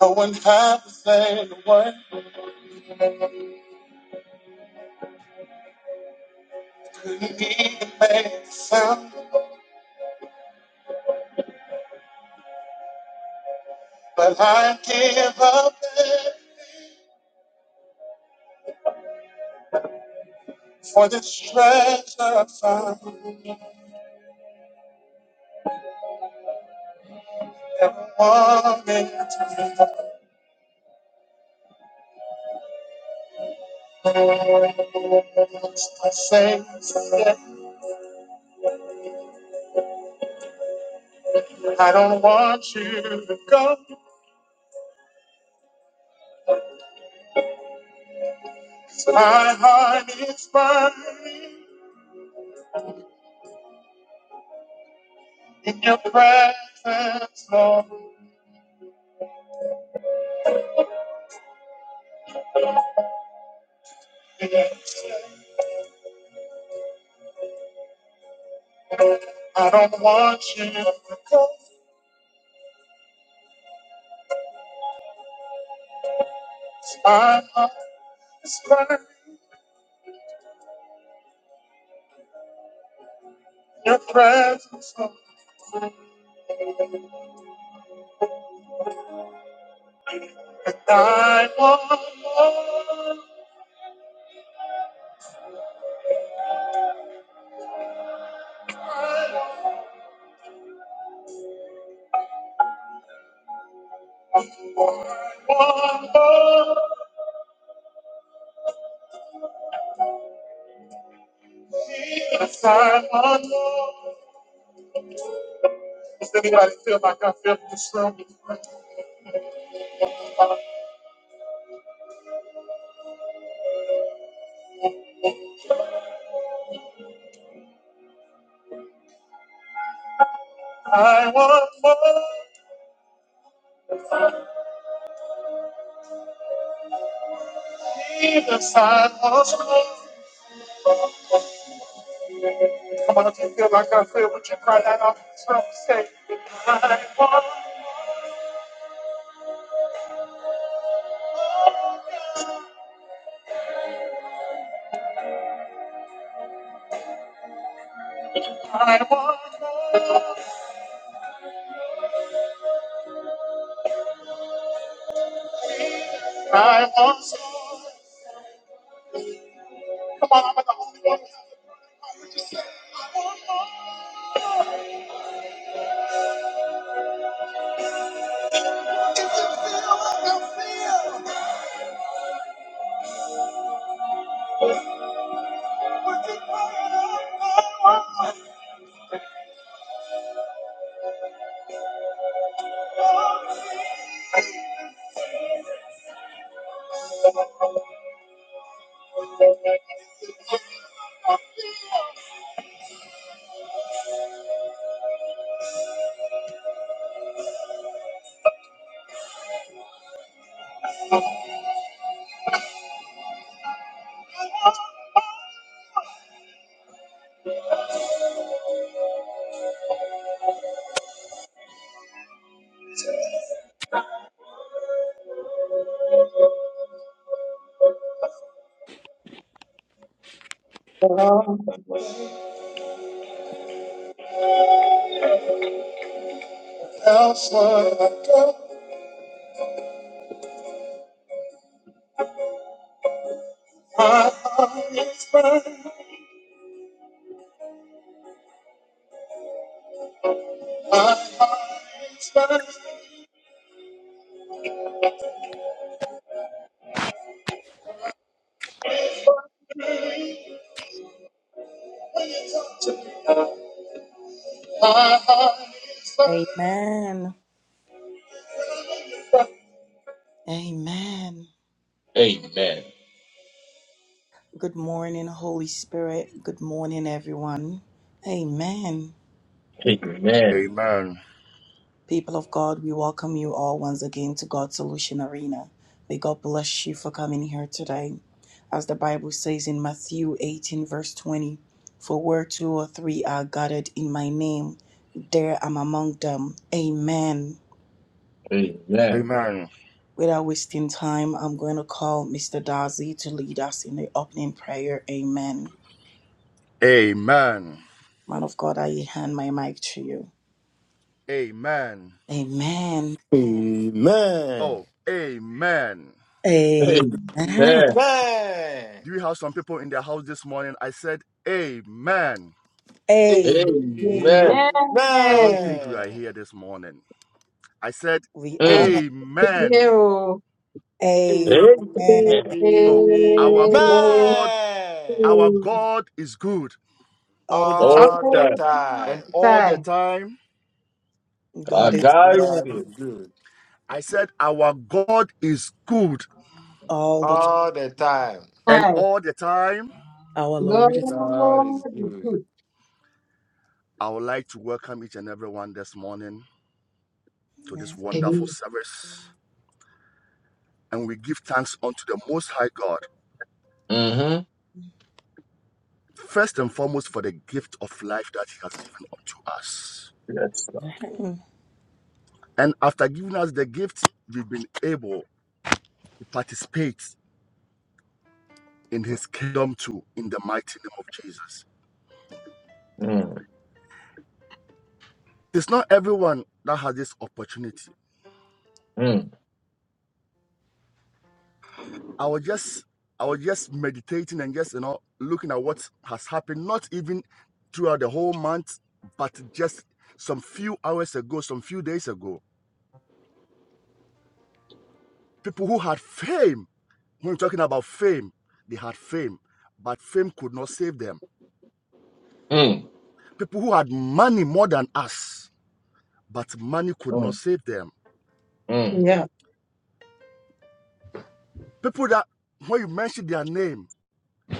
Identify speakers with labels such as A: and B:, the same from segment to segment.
A: No one tried to say the word between me and made a sound, but I give up it for this treasure I found. Everyone needs to I say today, I don't want you to go. My heart is burning in your presence, Lord. I don't want you to go. My heart is burning in your presence, Lord. I want more. I want more. Jesus, I want more. Does anybody feel like I feel in this room? I want more. Jesus, I want more. Come on, if you feel like I feel, would you cry that out in this room? Say, I want, I want more. I want more. Come on, I'm the only one. If you feel like I feel, would you cry it out? Elsewhere I go, my heart is burning. My heart is burning. My heart is burning.
B: Amen. Amen.
A: Amen.
B: Good morning, Holy Spirit. Good morning, everyone. Amen.
A: Amen.
C: Amen.
B: People of God, we welcome you all once again to God's Solution Arena. May God bless you for coming here today. As the Bible says in Matthew 18, verse 20, for where two or three are gathered in my name, there I'm among them. Amen.
A: Amen.
C: Amen.
B: Without wasting time, I'm going to call Mr. Darcy to lead us in the opening prayer. Amen.
C: Amen.
B: Man of God, I hand my mic to you.
C: Amen.
B: Amen.
D: Amen.
C: Oh, amen.
B: Amen.
A: Amen.
D: Amen.
C: Do we have some people in their house this morning? I said, Amen.
B: Amen.
D: Amen.
A: Amen.
C: I don't
E: Amen.
C: think we are here this morning. I said,
B: We are.
A: Mm.
C: Amen.
E: Hero.
D: Amen.
B: Amen.
A: Amen.
C: Oh, our
E: Amen.
C: God, our God is good.
B: All the
A: All
B: time.
D: All the
E: All
A: time.
D: time.
C: And all the
E: time. Time.
C: time,
A: I
B: God is
A: got
B: good
D: God is
A: it.
D: good.
C: I said, Our God is good.
B: all the time.
D: All the time.
C: And
E: Hi.
C: all the time,
B: Our
E: God
B: Lord is.
D: God is
E: is
D: good.
E: good.
C: I would like to welcome each and everyone this morning to this
B: Amen.
C: wonderful
E: Amen.
C: service. and we give thanks unto the Most High God,
A: Mm-hmm.
C: first and foremost for the gift of life that He has given unto us.
A: Yes, Lord.
B: Amen.
C: And after giving us the gift, we've been able to participate in His kingdom too, in the mighty name of Jesus.
A: Mm.
C: It's not everyone that has this opportunity.
A: Mm.
C: I was just I was just meditating and just you know looking at what has happened, not even throughout the whole month, but just some few hours ago, some few days ago. People who had fame When we're talking about fame, they had fame, but fame could not save them.
A: Mm.
C: People who had money more than us, but money could not
A: Mm.
C: save them.
A: Mm.
E: Yeah.
C: People that, when you mention their name,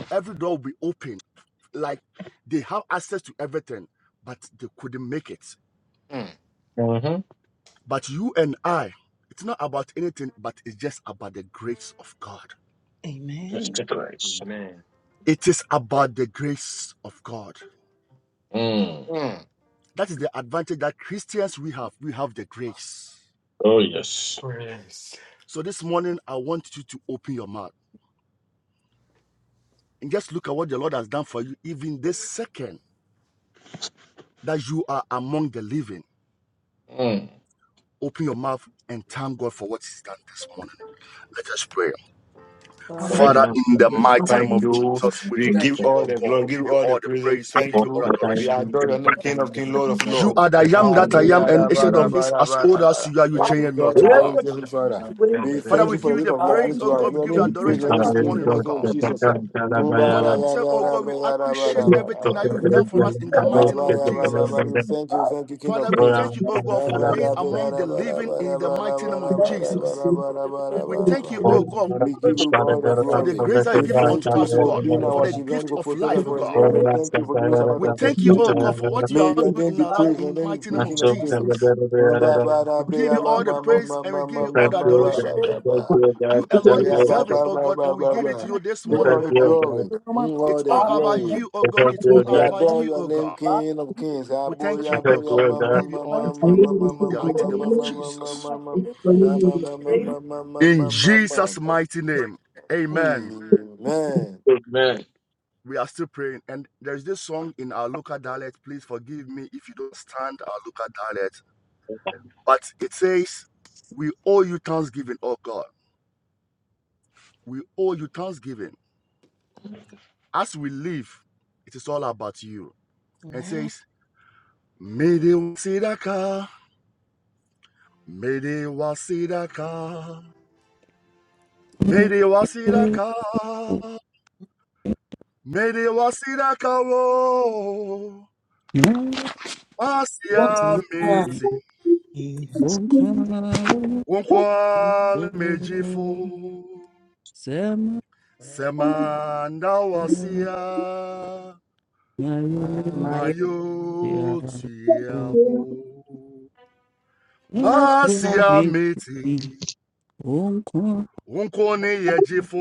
C: every door will be open. Like they have access to everything, but they couldn't make it.
D: Mm.
A: Mm-hmm.
C: But you and I, it's not about anything, but it's just about the grace of God.
A: Just
B: Amen.
A: the grace.
D: Amen.
C: It is about the grace of God.
A: Mm.
D: Mm.
C: That is the advantage that Christians we have. We have the grace.
A: Oh, yes.
D: Praise.
C: So this morning, I want you to open your mouth and just look at what the Lord has done for you, even this second that you are among the living.
A: Mm.
C: Open your mouth and thank God for what He's done this morning. Let us pray.
B: God
E: Our
B: of
A: Right
C: Father, in the
E: God
C: mighty name
D: Thank
C: of
A: now.
D: you.
C: Jesus, we
D: We
A: Thank
C: thank
D: give
C: you,
A: you. God.
D: all
C: oh
D: the
C: God.
D: glory,
C: We give
D: give
C: you
D: all the
C: all the
D: praise.
C: praise, we
D: Thank
C: give you all
D: you.
A: Thank
D: We
C: adoration.
D: adore your name, King of King, Lord of
C: You
D: Lord.
C: are the I am that I am,
D: Hallelujah,
C: and
D: rabba,
C: instead of
D: rabba,
C: this, as
D: rabba,
C: old as
D: rabba.
C: you are, you
D: Thank you,
B: life,
C: change
D: God
C: not, to
D: of glory,
B: God,
C: God.
D: heavenly
A: you,
D: Father.
A: God.
B: you
A: Thank
B: wouldn't
D: We
B: be
C: Father,
D: thank
C: we
D: you for
C: give
D: the
C: you
D: gift
C: the
D: of life
B: God.
D: given
C: praise,
B: You
D: to
C: oh
D: us.
B: could
C: God. We
D: Your
C: give you
D: name
C: the
D: be praised, your
C: adoration
D: name be
C: this
D: praised, in
C: morning,
D: the
C: oh
D: mighty name of
C: God.
D: Jesus. ah. Tum, ba, ba,
C: Father, we
D: ya,
C: say,
D: ba,
C: oh
D: ra,
C: God, we
D: bra,
C: appreciate everything that
B: have been
C: you've done for us in the
B: God,
C: mighty
D: Abba,
C: name of
D: yabba,
C: Jesus.
D: babba, we Thank you, thank you, King
C: Father,
D: of
C: we
D: Kings.
C: thank you, oh God, for
D: Abba,
C: being
D: yabba, da,
C: among
D: da,
C: the
D: ba, da,
C: living
D: ba,
C: in
D: da,
C: the mighty
D: ba,
C: name
D: da,
C: of
D: ba, da, ba,
C: Jesus.
D: da, ba, da, ba, ba,
C: We
D: ba,
C: thank
D: ba.
C: you, oh God,
D: We give you all the
C: for the
D: glory.
C: grace that you
D: We
C: give unto
D: thank you
C: us, oh
D: for
C: God,
D: being
C: for
D: our
C: the
D: children,
C: gift
D: for
C: of
D: protector
C: life, oh
D: for us.
C: God.
D: Lord. We Thank you for giving us
C: We
D: another day
C: thank you,
D: to
C: oh
D: live.
C: God, for what you
D: May
C: are
D: your
C: doing
D: name
C: in
D: be
C: our life
D: praised, your
C: in the
D: name
C: mighty
D: be
C: name
D: King
C: of
D: of Kings.
C: Jesus.
D: Abba, ba, da,
C: We
D: bre,
C: give you
D: yabba,
C: all the
D: ma, ma,
C: praise
D: ma,
C: and we
D: ma,
C: give
D: ma,
C: you all
D: ma,
C: the
D: ma, ba,
C: adoration.
D: ba, ba, ba.
C: You alone
D: Ayabba,
A: you,
C: deserve
A: God.
C: it,
D: ba,
C: oh
D: ba,
C: God, and
D: ba,
C: we
D: ba,
C: give it to
D: ba.
C: you this
D: Give
C: morning,
A: Thank
D: all the
C: oh God.
A: you,
D: glory,
A: God.
B: you know my
D: Mm, all
C: It's
D: the
C: all
B: God.
C: about
D: glory.
B: Thank
C: you, oh
B: you,
C: God.
B: thank
A: Thank
C: It's all
A: you,
D: We
A: God.
C: about
D: adore
B: you,
C: you,
D: your
C: oh
D: name,
C: God.
B: God.
D: King of
B: You
D: Kings.
B: give me
C: We
B: the
C: thank
D: Aboya,
C: you,
A: Thank
B: grace
C: oh
D: aboya,
C: God.
A: you,
D: ma,
C: We
D: ma,
A: God.
C: give you
D: ma,
C: all
D: ma,
C: the
B: mighty
D: ma,
C: praise
B: name.
D: ma, ma,
C: in
D: ma, ma,
B: I'm
C: the mighty
B: always
D: ma, ma,
C: name
B: grateful
C: of
D: ma, ma, ma,
C: Jesus.
D: ma, ma. Ah, ma, ma, ma,
B: my
D: ma, ma, ma,
C: In
D: ma, ma, ma.
C: Jesus' mighty name,
B: God.
C: amen.
D: Amen.
C: We are still praying. And there's this song in our local dialect. Please forgive me if you don't understand our local dialect. But it says, We owe you thanksgiving, oh God. We owe you thanksgiving. As we live, it is all about you. And it
B: Amen.
C: says, Mede wasidaka, mede wasidaka, mede wasidaka, mede wasidaka, oh,
F: Great
B: That's
C: wasia
B: right.
C: meti, Unkwale mejifu semanda wasia
B: My yourself.
C: mayotiafu masia miti unkoni yejifu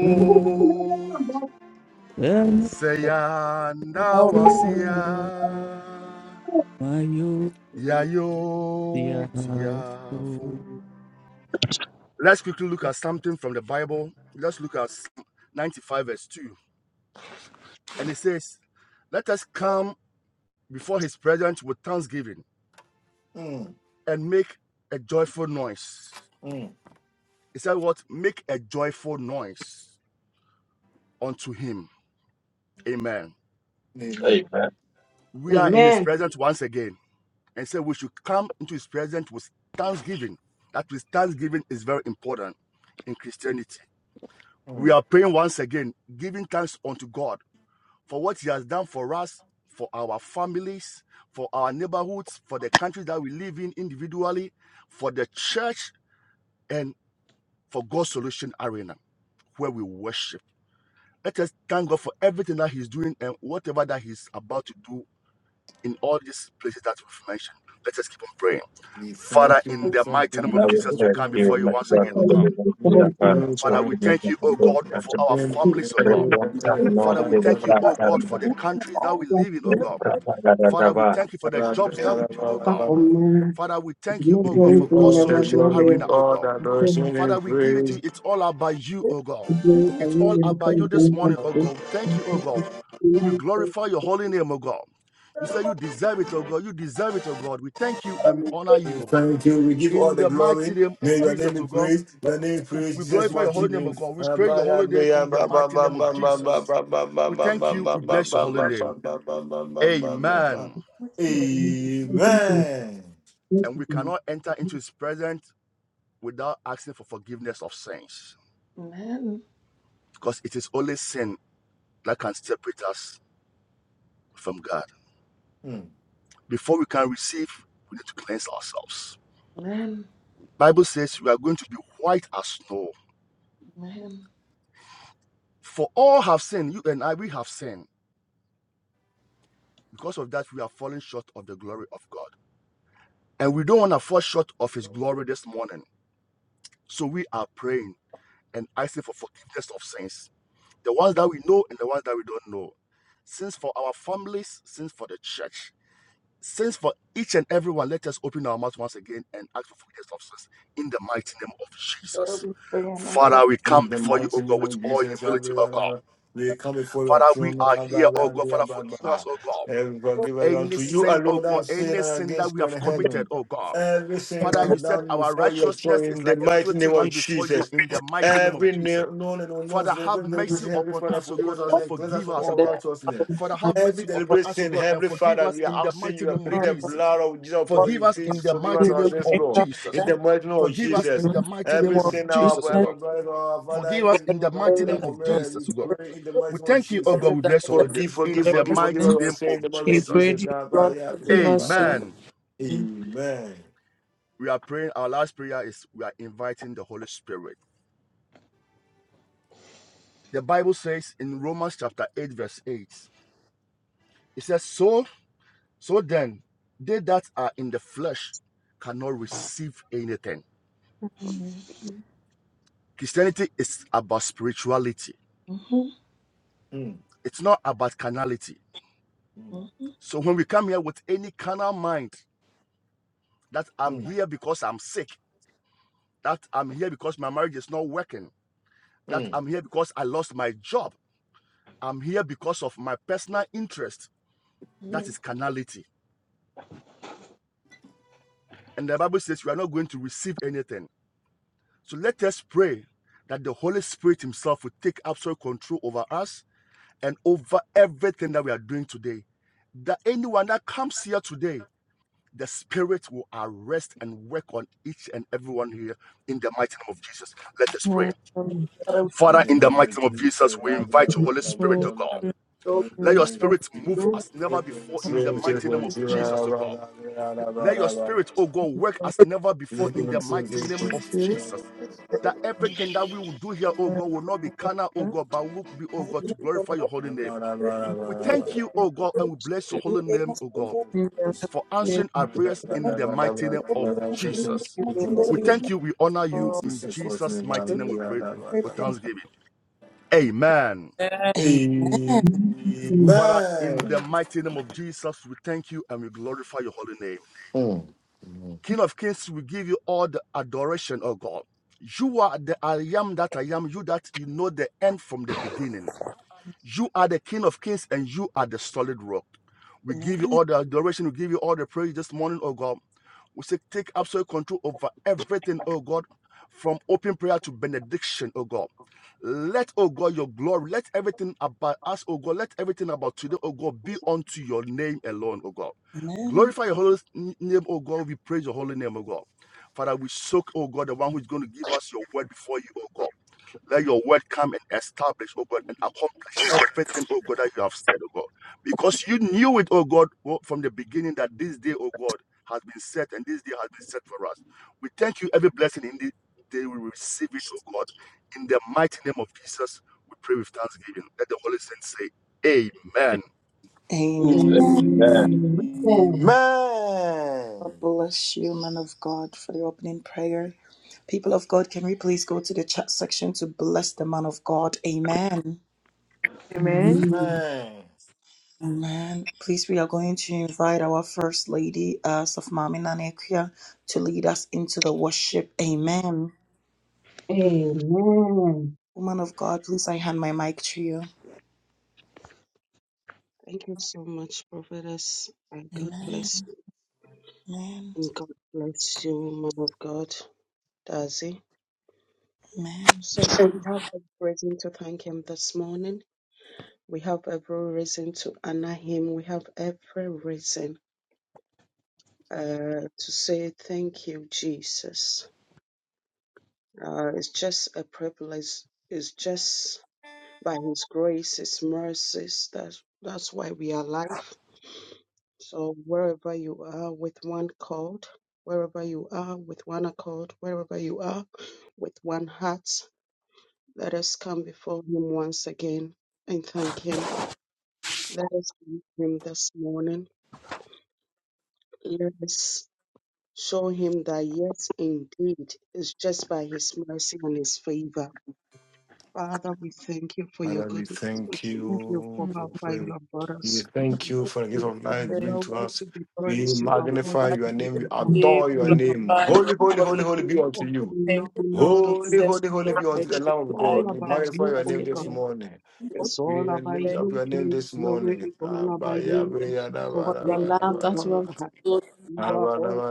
C: seyanda wasia yayotiafu. Let's quickly look at something from the Bible. Let's look at Psalm 95 verse 2. And it says, Let us come before his presence with thanksgiving
D: Mm,
C: and make a joyful noise.
D: mm,
C: He said, What? Make a joyful noise unto him. Amen.
D: Amen.
A: Amen.
C: We are in his
E: Amen.
C: presence once again. And so we should come into his presence with thanksgiving. That with thanksgiving is very important in Christianity. We
D: Mm.
C: are praying once again, giving thanks unto God for what he has done for us, for our families, for our neighborhoods, for the country that we live in individually, for the church and. for God's Solution Arena where we worship. Let us thank God for everything that He's doing and whatever that He's about to do in all these places that we've mentioned. Let us keep on praying.
D: We
C: Father,
D: thank
C: in
D: you, we
C: the
D: thank
C: mighty
D: you, we
C: name
A: And
C: of
A: I
D: thank
A: will
C: Jesus, we
D: you,
A: thank
C: come before
D: King
A: you,
C: you
A: my
D: of
C: once
A: God,
C: again, oh
D: Lord.
A: for
C: God.
A: the love
D: We
A: you
D: are
A: have for us,
D: heroes
A: for
C: Father,
D: and
C: we
A: the grace
C: thank
A: and
C: you,
A: for
C: oh
A: all
C: God,
A: that you have
C: for
A: done.
C: our
D: we
C: families,
A: I
C: oh
A: just
C: God.
A: want to know
C: Father, we
A: to the
C: thank you,
A: God,
C: oh
A: that
C: God,
A: I'm
C: for
A: not
C: the
B: Who
C: countries that
B: owns
C: we live in, oh
A: the
C: God.
A: God, that I got to
C: Father, we
A: have.
C: thank you for the jobs that we do, oh God. Father, we thank you, oh
D: give
C: God,
D: you
C: for God's
D: all the
C: solution
D: glory,
C: arena, oh
D: all
C: God.
D: the adoration
C: Father,
D: and
C: we give it to
D: praise.
C: you. It's all about you, oh God. It's all about you this morning, oh God. Thank you, oh God. And we glorify your holy name, oh God.
B: that
C: You say you
B: amount
C: deserve it, oh God. You deserve it, oh God. We thank you
B: of
C: and we
B: everything?
C: honor you, oh God.
D: Thank you. We give all
C: In
D: the
C: the mighty
D: glory.
C: name
D: May
C: of
D: your name
C: Jesus,
D: be
C: oh God.
D: praised. Your name be praised.
C: We
D: Jesus
C: glorify your
D: mighty
C: holy name, oh
D: name.
C: God. We praise your holy name in the mighty name of Jesus. We thank you. We bless your holy name. Amen.
B: What you
E: Amen.
D: Amen.
C: And we cannot enter into his presence without asking for forgiveness of sins.
B: Man,
C: Because it is only sin that can separate us from God. Before we can receive, we need to cleanse ourselves.
B: man,
C: Bible says we are going to be white as snow.
B: man.
C: For all have sinned, you and I, we have sinned. Because of that, we are falling short of the glory of God. And we don't want to fall short of his glory this morning. So we are praying and asking for forgiveness of sins. The ones that we know and the ones that we don't know. Sins for our families, sins for the church Since for each and every one, let us open our mouth once again and ask for forgiveness of sins in the mighty name of
B: better
C: Jesus.
B: be bringing my children.
C: Father, we come
D: In the
C: before you,
D: mighty
C: O God,
D: name
C: with
D: of
C: all
D: Jesus, yeah,
C: humility, O God.
D: we come before your
C: Father, we
D: throne.
C: are
D: ah, blah,
C: here, O
D: blah,
C: God.
D: blah,
C: Father,
D: blah,
C: forgive us,
D: blah.
C: O God.
D: And forgive us
C: Any
D: unto you
C: sin, O
D: alone
C: God,
D: that sin
C: any
D: and
C: sin that
D: against
C: we
D: you
C: have
D: in
C: committed,
D: heaven.
C: O God.
D: Every sin
C: Father, you said
D: undone
C: our
D: before your throne
C: righteousness is
D: in the
C: like a
D: mighty
C: filthy
D: name of
G: He
C: rag before you
D: Jesus.
C: in the mighty name of
D: Every
C: Jesus.
D: na- known and unknown
C: Father,
D: sin,
C: have
D: every deliberate
C: mercy
D: sin, Heavenly
C: upon
D: Father,
C: us, O
D: forgive us
C: God,
D: our
C: and
D: sin, cleanse us
C: forgive
D: from
C: us, O
D: all
C: God.
D: righteousness.
C: Father, have
D: Every
C: mercy upon
D: deliberate
C: us, O
D: sin,
C: God, and
D: Heavenly
C: forgive
D: Father,
C: us
D: we
C: in
D: are
C: the
D: asking
C: mighty
D: you, I
C: name of
D: plead the
C: Jesus.
D: blood of Jesus upon
C: Forgive
D: you.
C: us
D: Please
C: in the
D: forgive us
C: mighty
D: our
C: name
D: sins,
C: of
D: Lord. In
C: Jesus.
D: the mighty name of
C: Forgive us
D: Jesus.
C: in the mighty name
D: Every
C: of
D: sin our
C: Jesus, O
D: every
C: God.
D: brother, our father,
C: Forgive us
D: every
C: in the mighty name of
D: community, we
C: Jesus, O God.
D: pray in the
C: We
D: mighty name of
C: thank you, O
D: Jesus.
C: God. We bless your holy name
D: Forgive, forgive,
C: in the
D: forgive, forgive
C: mighty
D: us our
C: name
D: sin
C: of
D: in the mighty name of
C: Jesus.
D: Jesus.
G: prayed, you
D: God,
G: Lord,
D: God, yeah, God,
G: forgive
D: yeah,
G: us
D: God, God, God.
G: so.
C: Amen.
G: Who
D: Amen.
C: We are praying. Our last prayer is we are inviting the Holy Spirit. The Bible says in Romans chapter 8, verse 8, it says, So So then, they that are in the flesh cannot receive anything.
B: Mm-hmm.
C: Christianity is about spirituality,
B: Mm-hmm.
D: Mm,
C: it's not about carnality.
D: mm,
B: Mm-hmm.
C: So when we come here with any carnal mind, that I'm
D: mm,
C: here because I'm sick, that I'm here because my marriage is not working, that
D: mm.
C: I'm here because I lost my job, I'm here because of my personal interest, that is carnality. And the Bible says we are not going to receive anything. So let us pray that the Holy Spirit Himself will take absolute control over us and over everything that we are doing today. That anyone that comes here today, the Spirit will arrest and work on each and everyone here in the mighty name of Jesus. Let us pray.
G: will come
B: Better be
D: In
C: Father,
G: to
D: the
C: in the
D: name
C: mighty
D: of
C: name of Jesus,
D: Jesus,
C: we
D: God, yeah,
C: invite you,
D: God,
C: Holy
D: God, God,
C: Spirit,
G: you
C: of
D: God,
C: God.
D: God.
B: building
D: Lord,
C: Let
D: we
C: your
D: thank
C: Spirit
D: you.
C: move as
D: We
C: never
D: thank you,
C: before in the
D: we thank you,
C: mighty
D: we
C: name of
D: thank
G: with
D: you,
G: you, if you
C: Jesus,
D: God,
C: O
D: God,
C: God.
D: God, God,
C: Let your Spirit, O God, work
G: are
C: as never
D: We
C: before
D: thank you,
C: in
D: we
C: the
D: thank you,
C: mighty name
G: with
C: of
G: you,
D: God,
C: Jesus. That
G: and
C: everything that we will do here, O
G: that
C: God, will not be
G: you will
C: carnal, O
G: do,
C: God, but will be, O
B: my
C: God,
G: and you will do
C: to glorify
G: this
C: your holy name.
D: God,
G: that you will
C: We
D: God, God,
G: do,
C: thank
D: God,
C: you,
G: and
C: O God, and we bless your holy name, O God,
G: you will
D: God.
C: for answering our
D: control.
C: prayers in the mighty name of
B: children.
C: Jesus.
G: do that you
C: We thank you, we honor
D: In
C: you
G: will
C: in
D: Jesus' mighty
C: Jesus'
D: name,
G: do.
C: mighty name. We pray
D: hallelujah.
C: with thanksgiving. Amen.
B: Amen.
D: Amen.
C: Father, in the mighty name of Jesus, we thank you and we glorify your holy name.
D: Mm. Mm.
C: King of kings, we give you all the adoration, O God. You are the I am that I am, you that you know the end from the beginning. You are the King of Kings and you are the solid rock. We give you
B: Amen.
C: all the adoration. We give you all the praise this morning, oh God. We say, take absolute control over everything, oh God, from open prayer to benediction, oh God. Let, oh God, your glory, let everything about us, oh God, let everything about today, oh God, be unto your name alone, oh God.
B: Amen.
C: Glorify your holy name, oh God. We praise your holy name, oh God. Father, we soak, oh God, the one who's going to give us your word before you, oh God. Let your word come and establish, oh God, and accomplish everything, oh God, that you have said, oh God. Because you knew it, oh God, oh, from the beginning that this day, oh God, has been set and this day has been set for us. We thank you every blessing in the day we receive it, oh God. In the mighty name of Jesus, we pray with thanksgiving. Let the Holy Saints say, Amen.
B: Amen.
A: Amen.
E: Amen.
B: God
D: Amen.
B: bless you, man of God, for the opening prayer. People of God, can we please go to the chat section to bless the man of God? Amen.
G: Amen.
D: Amen.
B: Amen. Please, we are going to invite our First Lady, uh, Safmami Nanekia, to lead us into the worship. Amen. Woman of God, please, I hand my mic to you.
H: Thank you so much, Prophetess. And God
B: Amen.
H: bless you.
B: Amen.
H: And God bless you, man of God, Dazi.
B: Amen.
H: Saints, we have every reason to thank him this morning. We have every reason to honor him. We have every reason uh, to say thank you, Jesus. Uh, it's just a privilege. It's just by his grace, his mercies. that that's why we are alive. So wherever you are with one accord, wherever you are with one accord, wherever you are with one heart, let us come before Him once again and thank Him. Let us thank Him this morning. Let us show Him that yes, indeed, it's just by His mercy and His favor. Father, we thank you for your
D: Father, we
H: goodness. We
D: thank
H: thank
G: Mm.
H: you
D: you
H: for
D: for
H: how far you
D: favor.
H: have brought
D: We
H: us.
D: thank you for the gift
H: You
D: of
G: We
H: are
D: life given
G: Thank
D: to
H: worthy
D: us.
H: to be
G: you.
D: We
H: praised. You are
G: We
D: magnify
H: worthy
G: magnify
H: to
D: your
H: be
D: name. We
G: you, We
D: adore your
H: adored.
D: name.
G: glorify your
D: Holy, holy,
G: holy
D: holy,
G: name.
D: holy be
H: King
D: unto
H: of
D: you.
G: Thank
H: glory,
G: you for
H: Lord of
G: this
D: Holy,
G: session
D: holy,
H: love.
D: holy
G: of
D: be unto the
G: precious
H: It's
D: Lamb of
G: life
D: God.
H: all
D: We
H: about
G: that you
D: magnify
H: you,
D: your
G: have
H: O
D: name this
G: given
H: God.
G: to
D: morning.
G: us.
H: It's all
D: We
H: about
D: lift
G: Thank
D: up
H: you,
D: your
G: you
D: name
H: King
D: this
H: of glory.
D: morning.
H: It's all about
D: Abaya,
H: you,
D: breya,
H: Ancient
D: da,
H: of
D: ba,
G: for
D: da,
G: your
D: ba,
H: grace,
D: da,
G: love
H: O
D: ba,
G: that you have
H: God.
G: bestowed.
H: You are all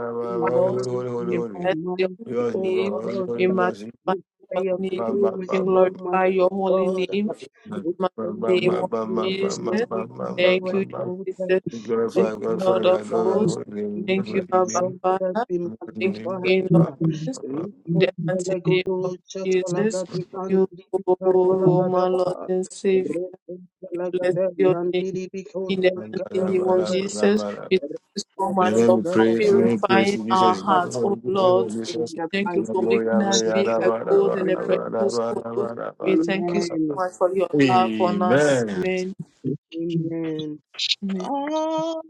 D: Holy,
G: cross.
D: holy,
H: knowing,
D: holy, holy,
H: you
G: We
D: holy.
H: are
G: bless your
H: mighty,
G: holy
D: Yours be
H: O
D: God.
G: name.
D: Holy,
H: God.
D: holy
G: We
D: be
G: magnify
D: yours.
G: your
H: You play a
G: holy
D: Ba,
G: name.
D: ba,
H: glory with
G: We
D: ba, ba, ba,
H: no man,
G: glorify
H: O
G: your holy name.
H: God.
G: In
D: ba.
G: the
D: Ba,
H: We
G: mighty
H: thank
D: ba,
G: name
D: ba,
G: of
H: you,
D: ba,
H: King
D: ba,
H: of
D: ba, ba,
G: Jesus.
H: glory, be
D: ba, ba,
H: thou
G: Thank
D: ba,
G: you, Jesus.
H: exalted,
G: Thank
D: Glorify,
H: be
G: you,
D: glorify,
G: Lord
D: your
G: of
D: Lord, your
H: glorified,
G: hosts.
D: holy name.
H: be
D: Your
G: Thank you,
D: holy
H: thou
G: Abba
D: name.
H: exalted,
G: Father.
H: be
D: Your holy
G: Thank
D: name.
G: you,
D: Ba,
G: King
H: magnified.
G: of
D: ba, ba,
G: Kings.
D: ba, ba, ba, ba.
G: In
H: Lipo
G: the mighty name of
H: palagodo
E: Amen.
G: Jesus.
H: chatalagadi
G: You,
H: andiri
G: O my
H: palagadaba.
G: Lord and Savior.
H: Repo
G: We bless
H: palagada
G: your name.
H: yandiri biko
G: In the
D: ba,
G: mighty
D: ba,
G: name of
D: ba,
H: Palagadaba.
D: ba, ba,
G: Jesus,
D: ba, ba.
G: we thank you so
D: And
G: much
H: From
D: then
G: for,
D: we
H: the
G: for
D: pray, we
H: government
D: praise
G: purifying
D: you,
G: our
D: Jesus. You
H: of
G: hearts,
D: know,
G: oh
D: we give
H: In
G: Lord.
D: you Jesus.
G: We
H: the
G: thank you
H: mighty
G: for
H: name of
G: making us be a
H: Jesus, we
G: gold and a
H: pray.
G: precious gold. We thank you so
H: Amen.
G: much for your love on us. Amen.
H: Amen.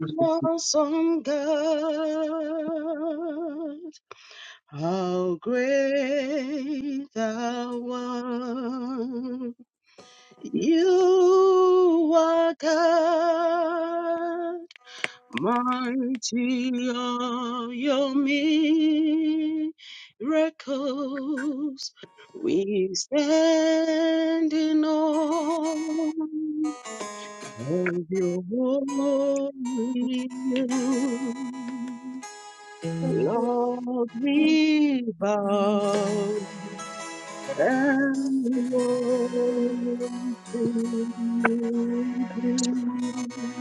E: Yes,
H: God, how great thou art! You are God. Mighty are your miracles. We stand in awe of your holy name. Lord, we bow and worship you.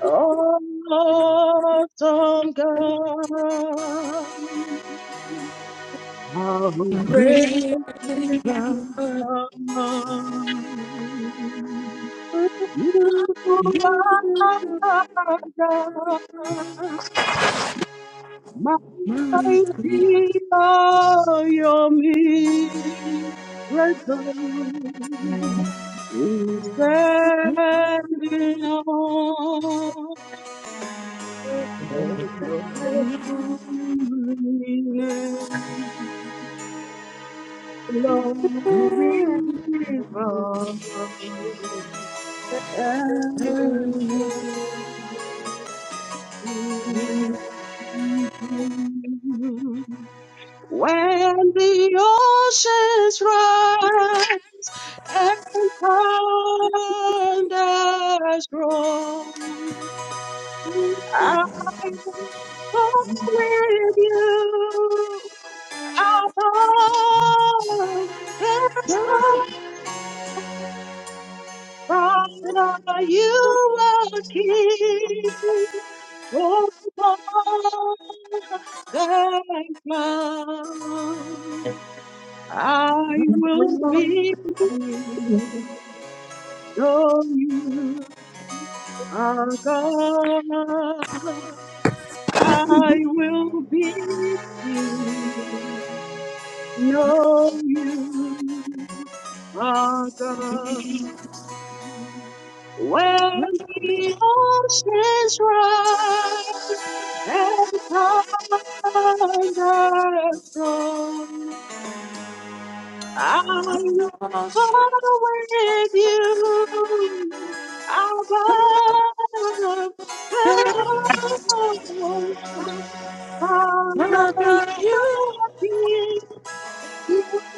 H: Awesome God, how great God. You are God, mighty are your miracles. We stand in awe. Oh, your holy name, and When the oceans rise and thunders roll, I will walk with you alone. Blessed Father, you are King. Oh, Lord, thank God. I will be free. Oh, you are God. I will be free. know you are God.
F: you
H: When the oceans rise and thunders roar, I'm with you above the storm. Father, you are here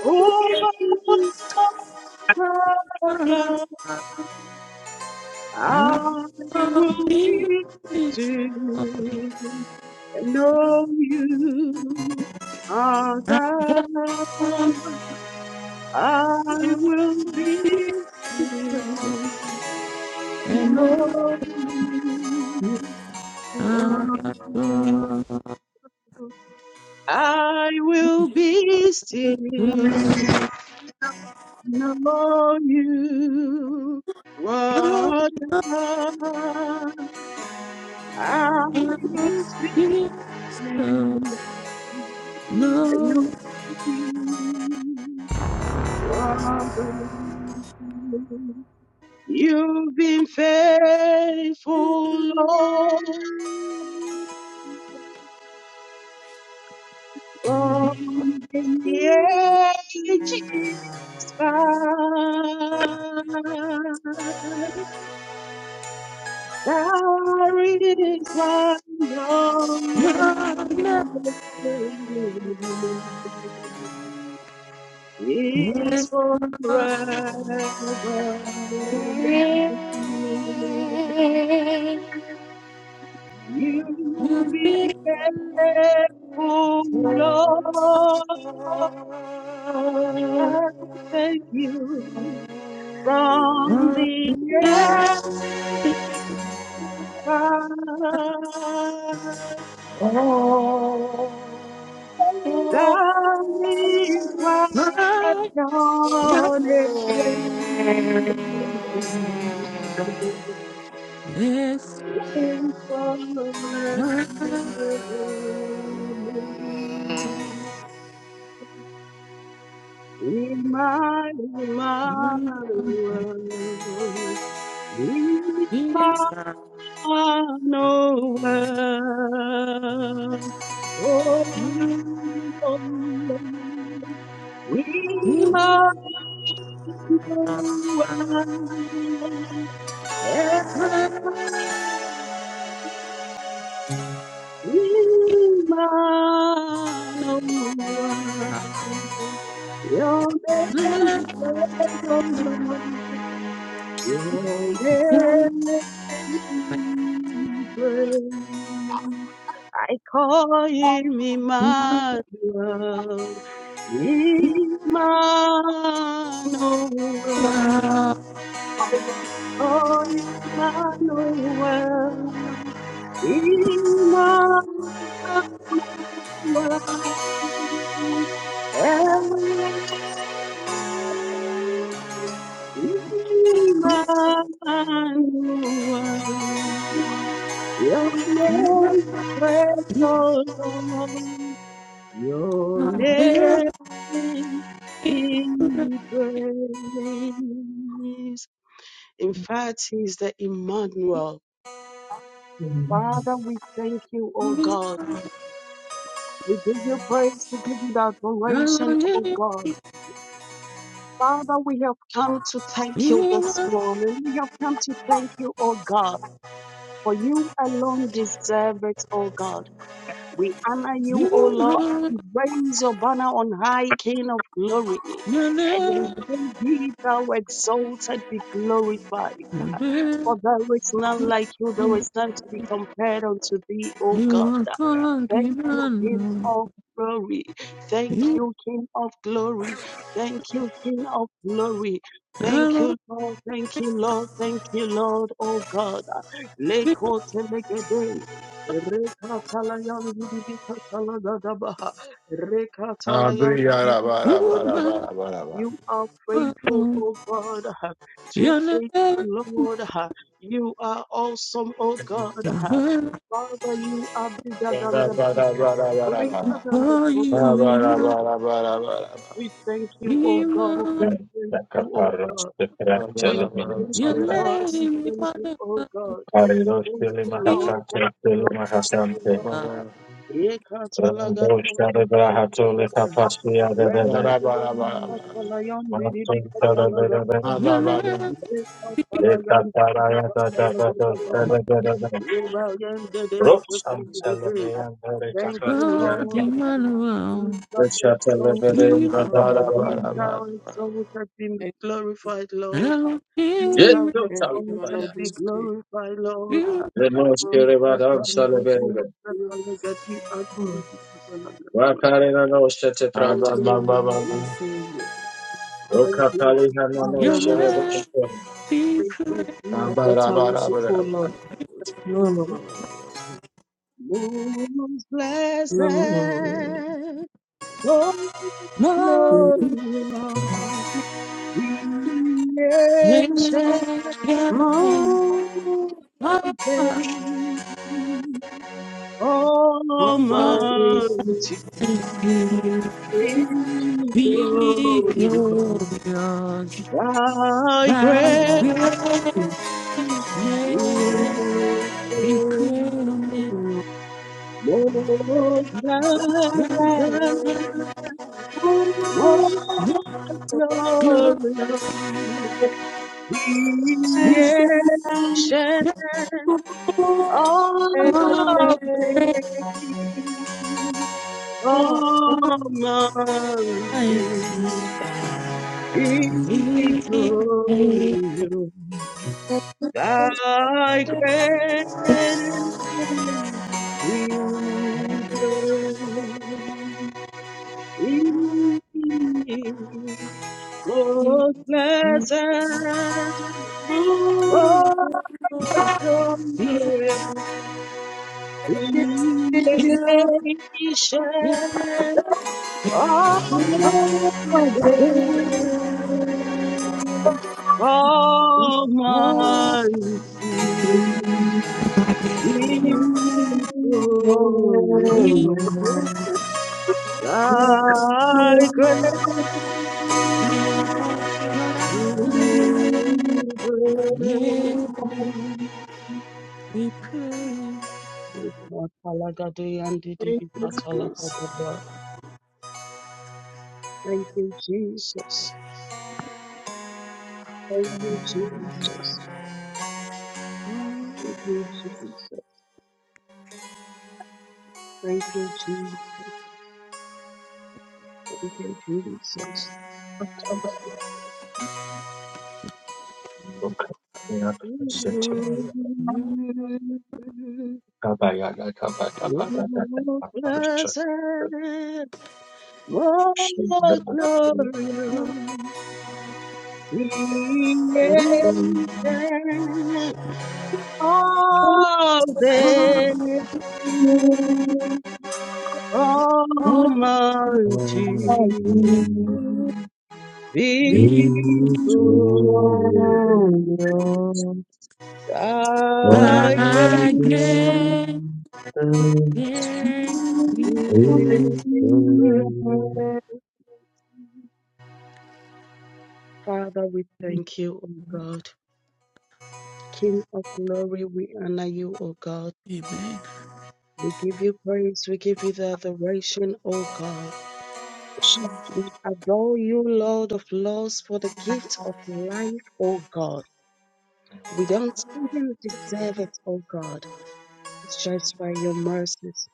H: over Lord, love, I will be to know you, our God. I will be to know you. Lord. I will be still, know you, what I will be and no other. You've been faithful, Lord, from the ages past. There is one your name. is forever. You've been faithful,
D: Amen.
H: Lord. I thank you from the empire. That is why I
F: Yes,
H: know.
F: This
H: In
F: you
H: Emmanuel,
F: are
H: Emmanuel,
F: you
H: Emmanuel. Oh,
F: you
H: Emmanuel, Emmanuel, Your name is praised, O Lord. Your name is praised. I call him Emmanuel. Emmanuel. Oh Emmanuel, Emmanuel. Emmanuel, your name
F: you
H: is praised, O Lord.
F: laugh.
H: Your
F: It's
H: name
F: a very good
H: be
F: thing.
H: praised. In fact, he is the Emmanuel Father, we thank you, O God. We give you praise, we give you the
F: Oh,
H: adoration, O
F: you
H: God. Father, we have come to thank you this
F: are
H: morning. We have come to thank you, O God, for you alone deserve it, O God. We honor you, O Lord.
F: are are
H: We raise your banner on high, King of glory.
F: you're
H: And we
F: there,
H: say, Be thou exalted, be glorified.
F: you're
H: For
F: there.
H: there is none like you, there is none to be compared unto thee, O God.
F: You are caught
H: Thank
F: in
H: you,
F: a
H: King
F: loop.
H: of glory. Thank
F: you
H: you, King of glory. Thank you, King of glory. Thank you,
F: never
H: Lord. Thank you, Lord. Thank you, Lord. Oh God.
F: get
H: Leko telegede. Reka talayan dibika talagadaba. Reka talayan
F: over
D: Abriyarabarabarabarabara.
H: you are
F: You're
H: faithful, O God, uh, too
F: never
H: faithful, Lord. uh, You are awesome, O God. uh, Father, you are
D: Mm. Mm.
H: bigger than the biggest, uh,
D: Amen.
H: greater than the
F: for you,
H: greatest,
F: you
H: O
F: must
H: God. We thank you, O God.
F: Ima, Ima.
H: We
A: Amen.
H: thank
A: Thank you,
H: you, O
A: God, God,
H: God.
A: The Kaparos, you
H: We
A: Fratelli
H: thank
F: Your
H: you,
A: Minisita,
H: God. We
F: name,
H: thank you,
F: Emmanuel,
H: O God.
A: Paridos,
H: Thank
A: You
H: you,
F: Ima.
H: Lord. Thank
A: Hafrate,
H: you, Lord.
A: Tilima
H: Thank you,
A: Hasante,
H: Lord.
A: Rando Shadagra Hatole
H: Rekatalagadmoshikalagadaba.
A: Tapasia, Dede, Master
H: Rendadorishakalayandidibikalalagadaba.
G: Amen.
F: Your name,
A: Mm, hallelujah, hallelujah. Yes,
G: And I think that's still feeling
H: Rekatalayandidibikalalagadaba.
G: you.
H: Ebayandedebekatalagade.
G: But I
H: Thank
G: just
H: you,
G: want to
F: God,
H: Lord.
G: thank you,
H: Be
G: Lord,
F: Emmanuel,
H: thou exalted.
F: Ima.
G: Lord, Lord, Lord,
H: Be
G: Lord.
H: thou exalted, be
G: And
H: glorified, Lord. Be thou
F: Elohim,
G: thank you, my
H: exalted,
G: Lord,
H: be
G: this day.
H: glorified, Lord.
F: you
H: Thank
G: Lord,
H: you,
G: Lord, Lord, Lord, you come to you. Lord, you are true, my Lord and
H: Jesus.
G: Savior.
H: Thank you, Jesus.
G: Lord,
F: Your
G: Lord, Lord, Lord.
F: name, be
H: Thank you,
F: great.
H: Jesus.
G: As that I set our worship, oh Lord. Lord, Lord, Lord, Lord, Lord. Lord,
H: Jesus. Most
G: Lord,
H: blessed,
G: Lord, Lord, Lord.
H: most
F: Lord,
G: Thank
H: glorious,
G: you.
H: the
F: yes,
H: ancient
F: yes.
G: Lord,
H: of
F: Lord,
H: days,
F: I
G: Almighty, please,
H: Almighty,
F: be,
G: please,
H: is
F: be
G: please,
H: holy.
F: glorious,
H: Thy
F: like
H: grace
F: great. Let
H: is
F: we could
G: please,
H: most
G: please,
F: let's
H: pleasant,
G: please. Amen.
H: most glorious,
F: go.
H: the
F: We
H: ancient
F: never
H: of
F: regret
H: days, Almighty,
F: mighty victory.
H: victorious. Thy great name we praise. Most blessed, most glorious,
F: We
H: creation of
I: Thank
H: the Almighty.
I: you.
H: victorious,
F: praise you, you,
H: thy great
F: you, you are alive.
H: deliverance.
F: May we pray. We
H: Makalagadeyandidibikatalakadaba. Thank you, Jesus. Thank you, Jesus. Thank you, Jesus. Thank you, Jesus. Thank you, Jesus. Lord, blessed Oh, glorious creation of the
F: are
J: Beautiful.
H: Almighty,
F: alive. We
H: this good thy
F: are
H: grace.
F: great. Amen.
I: Amen.
H: Father, we thank you, O God. King of glory, we honor you, O God. We give you praise. We give you the adoration, O God. We adore you, Lord of Lords, for the gift of life, O God. We don't even deserve it, O God. It's just by your mercies.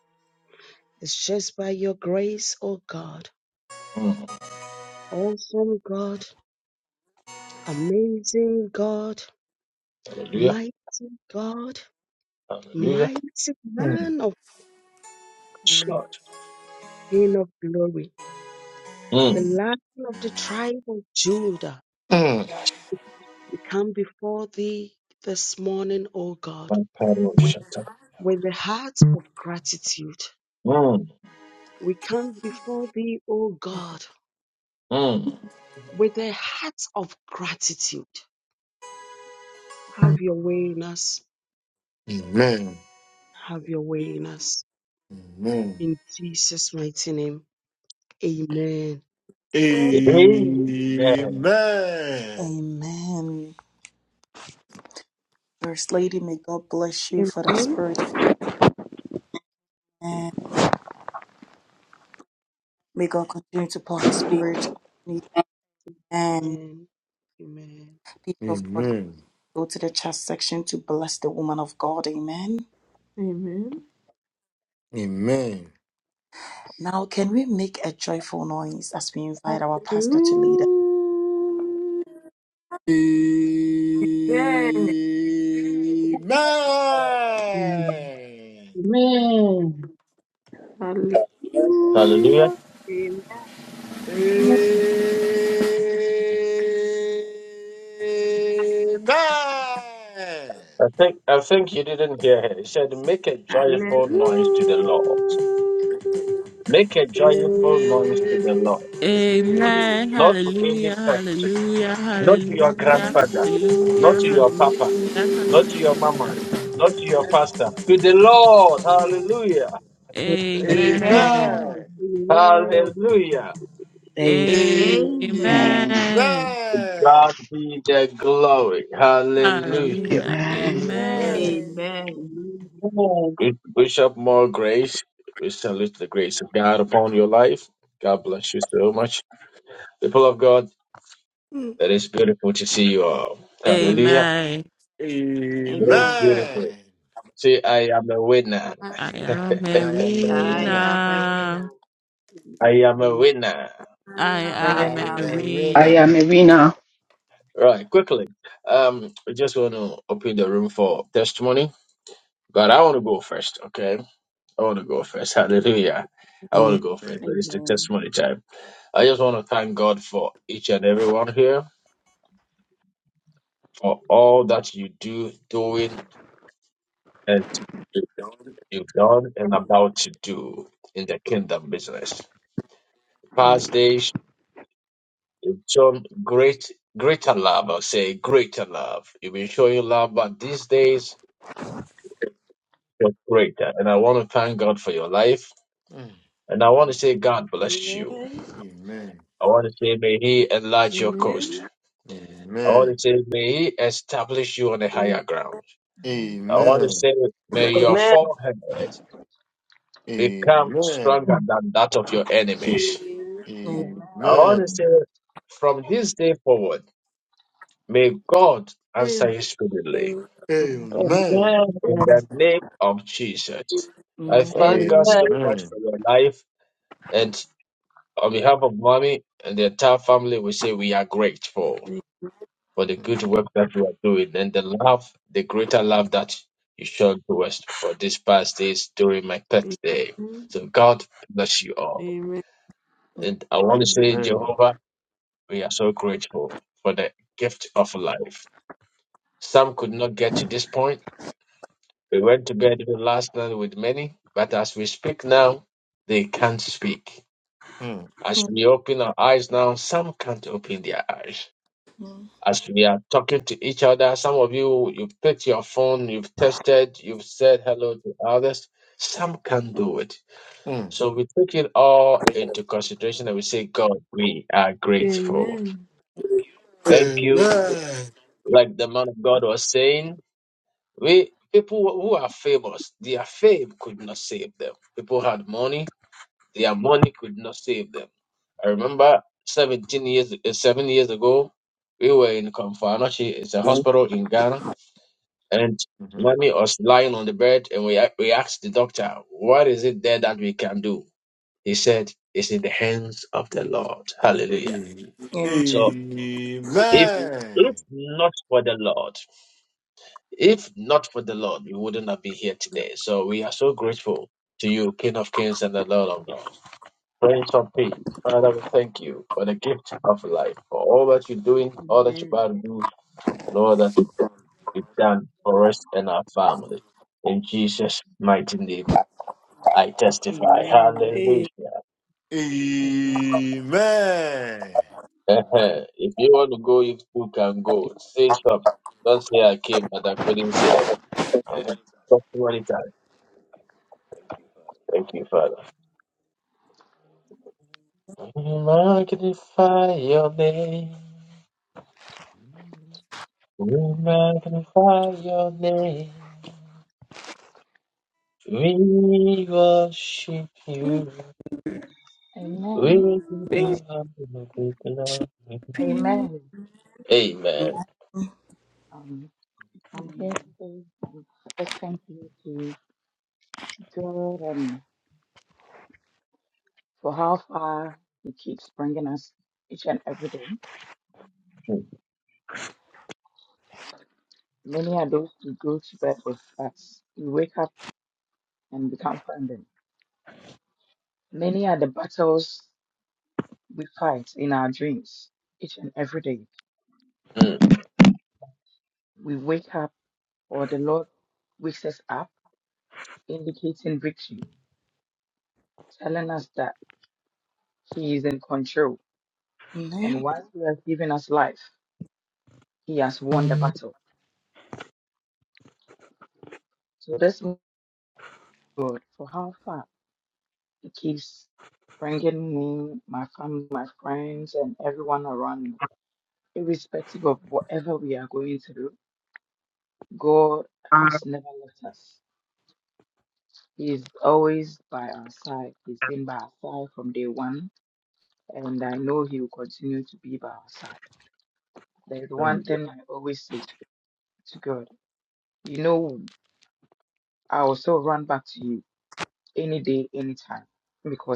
H: It's just by your grace, O God. Awesome God, amazing God, mighty God, mighty man of
A: Lord.
H: King of glory,
A: Mm,
H: the
A: Mm.
H: Lion of the tribe of Judah.
A: yes,
H: We come before thee this morning, O
A: my
H: God,
A: paddle shut up.
H: with a heart of gratitude.
A: Mm,
H: We come before thee, O God,
A: mm.
H: with a heart of gratitude. Have your way in us. Have your way in us.
D: Amen.
H: In Jesus' mighty name. Amen.
D: Amen.
B: Amen. First Lady, may God bless you for the spirit. Amen. May God continue to pour His spirit on you.
H: Amen. Amen.
B: people of God can
D: Amen.
B: go to the chat section to bless the woman of God. Amen.
G: Amen.
D: Amen.
B: Now, can we make a joyful noise as we invite our pastor to lead us?
D: Amen.
G: Hallelujah.
A: Hallelujah.
G: Hallelujah.
D: Amen. Amen.
A: I think I think you didn't hear her. He said, Make a
G: Amen.
A: joyful noise to the Lord.
G: Hallelujah.
A: Make a joyful noise to
G: Amen.
A: the Lord.
F: Amen.
A: Not to any
F: Hallelujah.
A: person,
F: Hallelujah.
A: not to your
F: Hallelujah.
A: grandfather, not
F: Hallelujah.
A: to your papa,
F: Hallelujah.
A: not to your mama,
F: Hallelujah.
A: not to your pastor. To the Lord. Hallelujah.
D: Amen.
B: Amen.
F: Amen.
K: Amen.
H: Amen.
A: Hallelujah.
H: Amen.
K: Amen.
L: And
F: Amen.
A: God be the glory.
D: Ah,
A: Hallelujah.
F: Hallelujah.
L: Amen.
F: Amen.
D: Amen.
K: Amen.
A: We wish up more grace. We salute the grace of God upon your life. God bless you so much. People of God. It is beautiful to see you all.
D: Um,
A: Hallelujah.
F: Amen.
A: It is
K: Amen.
D: Amen.
A: beautiful. See, I am a winner.
G: I
F: I am
D: I am a
K: I
D: winner.
K: am a winner.
F: Marina.
A: I am a
H: Amen.
A: winner.
F: I
G: am
D: I
G: a
B: Amen.
F: am
K: I
D: am
K: am a
D: a
G: winner.
L: I
K: winner.
D: winner.
L: am a winner.
A: Right, quickly. Um, I just want to open the room for testimony, but I want to go first, okay? I want to go first. Hallelujah. I want to go first,
D: Amen.
A: but it's the
K: Amen.
A: testimony time. I just want to thank God for each and everyone here, for all that you do, doing, and you've done, and about to do in the kingdom business.
B: Amen.
A: Past days. So great, greater love. i say greater love. You've been showing love, but these days you're greater. And I want to thank God for your life.
D: Mm.
A: And I want to say, God bless you.
G: Amen.
D: Amen.
A: I want to say, may He enlarge your coast.
G: Amen.
A: I want
D: Amen.
A: to say, may He establish you on a
G: Amen.
A: higher ground. I want to
D: Amen.
A: say, may your
I: Amen.
A: forehead become
D: Amen.
A: stronger than that of your enemies. I want to say,
D: Amen.
A: from this day forward, may God answer
D: Mm.
A: you speedily.
D: Amen.
A: in
I: Amen.
A: the name of Jesus. I
B: Amen.
D: Amen. Mm.
A: thank God
I: Amen.
A: so much
D: Amen.
A: for your life. And on behalf of mommy and the entire family, we say we are grateful for the
D: Mm.
A: good work that you are doing and the love, the greater love that you showed to us for these past days during my birthday. So God bless you all.
G: Amen. Amen.
A: And I
D: Mm.
A: want to say,
D: Amen.
A: Jehovah, we are so grateful for the gift of life. Some could not get to this point We went to bed last night with many, but as we speak now, they can't speak.
D: Mhm.
A: As we open our eyes now, some can't open their eyes. As we are talking to each other, some of you, you've picked your phone, you've tested, you've said hello to others. Some can't do it.
D: A-
A: So we take it all into consideration and we say, God, we are grateful. Thank you. Like the man of God was saying, we people who are famous, their fame could not save them. People had money, Their money could not save them. I remember 17 years, eh, seven years ago, we were in Kamfanochi. It's a hospital in Ghana, and mommy was lying on the bed, and we a- we asked the doctor, "What is it there that we can do?" He said, "It's in the hands of the Lord." Hallelujah.
B: Amen.
A: So if if not for the Lord, if not for the Lord, we wouldn't have been here today. So we are so grateful to you, King of Kings and the Lord of Lords. Prince of Peace, Father, we thank you for the gift of life, for all that you're doing, all that you're
K: Amen.
A: about to do, and all that you've done for us and our family. In Jesus' mighty name, I testify.
K: Amen.
A: Hallelujah.
K: Amen.
A: Eh-heh. if you want to go, you too can go. Say something. Don't say I came, but I couldn't say. Eh-heh. Testimony time. Thank you, Father. We magnify your name.
D: Amen.
A: We magnify your name. We worship you.
F: Marina.
A: We give you all the glory.
F: for you.
A: Amen.
K: Amen.
A: Mm,
B: Amen.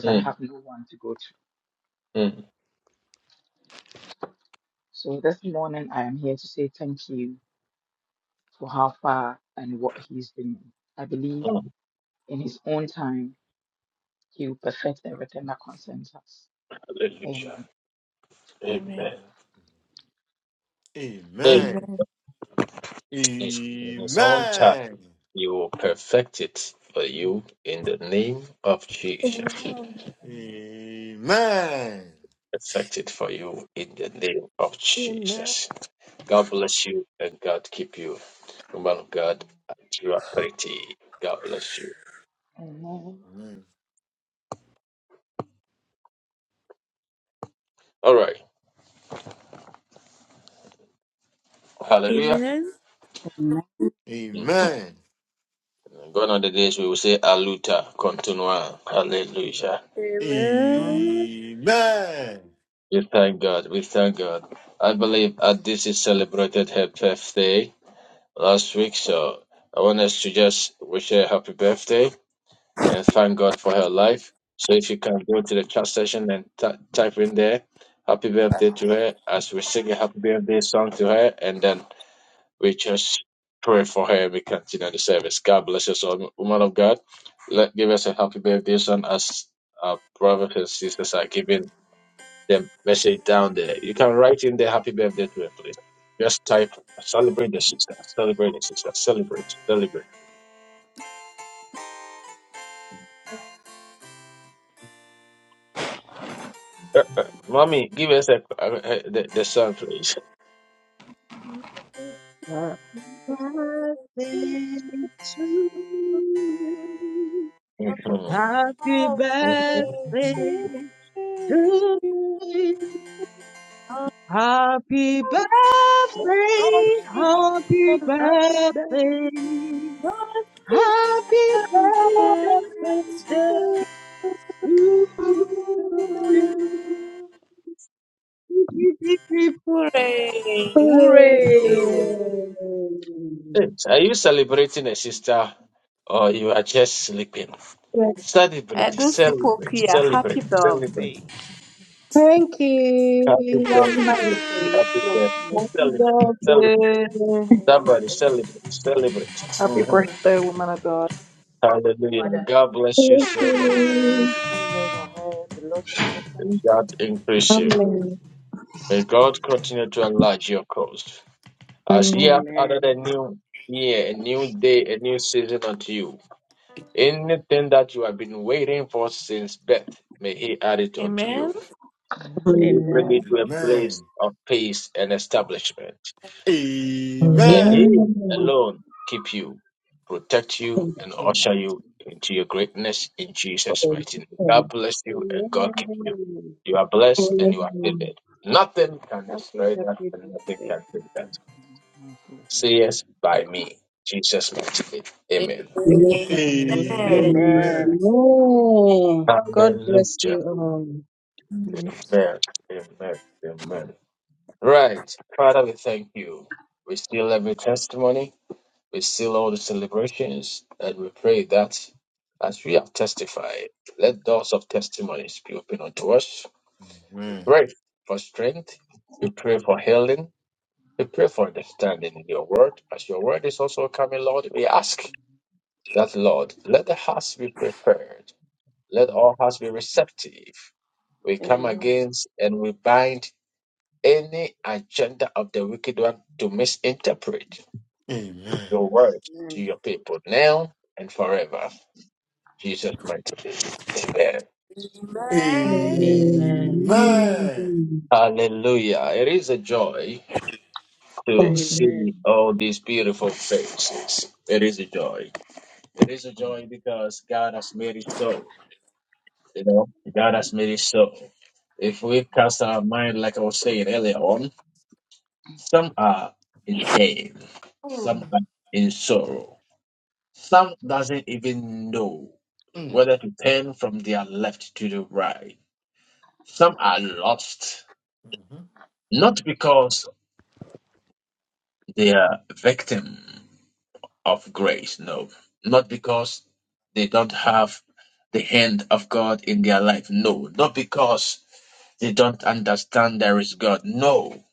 A: mm, mm, mm. Hallelujah. Amen.
G: Amen. Amen. Amen. Amen.
A: Amen.
D: Amen.
G: Amen.
A: It's, in
D: Mm.
A: his own time,
D: Amen. Amen.
A: you will perfect it for
D: Amen.
A: you in the name of Jesus.
D: Amen.
A: Perfect it for you in the name of
G: Amen.
A: Jesus. God bless you and God keep you. Woman of God, you are pretty. God bless you. All right. Hallelujah.
G: Amen.
B: Amen.
D: Amen.
A: Mm,
D: Amen.
A: mm. Gone are the days we will say Aluta, continua, Hallelujah.
G: Amen.
D: Amen.
A: We thank God, we thank God. I believe uh, this is celebrated her birthday last week, so I want us to just wish her happy birthday and thank God for her life. So if you can go to the chat session and t- type in there, happy birthday to her as we sing a happy birthday song to her, and then We just pray for her. We continue the service. God bless us all, woman of God. Let give us a happy birthday song as our brothers and sisters are giving the message down there. You can write in the happy birthday to her, please. Just type celebrate the sister, celebrate the sister, celebrate, celebrate. Uh, uh, mommy, give us a, uh, uh, the, the song, please.
H: Happy birthday to you.
G: I'm
A: Mhm.
H: Happy
G: coming
H: birthday
A: Mhm.
G: to
H: to you.
G: you. I'm
H: Happy
G: coming
H: birthday, happy
K: Happy
H: birthday,
K: birthday
H: happy
G: from remembrance
K: to
H: birthday
G: to
H: to you.
K: you.
G: you. Hooray!
K: Hooray.
A: Are you celebrating a sister or you are just sleeping? Celebrate,
G: And those people
A: celebrate,
G: here,
A: celebrate,
G: happy
A: celebrate.
G: birthday.
E: Thank
A: Happy
M: Father,
G: God
M: please,
H: Happy
E: you.
G: bless
A: birthday.
H: birthday,
G: you.
A: Happy
H: love
A: birthday.
H: my
I: Happy
A: Celebrate. Celebrate.
I: birthday.
K: Congrats.
A: Somebody celebrate. Celebrate.
B: Happy
A: hmm
K: Congrats.
B: birthday, woman of God.
A: Hallelujah.
K: Father.
A: God bless you
E: Thank
M: the
A: so much
E: you.
A: and God increase you.
E: Amen.
A: May God continue to enlarge your cause. As ye
E: Amen.
A: have added
K: Amen.
A: a new year, a new day, a new season unto you. Anything that you have been waiting for since birth, may He add it unto
G: Amen.
A: you. May He bring
E: Amen.
A: you
K: Amen.
A: to a place of peace and establishment. May
D: Amen.
A: He
E: Amen.
A: alone keep you, protect you, and
D: Mm.
A: usher you into your greatness in Jesus' mighty name. God
I: Amen.
A: bless you and God keep you.
H: friend.
A: You are blessed and you are
E: Amen.
A: favored. Nothing can
H: Happy,
A: destroy that
H: happy
A: and nothing
H: birthday.
A: can take that. Say yes by me. Jesus' mighty name. Amen.
E: Yes, I am.
I: Amen.
D: Amen.
K: Amen.
E: Amen. God bless
A: Hallelujah.
E: you all.
G: Amen.
A: Amen. Amen. Amen. Right. Father, we thank you. We still have a testimony. We seal all the celebrations and we pray that as we have testified, let doors of testimonies be open unto us.
D: Amen.
A: We pray for strength. We pray for healing. We pray for understanding in your word. As your word is also coming, Lord, we ask that, Lord, let the hearts be prepared. Let
D: Mm.
A: all hearts be receptive. We come
K: Amen.
A: against and we bind any agenda of the wicked one to misinterpret
D: Amen.
A: your word to
K: Amen.
A: your people now and forever. Jesus mighty name.
G: Amen.
K: Amen.
D: Amen.
A: Hallelujah. It is a joy to
E: Amen.
K: Amen.
A: see all these beautiful faces. It is a joy. It is a joy because God has made it so. You know, God has made it so. If we cast our mind, like I was saying earlier on, some are in pain,
D: Mm.
A: some are in sorrow, some doesn't even know
D: Mm.
A: whether to turn from their left to the right. Some are lost,
D: Mhm.
A: not because They are victim of grace. No, not because they don't have the hand of God in their life. No, not because they don't understand there is God. No,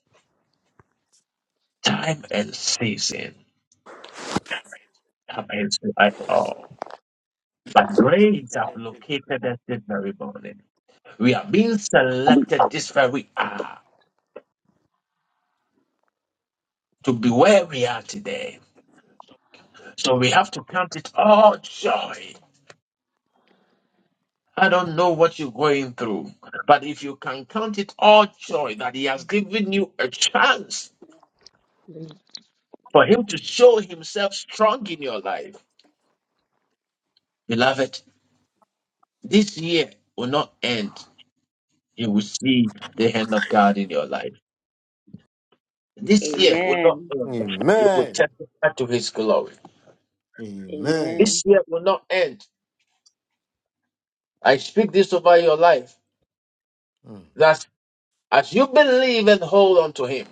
A: time and season happens to us all. But grace have located us this very morning. We are being selected this very hour to be where we are today. So we have to count it all joy I don't know what you're going through, but if you can count it all joy that He has given you a chance for Him to show Himself strong in your life, beloved, this year will not end. You will see the hand of God in your life. This year will not
K: Amen.
A: end. You will
D: Amen.
A: testify to His glory.
D: Amen.
A: This
K: Amen.
A: year will not end. I speak this over your life
D: Mm.
A: that as you believe and hold on to Him,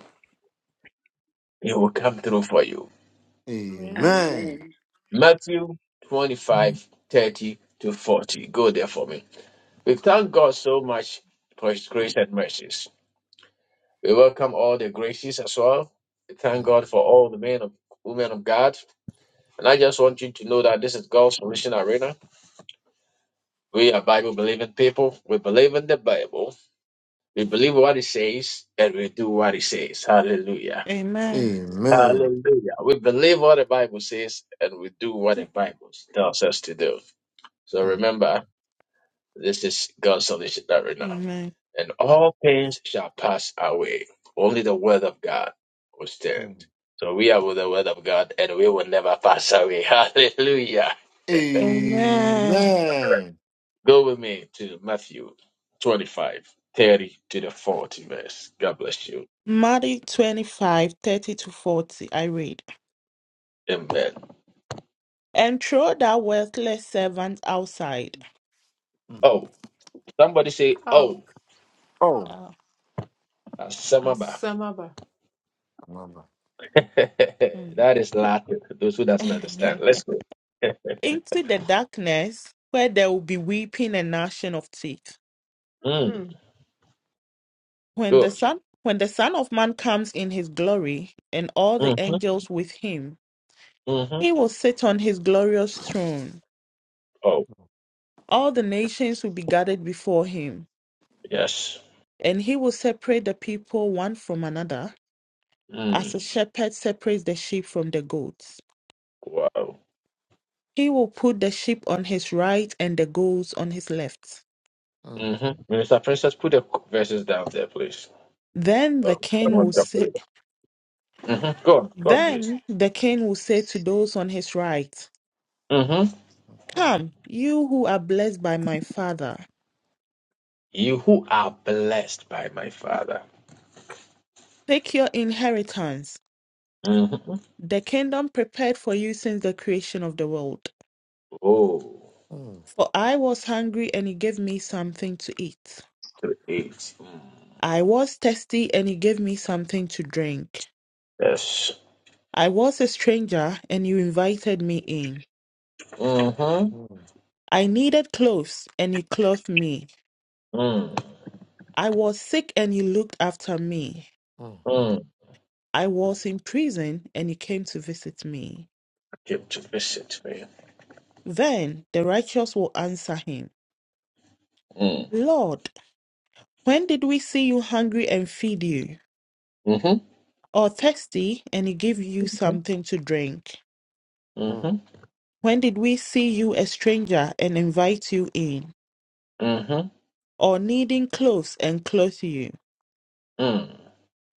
A: He will come through for you.
G: Amen.
D: Amen.
K: Amen.
A: Matthew 25 30 to 40. Go there for me. We thank God so much for his grace and mercies. We welcome all the graces as well. We thank God
D: Mm.
A: for all the men of women of God. And I just want you to know that this is God's solution arena. We are Bible believing people. We believe in the Bible. We believe what it says and we do what it says. Hallelujah.
F: Amen.
D: Amen.
A: Hallelujah. We believe what the Bible says and we do what the Bible tells us to do. So
D: Mm.
A: remember. This is God's solution that right now.
F: Amen.
A: And all things shall pass away. Only the word of God will stand.
D: Mm.
A: So we are with the word of God and we will never pass away. Hallelujah.
F: Amen.
D: Amen.
A: Go with me to Matthew 25, 30 to the 40 verse. God bless you.
F: Matthew twenty five thirty to 40. I read.
A: Amen.
F: And throw that worthless servant outside
D: Mm.
A: Oh, somebody say,
G: Oh,
A: oh,
D: Oh,
F: uh,
A: Asamaba.
G: Asamaba.
D: mama.
F: hmm.
A: that is Latin. Those who doesn't understand. Let's go.
F: into the darkness where there will be weeping and gnashing of teeth.
A: Mm,
G: Mm.
F: When the
A: good.
F: Son when the Son of Man comes in his glory, and all the
A: Mm-hmm.
F: angels with him,
A: Mm-hmm.
F: he will sit on his glorious throne.
A: Oh,
F: All the nations will be gathered before him.
A: yes.
F: And he will separate the people one from another,
A: Mm.
F: as a shepherd separates the sheep from the goats.
A: Wow.
F: He will put the sheep on his right and the goats on his left.
D: Mm,
A: hmm Minister Princess, put the verses down there, please.
F: Then
A: Oh,
F: the king
A: someone
F: will
A: can put
F: say,
A: it. hmm Go on, go on, please.
F: then the king will say to those on his right,
A: hmm
D: mm,
F: Come, you who are blessed by my father,
A: You who are blessed by my Father.
F: take your inheritance,
A: Mm-hmm.
F: the kingdom prepared for you since the creation of the world.
A: Oh,
D: mm,
F: For I was hungry and you gave me something to eat.
A: to eight. Mm.
F: I was thirsty and you gave me something to drink.
A: Yes.
F: I was a stranger and you invited me in.
A: Mm-hmm.
D: mm,
F: I needed clothes and you clothed me.
A: Mm.
F: I was sick and you looked after me.
A: Mm.
F: I was in prison and you came to visit me.
A: Came to visit me.
F: Then the righteous will answer him,
A: Mm.
F: Lord, when did we see you hungry and feed you,
A: Mm-hmm.
F: or thirsty and give you something to drink?
D: mm,
A: Mm-hmm.
D: mm.
F: When did we see you a stranger and invite you in,
A: Mm-hmm.
F: or needing clothes and clothe you?
A: Mm.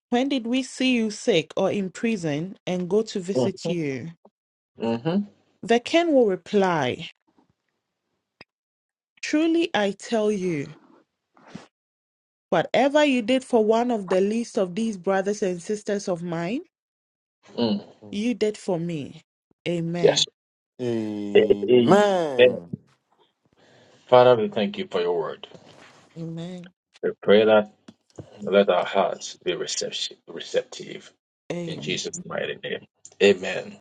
F: When did we see you sick or in prison and go to visit
A: Mm-hmm.
F: you?
A: Mm-hmm.
F: The king will reply, Truly I tell you, whatever you did for one of the least of these brothers and sisters of mine,
A: Mm.
D: mm.
F: you did for me.
A: Yes.
F: Amen.
A: Amen. Father, we thank you for your word.
F: Amen.
A: We pray that Let our hearts be receptive, receptive in
F: Amen.
A: Jesus' mighty name. Amen.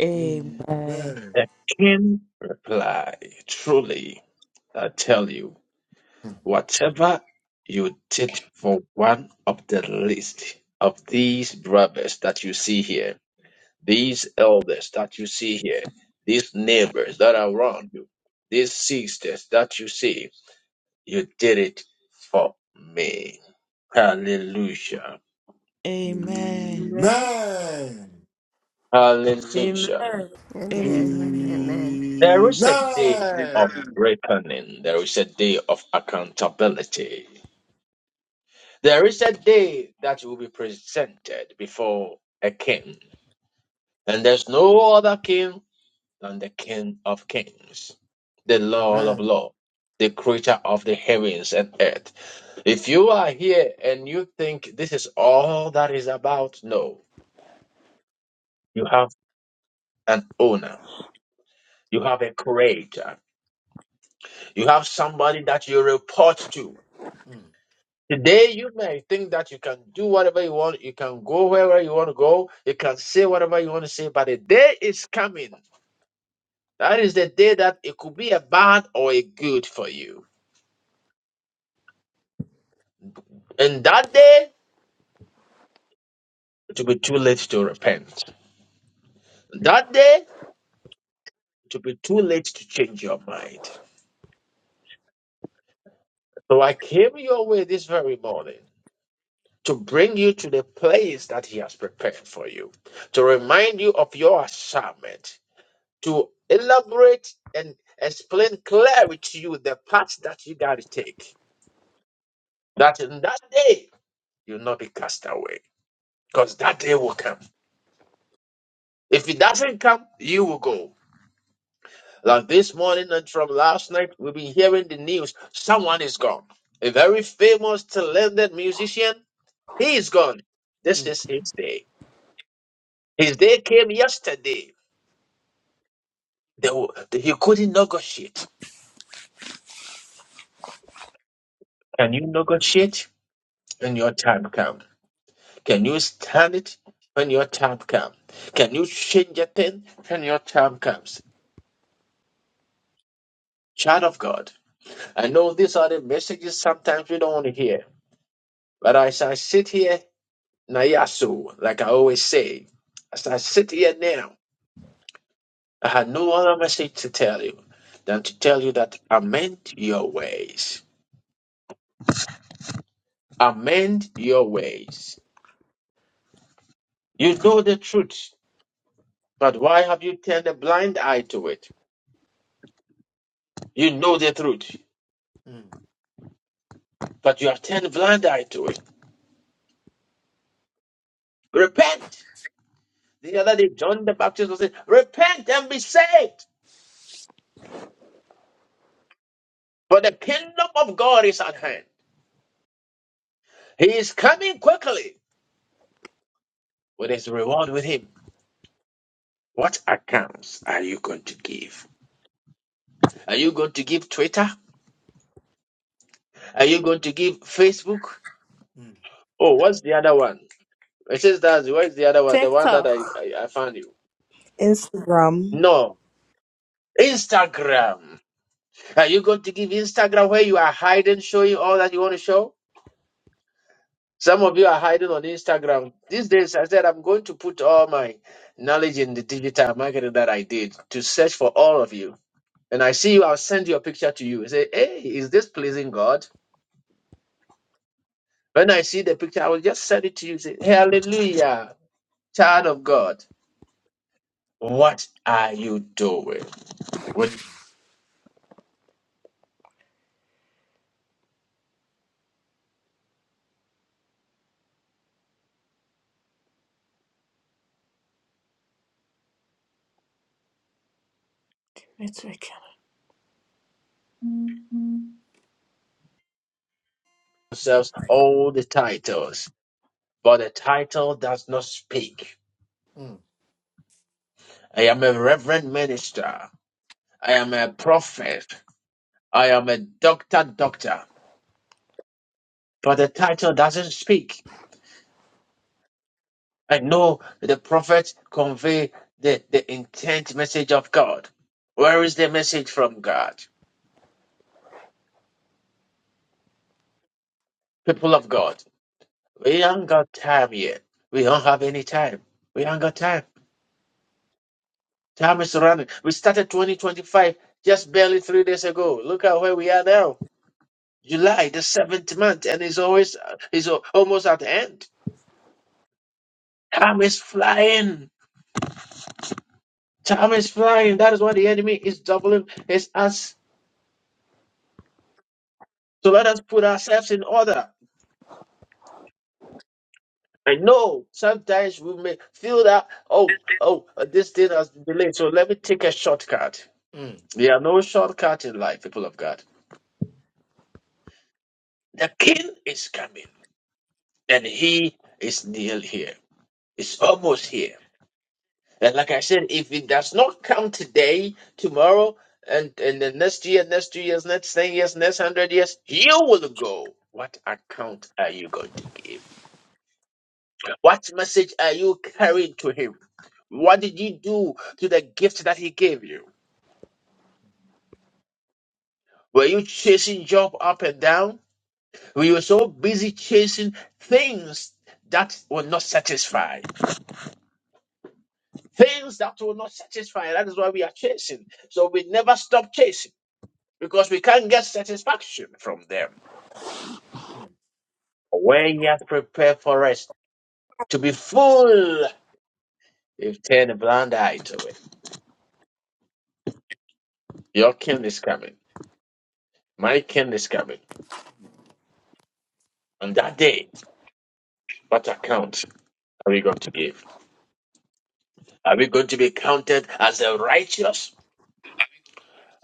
F: Amen.
A: A king reply, truly, I tell you, whatever you did for one of the least of these brothers that you see here, these elders that you see here, these neighbors that are around you, these sisters that you see, you did it for me. Hallelujah.
F: Amen.
G: Amen.
A: Hallelujah.
G: Amen.
N: Amen.
F: Amen.
N: Amen.
A: There is a day
O: Amen.
A: of reckoning. There is a day of accountability. There is a day that will be presented before a king. And there's no other king than the King of Kings, the Lord of
D: Amen. Amen.
A: Lords, the creator of the heavens and earth. If you are here and you think this is all that is about, no. You have an owner. You have a creator. You have somebody that you report to.
D: Mm.
A: Today, you may think that you can do whatever you want, you can go wherever you want to go, you can say whatever you want to say, but the day is coming. That is the day that it could be a bad or a good for you. And that day, it will be too late to repent. That day, it will be too late to change your mind. So I came your way this very morning to bring you to the place that He has prepared for you, to remind you of your assignment, to elaborate and explain clearly to you the path that you got to take. That in that day, you'll not be cast away because that day will come. If it doesn't come, you will go. Like this morning and from last night, we've been hearing the news someone is gone. A very famous, talented musician, he is gone.
D: Amen.
A: This
D: Amen. Amen.
A: is his day. His day came yesterday. They, were- he couldn't negotiate. Can you negotiate? when your time comes. Can you stand it when your time comes? Can you change a thing when your time comes? Child of God, I know these are the messages sometimes we don't want to hear, but as I sit here, Nayasu, like I always say, as I sit here now, I had no other message to tell you than to tell you that amend your ways. Amend your ways. You know the truth, but why have you turned a blind eye to it? You know the truth,
D: Mm, mm,
A: but you have turned a blind eye to it. Repent. The other day, John the Baptist was saying, Repent and be saved, for the kingdom of God is at hand. He is coming quickly with his reward with him. What accounts are you going to give? Are you going to give Twitter? Are you going to give Facebook?
D: mm,
A: Oh, what's the other one? It says that where's the other one? The one that I,
G: TikTok.
A: I, I found you.
B: Instagram.
A: No. Instagram. Are you going to give Instagram where you are hiding, showing all that you want to show? Some of you are hiding on Instagram. These days, I said I'm going to put all my knowledge in the digital marketing that I did to search for all of you. And I see you, I'll send you a picture to you. Say, hey, is this pleasing God? When I see the picture, I will just send it to you. Say, hallelujah, child of God. What are you doing
D: mm,
A: with
D: mm,
G: Network.
A: yourselves all the titles? But the title does not speak. I am a reverend minister. I am a prophet. I am a doctor, doctor. But the title doesn't speak. I know that the prophets convey the, the intent message of God. Where is the message from God? People of God, we haven't got time yet. We don't have any time. We haven't got time. Time is running. We started 2025 just barely three days ago. Look at where we are now. July, the seventh month, and it's always it's al- almost at the end. Time is flying. Time is flying. That is why the enemy is doubling his us So let us put ourselves in order. I know sometimes we may feel that, oh, oh, uh, this thing has delayed, so let me take a shortcut. There are no shortcuts in life, people of God. The king is coming, and he is near here. It's almost here. And like I said, if it does not come today, tomorrow, and, and the next year, next two years, next 10 years, next 100 years, you will go. What account are you going to give? What message are you carrying to him? What did you do to the gift that he gave you? Were you chasing job up and down? Were you so busy chasing things that will not satisfy? Things that will not satisfy. That is why we are chasing. So we never stop chasing because we can't get satisfaction from them. When he has prepared for us to be full, you turn a blind eye to it. Your king is coming. My king is coming. On that day, What account are we going to give? Are we going to be counted as the righteous?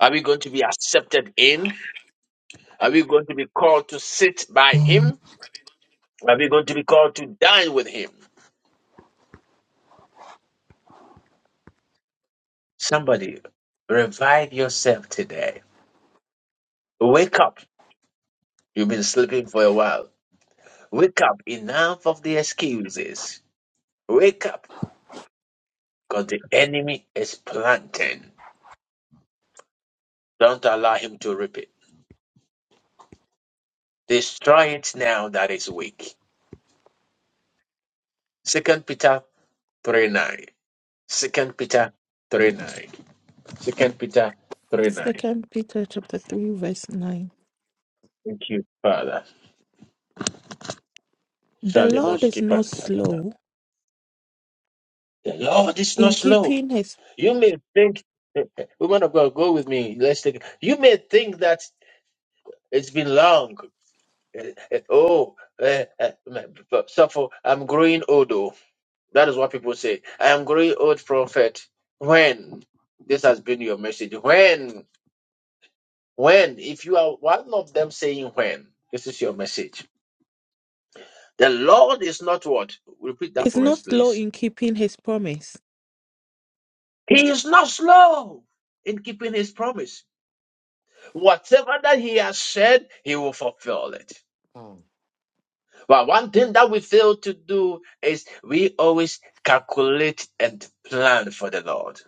A: Are we going to be accepted in? Are we going to be called to sit by him? Are we going to be called to dine with him? Somebody, revive yourself today. Wake up. You've been sleeping for a while. Wake up. Enough of the excuses. Wake up because the enemy is planting. Don't allow him to reap it. Destroy it now that is weak. Second Peter three nine. Second Peter 3 9. Second Peter 3 9.
F: Second Peter chapter three verse nine.
A: Thank you, Father.
F: The
A: Shall you not
F: Lord is
A: skip us?
F: not slow
A: The Lord is not
F: in
A: slow.
F: keeping his
A: You may think, woman of God, go with me. Let's take You may think that it's been long. Eh, eh, Oh, eh, eh, but suffer. I'm growing old. Oh. That is what people say. I am growing old, prophet. When? This has been your message. When? When? If you are one of them saying when, this is your message The Lord is not what? Repeat that
F: is
A: for us,
F: not slow
A: please.
F: in keeping his promise.
A: He is not slow in keeping his promise. Whatever that he has said, he will fulfill it. But one thing that we fail to do is we always calculate and plan for the Lord.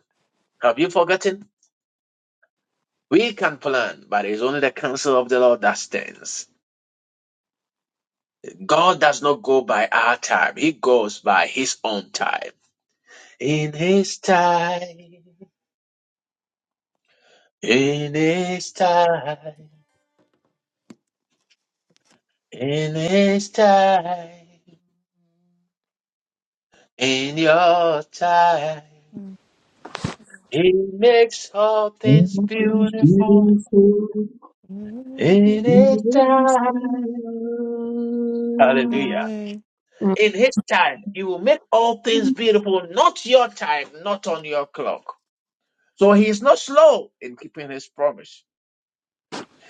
A: Have you forgotten? We can plan, but it's only the counsel of the Lord that stands. God does not go by our time, He goes by His own time. In His time, in His time. In His time, in your time, He makes all things beautiful.
F: Mm,
A: In His time, Hallelujah.
F: Amen.
G: Mm.
A: In His time, He will make all things beautiful. Not your time, not on your clock. So He is not slow in keeping His promise.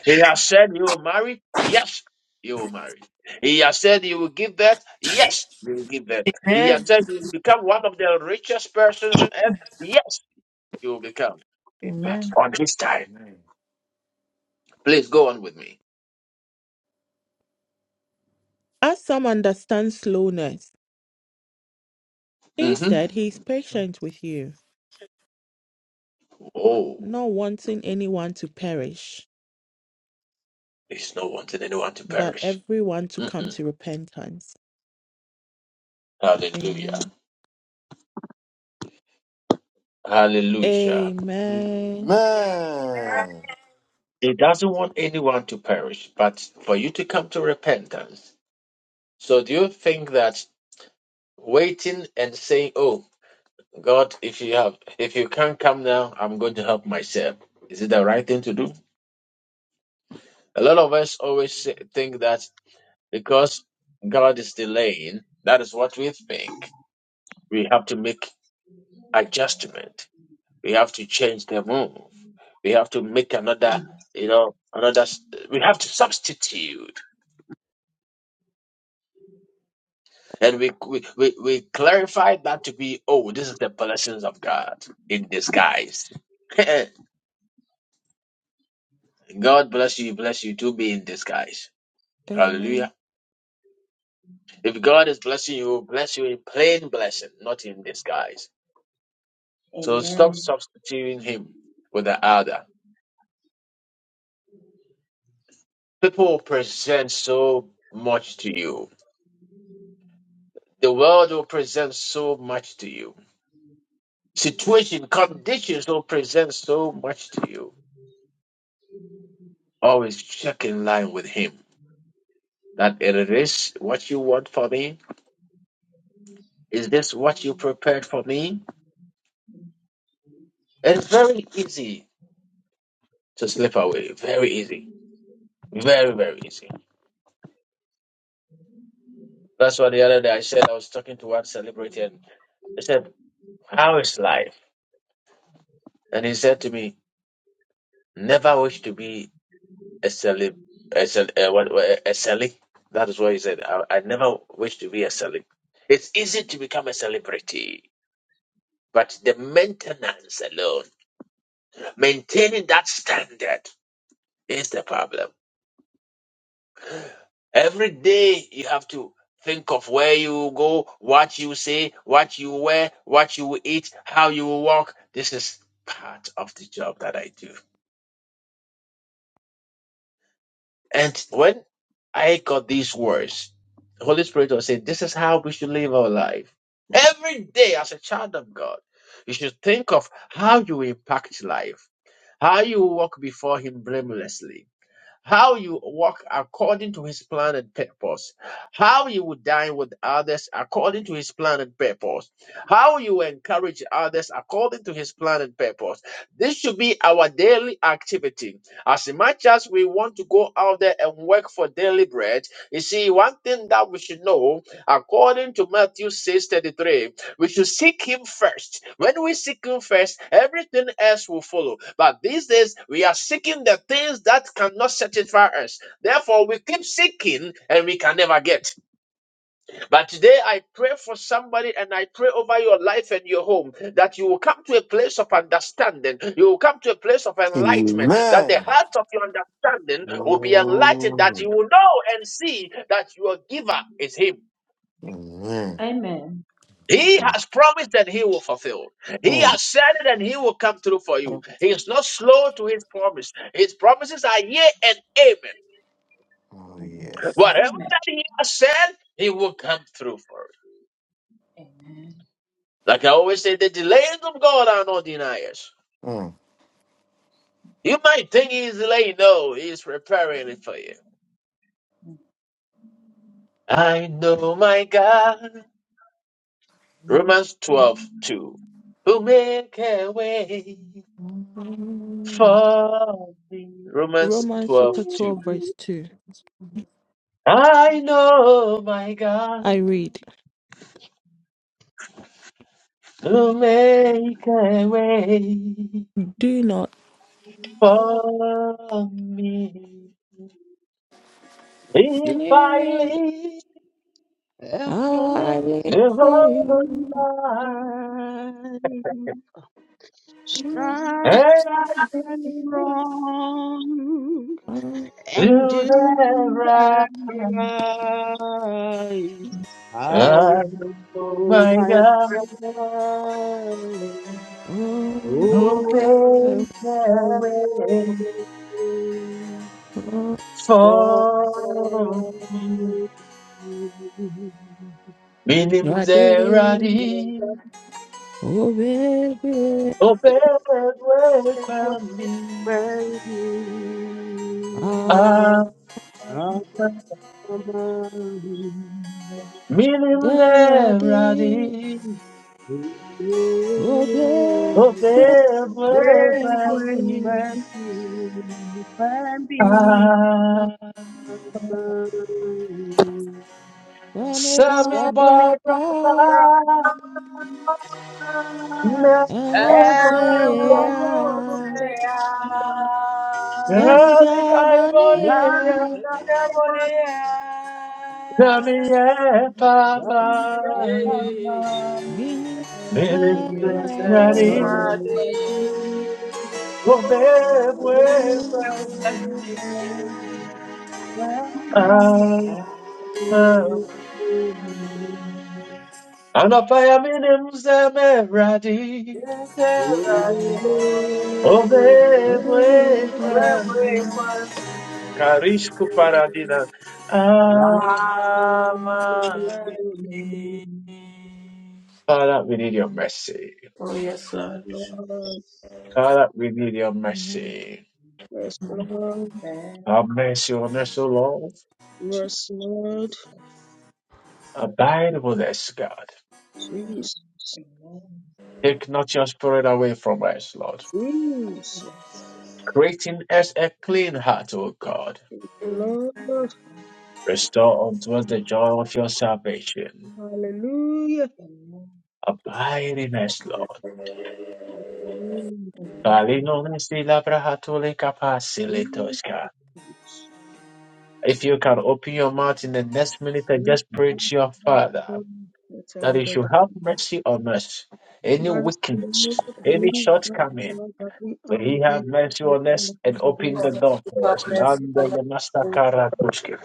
A: He has said He will marry. Yes, He will marry. He has said He will give birth. Yes, He will give birth. He has
G: Amen.
A: said He will become one of the richest person on earth. Yes. you will become. But
G: Amen.
A: on this time, please go on with me.
F: As some understand slowness,
A: hmm
F: instead, he is patient with you,
A: Oh,
F: not wanting anyone to perish,
A: there's no wanting anyone to
F: but
A: perish.
F: everyone to come
A: Mm-mm.
F: to repentance.
A: Hallelujah.
F: Amen.
A: Hallelujah.
F: Amen.
A: He doesn't want anyone to perish, but for you to come to repentance. So do you think that waiting and saying, Oh, God, if you have if you can't come now, I'm going to help myself. Is it the right thing to do? A lot of us always say- think that because God is delaying, that is what we think we have to make adjustment. We have to change the move. We have to make another, you know, another. s- We have to substitute, and we we we, we clarify that to be, oh, this is the blessings of God in disguise. God bless you, bless you to be in disguise. Hallelujah.
F: Amen.
A: If God is blessing you, He'll bless you in plain blessing, not in disguise. So stop
K: Amen.
A: substituting Him with the other. People present so much to you The world will present so much to you. Situation, conditions will present so much to you. Always check in line with Him. That it is what you want for me. Is this what you prepared for me? It's very easy to slip away. Very easy. Very, very easy. That's why the other day I said I was talking to one celebrity and I said, How is life? And he said to me, Never wish to be SLE, SL, uh, what, what, SLE. That is what he said. I, I never wish to be a celeb. It's easy to become a celebrity, but the maintenance alone, maintaining that standard is the problem. Every day you have to think of where you go, what you say, what you wear, what you eat, how you walk. This is part of the job that I do. And when I got these words, the Holy Spirit was saying, This is how we should live our life. Every day, as a child of God, you should think of how you impact life, how you walk before Him blamelessly how you walk according to his plan and purpose, how you would dine with others according to his plan and purpose, how you encourage others according to his plan and purpose. This should be our daily activity. As much as we want to go out there and work for daily bread, you see, one thing that we should know, according to Matthew 6:33. We should seek Him first. When we seek Him first, everything else will follow. But these days, we are seeking the things that cannot satisfy us. Therefore, we keep seeking and we can never get. But today, I pray for somebody and I pray over your life and your home that you will come to a place of understanding. You will come to a place of
D: mm,
A: enlightenment. That the heart of your
D: mm,
A: understanding will be enlightened. That
D: mm.
A: you will know and see that your giver is Him.
D: Amen.
K: Amen.
A: He
D: Amen.
A: has promised and he will fulfill.
D: Amen.
A: He
D: Amen.
A: has
D: Amen.
A: said it and he will come through for you. He is not slow to his promise. His promises are yea and amen.
D: Oh,
K: Mm.
D: yes.
A: Whatever
K: Amen.
A: that he has said, he will come through for it.
K: Amen.
A: Like I always say, the delays of God are not deniers.
D: Mm.
A: You might think he's delaying, no, he's preparing it for you.
K: Mm.
A: I know my God. Romans twelve two, Who make a way
F: Amen.
A: for me. Romans
F: Romans
A: twelve
F: chapter
A: two.
F: 12, verse 2.
A: I know my
F: I
A: God
F: read,
A: to make a way
F: Do not
A: for me. If I
F: live,
A: live
H: A
F: I
H: whole
F: live
A: a
F: for
A: whole
H: new
F: you.
A: life
H: life.
F: You
H: shine
A: and I do
H: wrong
F: are
A: do
H: and do
A: the
H: the
A: right,
H: right. I
A: I know
H: know
A: my
H: my
A: God
H: God.
A: to
H: Oh,
F: Omega.
A: make a
H: that
A: way
H: is for
A: for me.
H: me.
A: Benim
F: Rade,
A: zeradi
F: oh baby,
A: Opewe kwa mi,
H: worthy.
F: ah,
A: ah,
H: Thank
A: milinde
F: Rade,
A: radi.
F: oh baby,
A: Opewe
F: can
A: kwa mi,
F: be, ah,
A: ah.
F: me
A: Sami
F: Barbara Pa,
A: baraka na
F: and
A: opiya.
G: Oh,
F: Hotea,
G: ah,
F: Sammy
A: Sami jaiboreya,
F: Jabania,
A: sami ye papa.
G: Yeah, yeah, yeah,
F: Vini
G: yeah.
A: Milinde radi.
F: Sarade,
H: Oh,
A: Opewe kwa mi, ah. Anapaamini mseme radi
F: oh
A: obebwe
F: baby, can be.
A: kwani karishku paradina. Ah,
K: Amen.
A: Father, we need your mercy.
G: Oh, yes, Lord.
A: Father, we need your
F: Amen.
A: mercy.
H: Yes, Lord.
K: Amen.
A: Have mercy on us, O Lord.
H: Yes, Lord.
K: Jesus.
A: Abide with us, God.
H: Jesus.
K: Amen.
A: Take not your spirit away from us, Lord.
H: Jesus.
K: Jesus.
A: Creating us a clean heart, O God.
H: Lord.
K: Amen.
A: Restore unto us the joy of your salvation.
H: Hallelujah.
K: Amen.
A: Abide in us, Lord. If
K: Amen.
H: Jesus.
A: you can open your mouth in the next minute and just pray to your Father
H: Jesus.
A: that He should
H: Jesus,
A: have mercy on us, any
H: Mercy,
A: weakness,
H: Lord,
A: any
H: lead us,
A: shortcoming,
H: Lord, that we
A: may He have
H: undead
A: mercy on us
H: not be
A: and open the
H: buried.
A: door for us. Lando le masakara toske.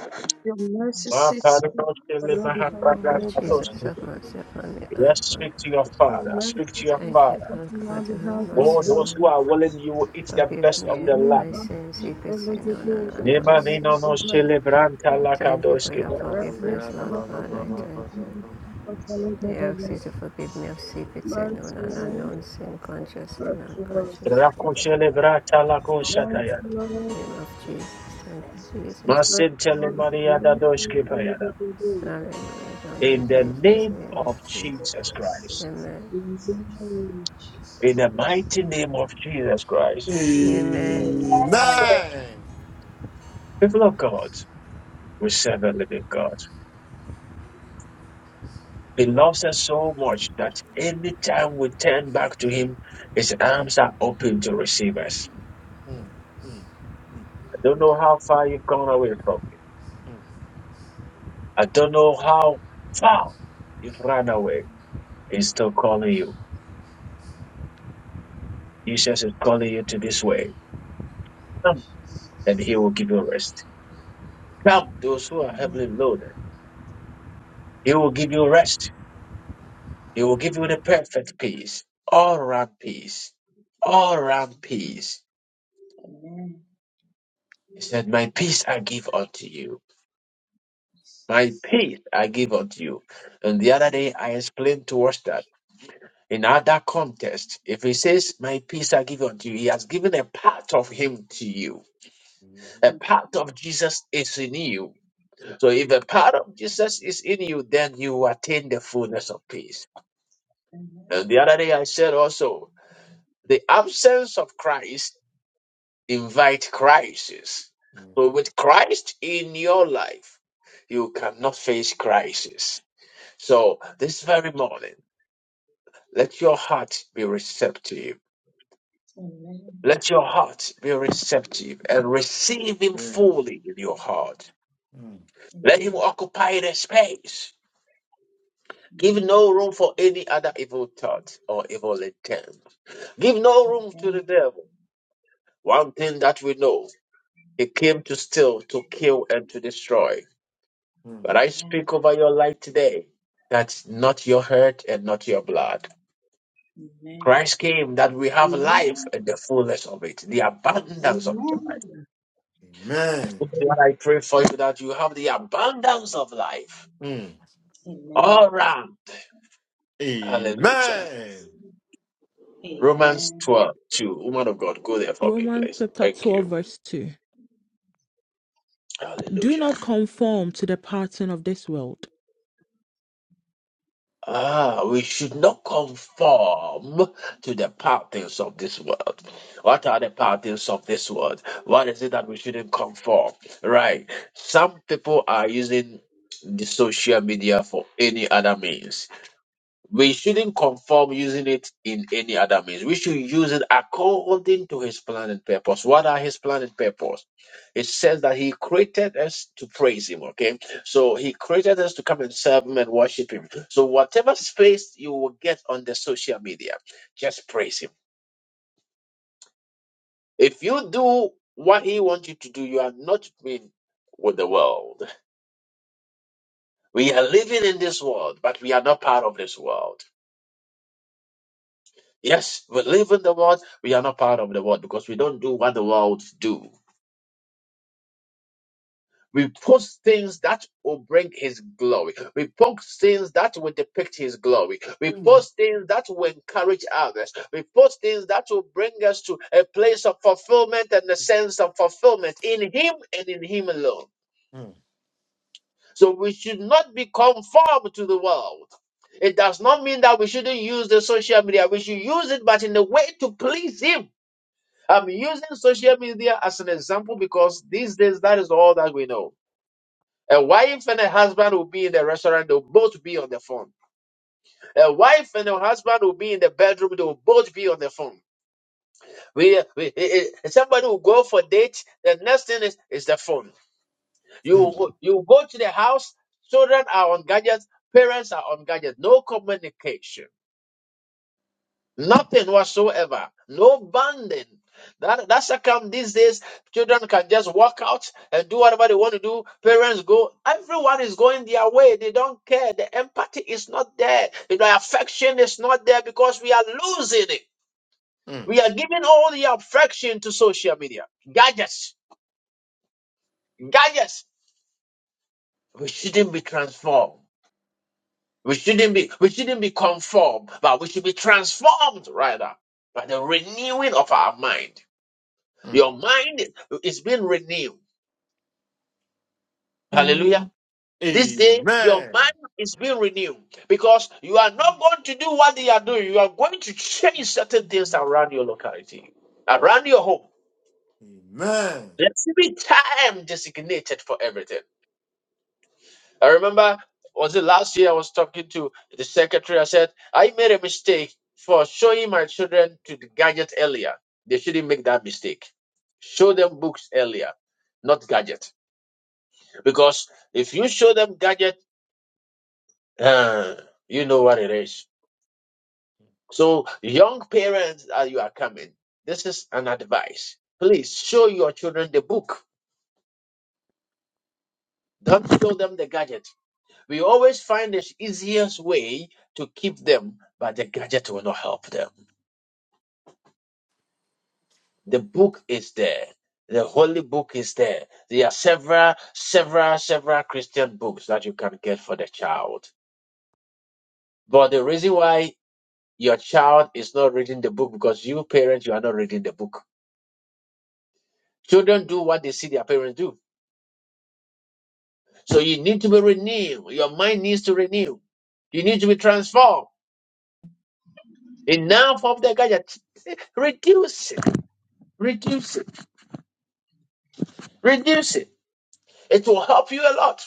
H: Your mercy
A: Ma
K: Jesus.
H: sits
K: Amen.
A: parinoske
H: on
A: le
H: our
N: In the
H: behalf,
K: Amen.
N: name
A: mahapara
N: of
H: O God.
K: Jesus.
N: Jesus,
A: katoske.
N: have mercy upon me, Lord.
A: Yes, speak to your
H: Your
A: Father.
H: mercy
A: Speak to
H: sits
A: your
N: Thank
A: Father.
N: you, Lord
H: on our
N: God, to have
H: behalf, O
A: Oh,
N: mercy
H: God.
A: those
N: upon
A: who
N: me.
A: are willing, you will eat the
N: Forgive
A: best of
N: me
A: the
N: of
A: land.
H: Lead
N: my
H: us
N: sins,
H: in
K: Amen.
N: secret sin,
H: fellowship,
N: known and
H: Lord,
K: Thank
H: that
N: unknown
A: Leba
H: fellowship
N: sin.
A: nino no
H: of God.
K: you.
A: celebranta
N: We
A: la
N: thank you
K: Amen.
N: for your
A: kadoskipa.
H: The
D: Amen.
H: breath of
N: forgiveness, Lord
H: fellowship of
N: God. I
H: God,
N: thank
H: and
N: you.
H: the deep of fellowship
N: I
H: of
N: ask you to forgive me of secret sin,
H: Mercy,
N: known and
H: Lord,
N: unknown sin, conscious
H: mercy,
N: and
H: Lord,
N: unconscious.
A: Raku celebrata la
H: mercy,
A: koshataya.
N: In the
H: Lord,
N: name of Jesus. Thank you, Jesus.
H: mercy,
A: Masintele
H: Lord,
A: Maria da
H: mercy,
A: doskipayada.
H: fellowship of
N: Hallelujah. Thank you,
A: In the
N: Jesus. In
A: name
N: the name of
A: of
N: Jesus.
A: Jesus Christ.
N: Amen.
H: God.
A: In the mighty name of Jesus Christ.
N: Amen.
H: Amen.
A: People of God, we serve a living God. He loves us so much that anytime we turn back to Him, His arms are open to receive us.
D: Mm, mm, mm, mm,
A: I don't know how far you've gone away from Him. I don't know how far you've run away. He's still calling you. Jesus is calling you to this way. Come, and
K: Jesus.
A: He will give you rest. Come, those who are
K: Amen.
A: heavily loaded, He will give you rest. He will give you the perfect peace, all round peace, all round peace.
K: Amen.
A: He said, My peace I give unto you. My peace I give unto you. And the other day I explained to us that in other context, if he says, My peace I give unto you, he has given a part of him to you. A part of Jesus is in you. So if a part of Jesus is in you, then you attain the fullness of peace. And
K: Amen.
A: the other day I said also, the absence of Christ invite crisis. So with Christ in your life, you cannot face crisis. So this very morning, let your heart be receptive.
K: Amen.
A: Let your heart be receptive and receive him
D: mm. Mhm,
A: in your heart.
D: mhm.
A: Let him
K: Amen.
A: occupy the space. Give
K: Amen.
A: no room for any other evil thought or evil intent. Give no room to the
K: Amen.
A: devil. One thing that we know, he came to steal, to kill, and to destroy. But I
K: Amen.
A: speak over your life today. That's not your hurt and not your blood.
K: Amen.
A: Christ came that we have life
H: Amen.
A: and the fullness of it, the abundance
K: Yes.
A: of
K: yes,
A: it.
H: Amen.
D: Amen.
A: What I pray for you that you have the abundance of life.
D: Mm,
K: Amen.
A: All round. Hallelujah.
K: yes,
A: Romans
K: Amen.
A: 12:2. Woman of God, go there for me,
F: Romans
A: please.
F: chapter
A: Thank
F: 12,
A: you.
F: verse 2. Do
A: Hallelujah.
F: not conform to the pattern of this world.
A: Ah, we should not conform to the patterns of this world. What are the patterns of this world? What is it that we shouldn't conform? Right. Some people are using the social media for any other means. We shouldn't conform using it in any other means. We should use it according to his plan and purpose. What are his plan and purpose? it says that he created us to praise him okay so he created us to come and serve him and worship him so whatever space you will get on the social media just praise him if you do what he wants you to do you are not being with the world we are living in this world but we are not part of this world yes we live in the world we are not part of the world because we don't do what the world do We post things that will bring His glory. We post things that will depict His glory. We post things that will encourage others. We post things that will bring us to a place of fulfillment and a sense of fulfillment in Him and in Him alone. So we should not be conformed to the world. It does not mean that we shouldn't use the social media. We should use it, but in a way to please Him. I'm using social media as an example because these days that is all that we know. A wife and a husband will be in the restaurant, they'll both be on the phone. A wife and a husband will be in the bedroom, they'll both be on the phone. We, we eh, eh, somebody will go for date, the next thing is, is the phone.
D: mm.
A: You you go to the house, children are on gadgets, parents are on gadgets, no communication. Nothing whatsoever. No banding. That that's how come these days children can just walk out and do whatever they want to do. Parents go, everyone is going their way. They don't care. The empathy is not there. You know, affection is not there because we are losing it.
D: Amen.
A: We are giving all the affection to social media. Gadgets. Gadgets. We shouldn't be transformed. We shouldn't be we shouldn't be conformed, but we should be transformed rather by the renewing of our mind.
D: Mm. Amen. Mm, mm, mm, mm, mm.
A: Your mind is being renewed. Hallelujah.
F: Amen.
A: This day, your
D: Amen.
A: mind is being renewed because you are not going to do what they are doing. You are going to change certain things around your locality, around your home.
D: Amen.
A: Let's be time designated for everything. I remember, was it last year I was talking to the secretary? I said, I made a mistake for showing my children to the gadget earlier. They shouldn't make that mistake. Show them books earlier, not gadget. Because if you show them gadget, uh, you know what it is. So, young parents, as you are coming, this is an advice. Please show your children the book. Don't show them the gadget. We always find the easiest way to keep them, but the gadget will not help them. The book is there. The holy book is there. There are several, several, several Christian books that you can get for the child. But the reason why Your child is not reading the book because you parents you are not reading the book. Children do what they see their parents do. So you need to be renewed. Your mind needs to renew. You need to be transformed. Enough of the gadget. Reduce it. Reduce it. Reduce it. It will help you a lot.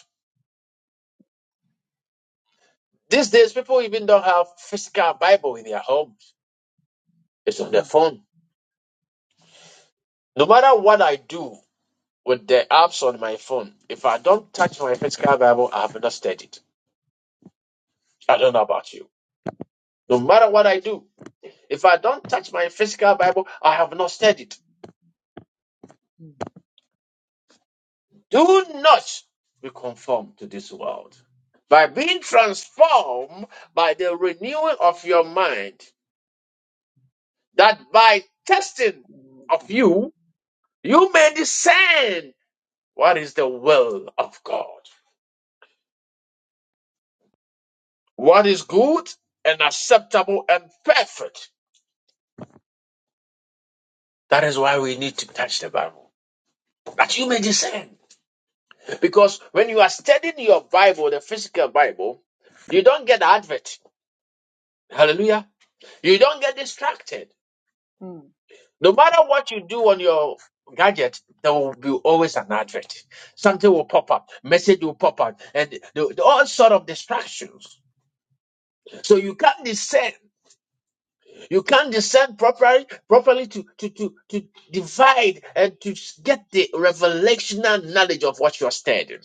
A: These days, people even don't have physical Bible in their homes. It's on their
K: Mm,
A: phone. No matter what I do with the apps on my phone, if I don't touch my physical Bible, I have not studied. I don't know about you. No matter what I do. If I don't touch my physical Bible, I have not studied. it.
K: mm, mm.
A: Do not be conformed to this world. By being transformed by the renewing of your mind, that by testing
K: Amen.
A: of you, you may discern what is the will of God, what is good and acceptable and perfect. That is why we need to touch the Bible. That you may discern. Because when you are studying your Bible, the physical Bible, you don't get the advert. Hallelujah. You don't get distracted. No matter what you do on your gadget, there will be always an advert. Something will pop up, message will pop up, and the- the- all sort of distractions. So you can't discern. You can't discern properly, properly to, to, to, to divide and to s- get the revelational knowledge of what you're studying.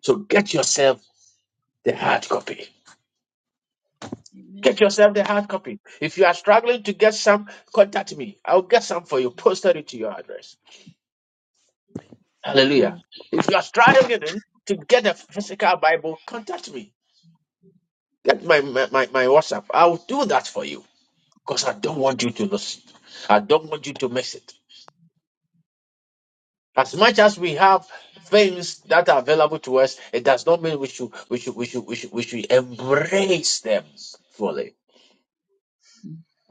A: So get yourself the hard copy. Get
K: Amen.
A: yourself the hard copy. If you are struggling to get some, contact me. I'll get some for you, posted it to your address. Hallelujah.
F: Amen.
A: If you are struggling to get a physical Bible, contact me. Get my, my, my my WhatsApp. I'll do that for you because I don't want you to lose it. I don't want you to miss it. As much as we have things that are available to us, it does not mean we should we should we should we should, we should embrace them fully.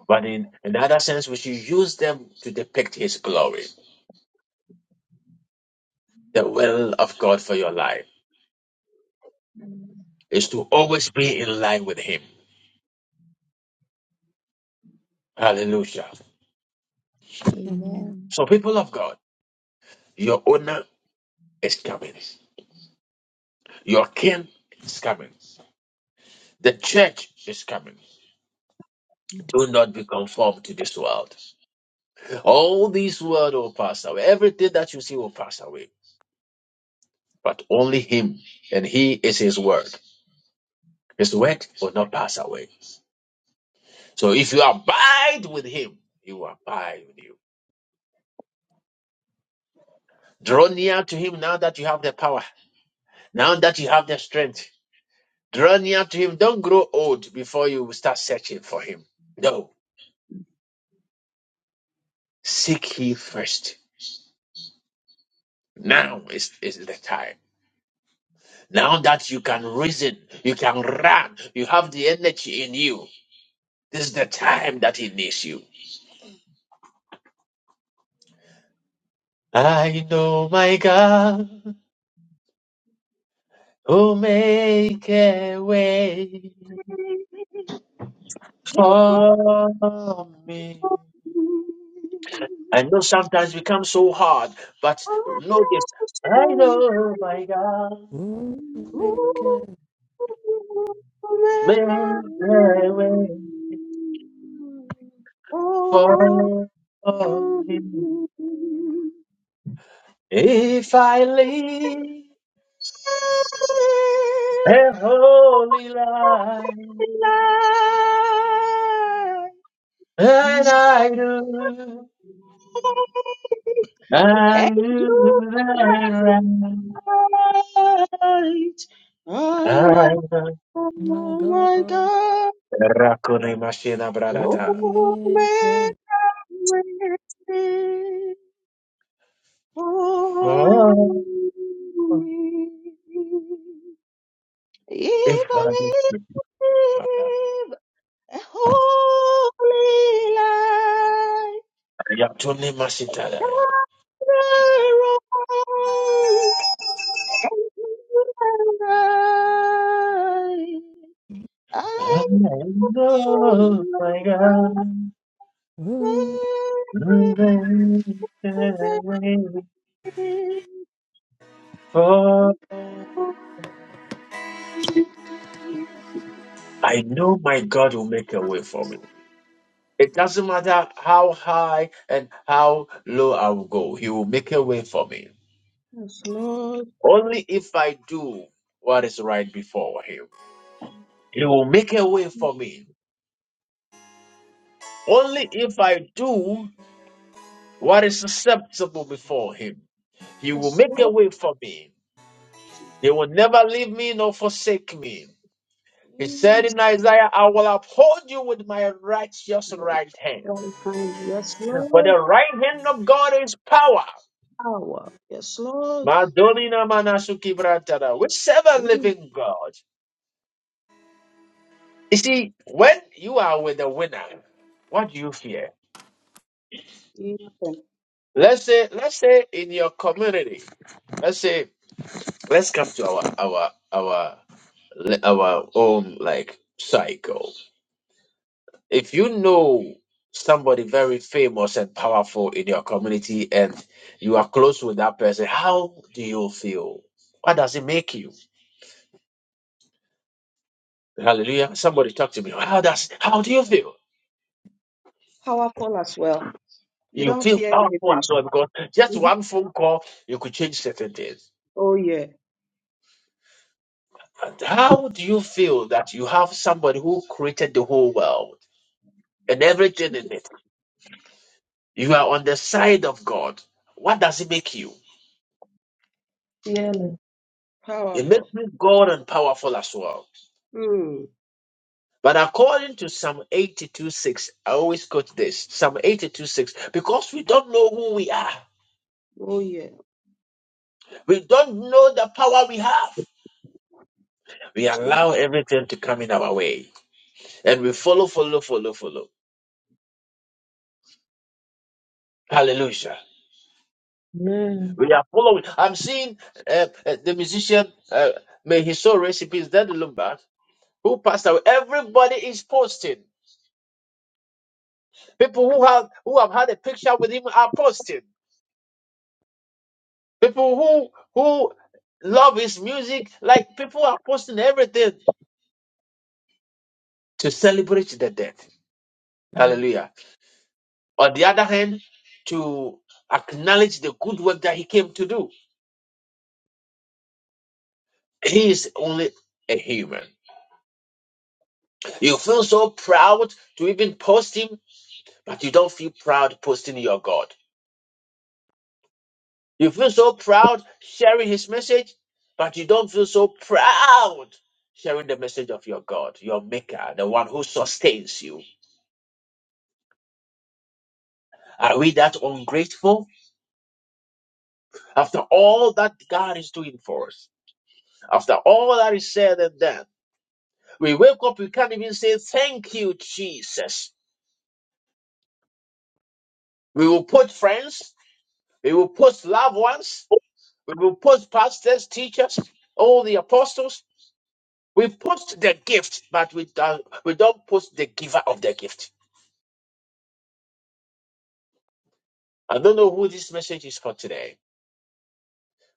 A: But in another sense, we should use them to depict his glory. The will of God for your life is to always be in line with him. Hallelujah.
F: Amen.
A: So people of God, your own is coming. Your king is coming. The church is coming. Do not be conformed to this world. All these will pass. They That you see will pass away, but only him and his word is not away. So eat with him, he will abide with you. Draw near to him now that you have the power, now that you have the strength. Draw near to him. Don't grow old before you start searching for him. No, seek ye first. Now is, is the time. Now that you can reason, you can run, you have the energy in you. This is the time that He needs you. I know my God who make a way for me. I know sometimes it come so hard, but know this. I know my God
F: Oh, maker.
A: make a way for me. If I live. and holy light, and
F: Oh,
A: I do,
H: Thank And
A: I do
H: you are
A: that
H: right.
A: I
H: I know
A: do.
F: my
H: my
F: God.
H: God
A: Rakone mashina
F: Oh,
A: bradata.
H: Oh, make
F: maker.
H: a way for
A: Oh,
H: me.
A: If
H: If
A: I
H: I live a holy life,
A: only mashitala,
H: not the wrong Yes,
A: I know my God.
F: Oh.
A: For I know my God will make a way for me. It doesn't matter how high and how low I will go, He will make a way for me.
H: Lord.
A: Only if I do what is right before Him, He will make a way for me. Only if I do what is acceptable before Him, He will
H: Yes,
A: make a
H: Lord.
A: way for me. He will never leave me nor forsake me. He said
H: Jesus.
A: in Isaiah, I will uphold you with my righteous right hand.
H: Strong hand. Yes,
A: For the
H: Lord.
A: right hand of God is power.
H: Power. Yes, Lord.
A: Madolina Manasuki Brantara. We serve a
H: You
A: living God. You see, when you are with a winner, what do you fear?
H: you-
A: Let's say, let's say in your community, let's say, let's come to our our our our own like cycle. If you know somebody very famous and powerful in your community and you are close with that person, how do you feel? What does it make you? Hallelujah. Somebody talk to me. How does how do you feel?
H: Powerful as well. You
A: You
H: don't
A: feel
H: fear
A: powerful as
H: anything.
A: well because just
H: Mhm.
A: one phone call, you could change certain things.
H: Oh, yeah.
A: And how do you feel that you have somebody who created the whole world and everything in it? You are on the side of God. What does it make you?
I: Yeah.
A: It makes
H: Powerful.
A: you God and powerful as well.
H: Hmm.
A: But according to Psalm 82 6, I always quote this Psalm 82 6, because we don't know who we are,
H: Oh, yeah.
A: we don't know the power we have. We allow everything to come in our way and we follow, follow, follow, follow. Hallelujah.
I: Amen.
A: We are following. I'm seeing uh, uh, the musician, uh, may his soul rest in peace, Daddy Lumba, who passed away. Everybody is posting. People who have who have had a picture with him are posting. People who who love his music, like people are posting everything to celebrate the death.
F: Mm,
A: Hallelujah. On the other hand, to acknowledge the good work that he came to do. He is only a human. You feel so proud to even post him but you don't feel proud posting your God. You feel so proud sharing his message, but you don't feel so proud sharing the message of your God, your maker, the one who sustains you. Are we that ungrateful? After all that God is doing for us, after all that is said and done, we wake up, we can't even say thank you, Jesus. We will put friends, we will post loved ones, we will post pastors, teachers, all the apostles, We post the gift, but we don't, we don't post the giver of the gift. I don't know who this message is for today,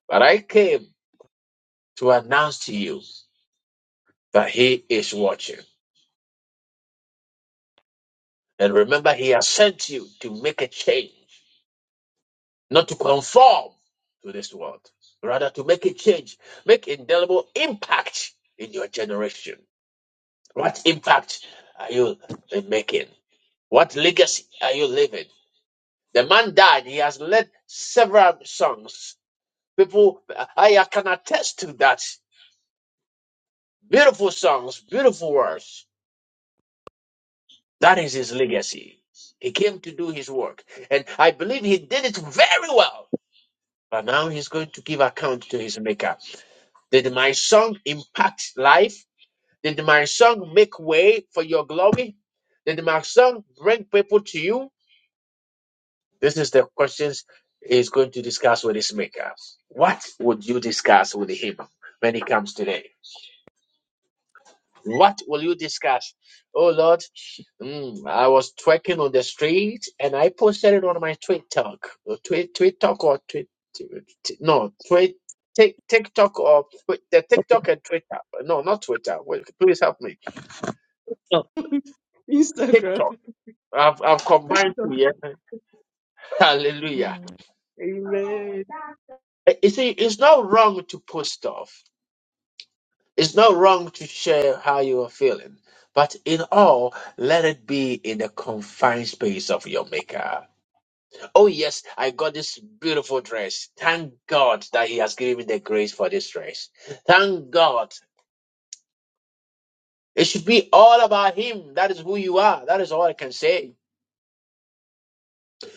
A: but I came to announce to you that He is watching. And remember, He has sent you to make a change, not to conform to this world, rather to make a change, make indelible impact in your generation. What impact are you uh, making? What legacy are you living? The man died. He has led several songs People, I, I can attest to that. Beautiful songs, beautiful words. That is his legacy. He came to do his work. And I believe he did it very well. But now he's going to give account to his maker. Did my song impact life? Did my song make way for your glory? Did my song bring people to you? This is the questions he's going to discuss with his maker. What would you discuss with him when he comes today? What will you discuss? Oh Lord, mm, I was twerking on the street and I posted it on my TikTok, or tweet tweet talk or tweet, t- no tweet. Tik TikTok or wait, the TikTok and Twitter. No, not Twitter. Wait, please help me.
I: Oh,
H: Instagram.
A: TikTok. I've I've combined two. Yeah. Hallelujah.
F: mm,
H: Amen.
A: Uh, You see, it's not wrong to post stuff. It's not wrong to share how you are feeling. But in all, let it be in the confined space of your maker. Oh, yes, I got this beautiful dress. Thank God that He has given me the grace for this dress. Thank God. It should be all about Him. That is who you are. That is all I can say.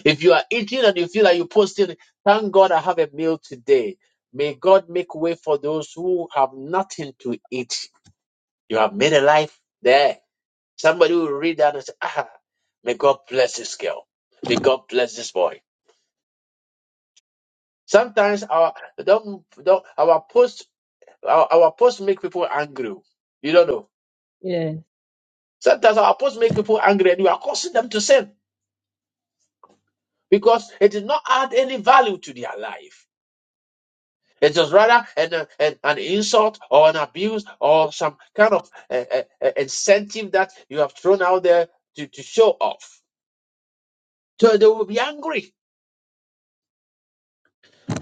A: If you are eating and you feel like you're posting, thank God I have a meal today. May God make way for those who have nothing to eat. You have made a life there. Somebody will read that and say, ah, may God bless this girl. May God bless this boy. Sometimes our don't don't our posts Our, our posts make people angry. You don't know.
I: yeah.
A: Sometimes our posts make people angry and we are causing them to sin because it did not add any value to their life. It is rather an, uh, an, an insult or an abuse or some kind of uh, uh, uh, incentive that you have thrown out there to, to show off. So they will be angry.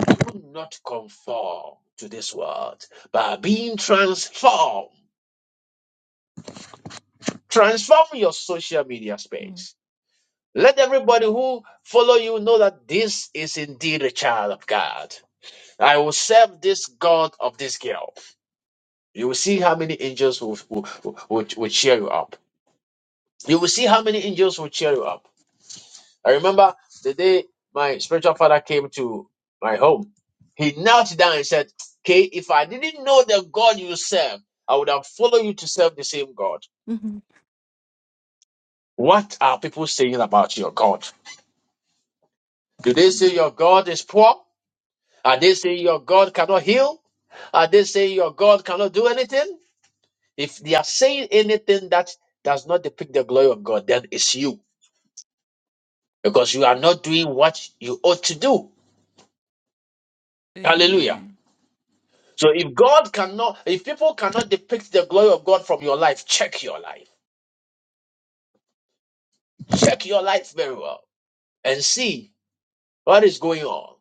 A: Do not conform to this world, but being transformed. Transform your social media space
F: mm,
A: Let everybody who follow you know that this is indeed a child of God. I will serve this God of this girl. You will see how many angels will, will, will, will- cheer you up. You will see how many angels will cheer you up. I remember the day my spiritual father came to my home. He knelt down and said, Kay, if I didn't know the God you serve, I would have followed you to serve the same God.
F: mm.
A: What are people saying about your God? Do they say your God is poor? Are they saying your God cannot heal? Are they saying your God cannot do anything? If they are saying anything that does not depict the glory of God, then it's you because you are not doing what you ought to do. Hallelujah.
F: Amen.
A: So if God cannot, if people cannot depict the glory of God from your life, check your life. Check your life very well and see what is going on.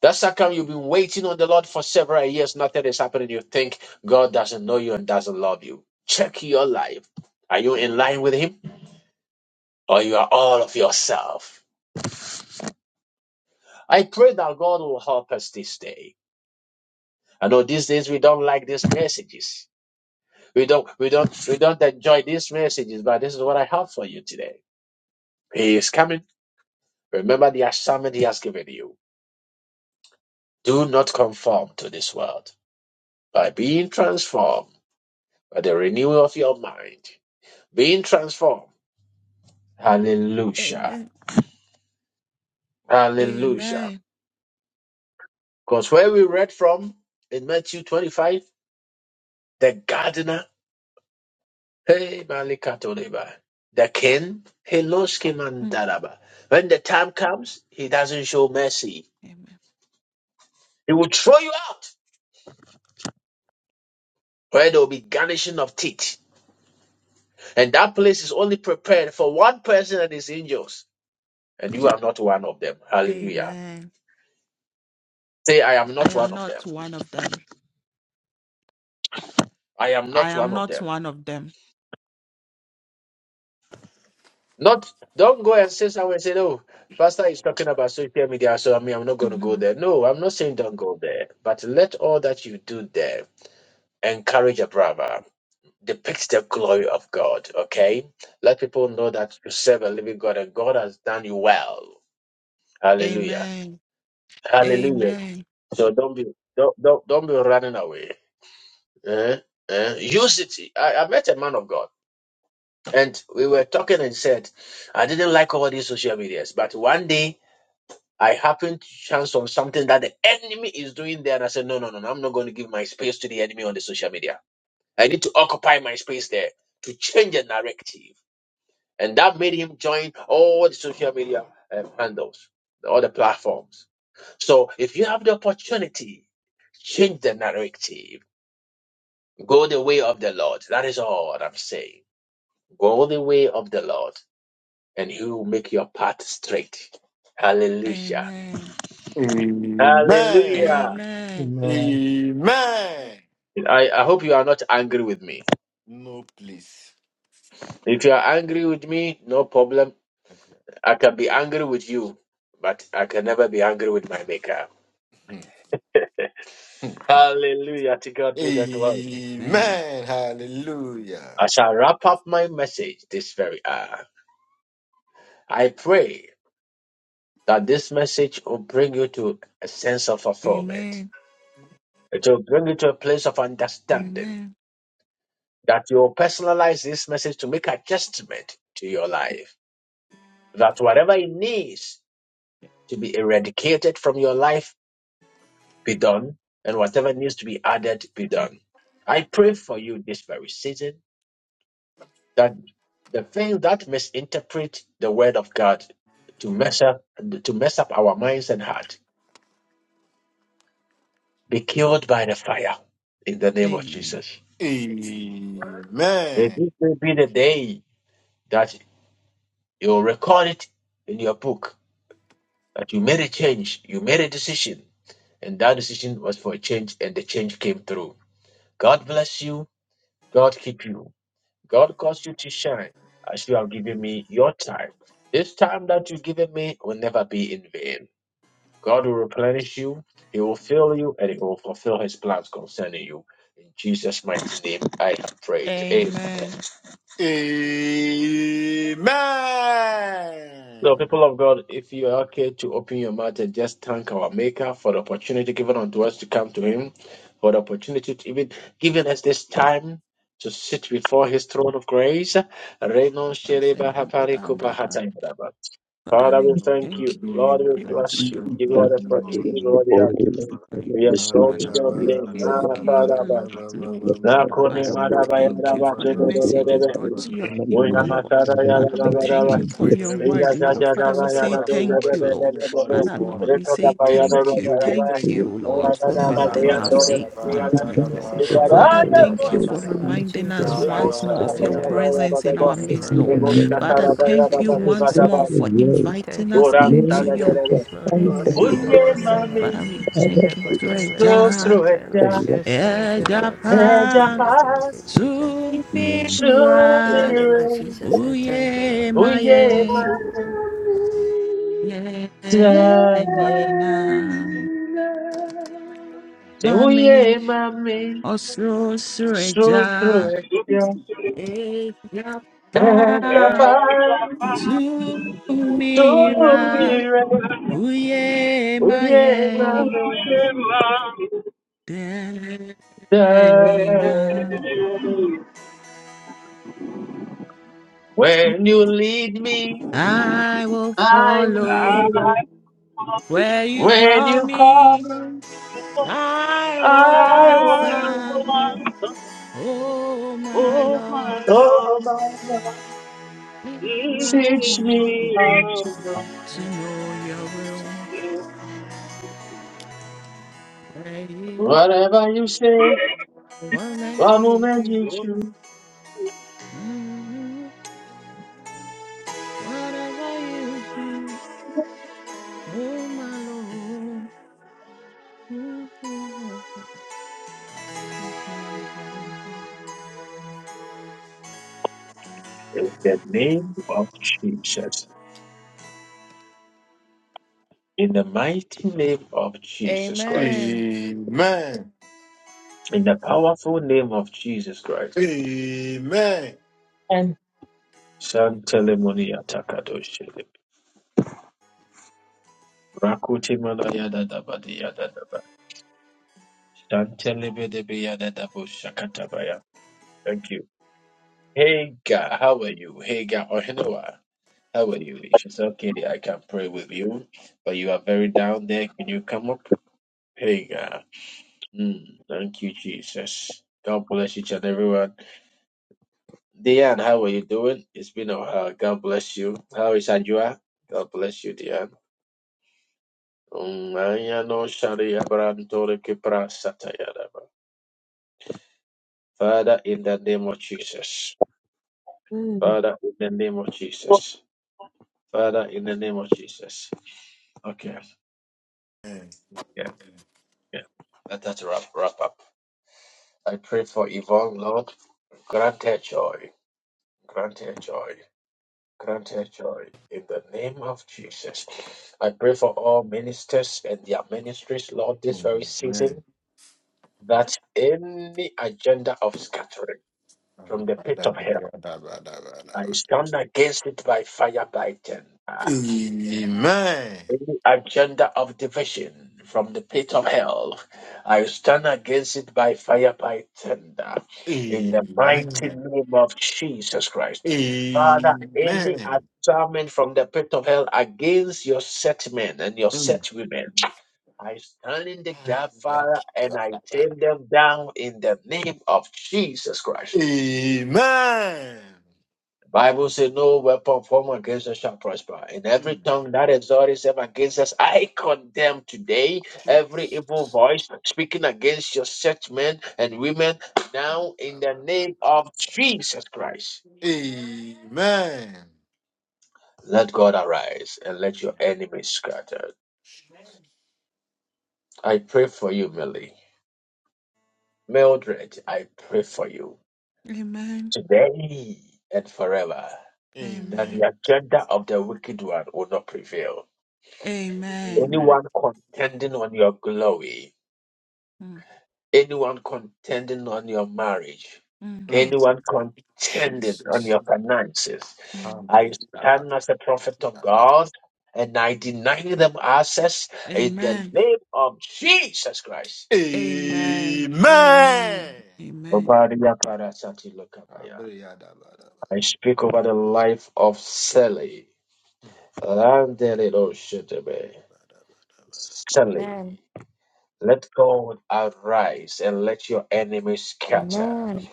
A: That's how come you've been waiting on the Lord for several years, nothing is happening. You think God doesn't know you and doesn't love you. Check your life. Are you in line with Him or you are all of yourself? I pray that God will help us this day. I know these days we don't like these messages. We don't, we don't, we don't enjoy these messages, but this is what I have for you today. He is coming. Remember the assignment He has given you. Do not conform to this world by being transformed by the renewal of your mind being transformed. Hallelujah.
F: Amen.
A: Hallelujah.
F: Amen.
A: Because where we read from in Matthew 25, the gardener, hey, Malikatoleba, the king, he loves him and
F: Mm,
A: daraba. When the time comes, he doesn't show mercy.
F: Amen.
A: He will throw you out where there will be garnishing of teeth. And that place is only prepared for one person and his angels. And you are not one of them. Hallelujah.
F: Amen.
A: Say, I am
F: I
A: not one
F: am
A: of
F: not
A: them.
F: one of them.
A: I am
F: I
A: not one
F: am
A: of
F: not
A: them.
F: one of them.
A: Not don't go and say somewhere and say, no. Pastor is talking about social media, so I mean I'm not gonna go
F: Mhm.
A: there. No, I'm not saying don't go there, but let all that you do there encourage a brother. depicts the glory of God, okay? Let people know that you serve a living God and God has done you well. Hallelujah.
F: Amen.
A: Hallelujah.
F: Amen.
A: So don't be don't don't, don't be running away. Eh? Eh? Use it. I, I met a man of God and we were talking and said, I didn't like all these social medias, but one day I happened to chance on something that the enemy is doing there, and I said, no, no, no, no, I'm not going to give my space to the enemy on the social media. I need to occupy my space there to change the narrative. And that made him join all the social media uh, handles, all the platforms. So if you have the opportunity, change the narrative. Go the way of the Lord. That is all I'm saying. Go the way of the Lord, and He will make your path straight. Hallelujah.
F: Amen.
A: I,
F: Amen.
D: Amen.
P: Amen.
D: Amen.
A: I hope you are not angry with me.
D: No, please.
A: If you are angry with me, no problem.
D: Okay.
A: I can be angry with you, but I can never be angry with my maker.
D: Mm.
A: Hallelujah. To God be the glory.
F: Amen.
D: Amen.
A: I
D: Hallelujah.
A: shall wrap up my message this very hour. I pray that this message will bring you to a sense of
F: Amen.
A: fulfillment. It will bring you to a place of understanding.
F: Amen.
A: That you will personalize this message to make adjustment to your life. That whatever it needs to be eradicated from your life be done, and whatever needs to be added, be done. I pray for you this very season that the thing that misinterpret the word of God to mess up to mess up our minds and heart be killed by the fire in the name of
F: Amen.
A: Jesus. May
D: Amen.
A: this day be the day that you'll record it in your book that you made a change, you made a decision, and that decision was for a change, and the change came through. God bless you. God keep you. God caused you to shine as you have given me your time. This time that you've given me will never be in vain. God will replenish you, He will fill you, and He will fulfill His plans concerning you. In Jesus' mighty name, I have prayed. Amen.
F: Amen.
D: Amen.
A: So, people of God, if you are okay to open your mouth and just thank our Maker for the opportunity given unto us to come to Him, for the opportunity to even giving us this time to sit before His throne of grace. Renon
F: Papa said,
A: Shereba
F: "I'll be
A: Hapari Kupa
F: under that."
A: Hatayaraba.
F: Father,
A: Father, we
F: we
A: thank
F: thank
A: you. Lord,
F: you.
O: Dear
A: we
F: We
D: Thank
O: Father
D: you,
F: Bless
A: bless you.
O: God,
D: thank
F: your
A: Give
D: you,
A: you all
O: thank
F: holy
A: the
D: thank
O: you,
D: you,
O: Lord.
A: praise.
D: thank
A: Give you
D: you.
A: all
F: name.
A: the
O: Thank
A: honor.
F: We
O: you Father, for the
F: Magnify
A: We
F: you,
D: Let
A: exalt
D: me pray,
F: Father,
A: your
F: for
O: free
F: your
D: let
A: name.
F: King
O: blessing
F: of
A: Ah,
F: Kings,
A: Father,
F: the
A: but-
F: Lord of
O: that you
F: Lords.
A: Ah,
O: have
A: Kone,
F: Father,
O: sent
F: we
A: Madaba,
F: thank you
A: Yadaba,
F: for the message you
A: Jododododebe.
F: brought to your
O: us.
F: people,
A: Oya,
F: Lord.
A: Masada,
F: Father, we
A: Yadaba,
F: thank
A: Daba.
F: you
D: me
F: for your
D: pray,
F: word,
A: Eya,
D: King of
F: Lord.
A: Jaja,
D: Kings, for
F: Father,
A: Daba,
F: we
D: such a
F: say
A: Yadado,
D: wonderful
F: thank
D: mercy
F: you,
D: you
F: Lord.
D: give me throughout
A: Jododododebe.
D: this
F: Father, Lord,
D: morning.
F: we
A: Reko,
F: say
A: Daba,
D: We
O: We
A: Yadodo,
F: thank
D: thank
F: you.
D: you,
A: Daba.
D: we
A: Daba.
F: Thank
D: thank you.
F: you,
A: Oya,
F: Lord, for
N: Jesus,
A: Daba,
F: building
A: Zeya,
F: our
N: hallelujah.
J: Just
A: Dodebe,
F: faith
J: thank
F: once
A: Ziyana.
F: more,
N: We
F: Lord.
N: say
J: you for
N: thank
J: God
N: you,
F: Father,
J: for
A: Igaraya,
J: your
N: Lord,
F: thank
N: in
F: you for
N: the
A: Kochana.
O: Thank
N: name of
J: faithfulness to
F: reminding us
J: God
N: Jesus
O: you,
J: for
A: Remo,
F: once
N: Christ
F: more
N: of
F: of
A: Shakapa,
F: your
J: today.
N: Nazareth.
A: Yaba, Yaba,
F: presence in
A: Deba.
F: our
N: I
J: Blessed
F: midst,
J: be
N: thank
F: Lord.
J: the
N: you,
A: Remo,
N: Lord,
J: name of
F: Father,
N: Father
A: Shakara,
J: God.
N: God,
A: Yaba,
F: thank you
A: Deba,
J: I
N: Jesus
A: Deba.
F: once
J: bless
N: Christ.
A: Daba.
F: more
J: your
F: for
J: word.
N: I
F: inviting
N: thank you
F: us
N: for
A: Goram,
J: Lord,
F: into
N: waking me
J: to
N: up
F: your
A: Shadadebe.
N: this morning.
J: chastise
F: throne
G: Lord,
J: us
N: Thank you
F: room,
G: you
J: with
N: for
F: Lord.
J: the
G: go
N: my
A: 우리의
G: us so
N: life
G: much.
A: 마음이
F: Father, we
G: You can't
N: in
G: go
J: Father
F: thank
N: the
G: us
F: you.
N: good
J: who
N: time
F: Great
O: Lord.
N: and in the
F: job.
N: bad
G: like
N: time. I
G: this.
A: 스스로했자
J: correct
N: just thank
J: us.
N: you, Lord God. I give you
A: 해자파
N: a thank you, Jesus.
J: Amen.
N: In the
F: Zumpira,
N: name of
A: 주님
N: Jesus, I thank you,
F: uye
N: Lord God. In
G: You
A: 우리의
N: Jesus'
F: maye,
A: 마음이
N: name.
F: yenina,
G: can't.
A: 자나
G: you.
F: mame,
A: 우리의 마음이
F: oso sureja,
A: 스스로했자
F: eja pa,
A: 해자파
F: sumira, uye maye, yenina.
A: When you lead me,
F: I will
A: I will
F: follow
A: follow.
F: where you
A: When
F: call
A: you call
F: me.
A: me,
F: I will
A: I will
F: answer.
A: answer.
F: Oh, my
H: Oh my
F: Lord,
A: Oh
H: Lord,
A: my God.
F: it's
H: please
A: Teach
H: teach
A: me
F: lovely
H: me
A: how
H: about
A: to love
F: to
A: you.
F: know your will, right?
A: Whatever you say,
F: What makes
A: one
F: you
A: moment
F: do
A: you
H: you.
A: choose.
F: mm, whatever you mm, Oh, my Lord. Mm-hmm.
A: In the name of Jesus. In the mighty name of Jesus Christ.
F: Amen.
D: Amen.
A: In the powerful name of Jesus Christ.
D: Amen.
I: And
A: Santelemoni atakadoshi. Rakuti manayada dabadi yada daba. Santelebedebe yada dabo shakatabaya. Thank you. Hagar, how are you? Hagar, Ohinowa. How are you? She's okay. I can pray with you, but you are very down there. Can you come up? Hey, God. Mm, thank you, Jesus. God bless each and everyone. Diane, how are you doing? It's been a while. God bless you. How is Ajua? God bless you, Diane. Mm, aya no shari abrantore kipra satayadaba. Father, in the name of Jesus.
I: amen.
A: Father, in the name of Jesus. Father, in the name of Jesus. Okay,
D: Amen.
A: yeah, yeah. Let us wrap, wrap up. I pray for Yvonne, Lord. Grant her joy. Grant her joy. Grant her joy. In the name of Jesus. I pray for all ministers and their ministries, Lord, this very
D: Amen.
A: season, that any agenda of scattering from
D: Amen. Amen.
A: the pit of hell, I stand against it by fire by ten. Any agenda of division from the pit of hell, I stand against it by fire, by thunder, in the mighty name of Jesus Christ. Father, any
D: Amen.
A: assignment from the pit of hell against your set men and your set women, I stand in the gap, Father, and I tear them down in the name of Jesus Christ. Bible says, No weapon formed against us shall prosper. In
D: Mm. Amen.
A: every
D: Mm.
A: tongue that exalts itself against us, I condemn today. Every evil
D: Jesus.
A: voice speaking against your such men and women, now in the name of Jesus Christ.
D: Amen.
A: Let God arise and let your enemies scatter. I pray for you, Millie. Mildred, I pray for you
F: Amen.
A: today and forever that
F: Amen.
D: Amen.
A: the agenda of the wicked one will not prevail.
F: Amen.
D: Amen.
A: Anyone contending on your glory,
F: Mm,
A: Anyone contending on your marriage,
F: mm,
D: Mm.
A: anyone contending on
D: Jesus.
A: your finances,
F: mm.
A: I stand as a prophet of God and I deny them access in the
F: Amen.
A: name of Jesus Christ.
F: Amen.
D: Amen.
F: Amen. Amen.
A: Obadiah Parasati Lokabaya.
D: Amen. Amen.
A: I speak over the life of Sally.
D: Mm.
A: Landelidoshetebe. Sally,
Q: Amen.
A: let God arise and let your enemies scatter.
Q: Amen.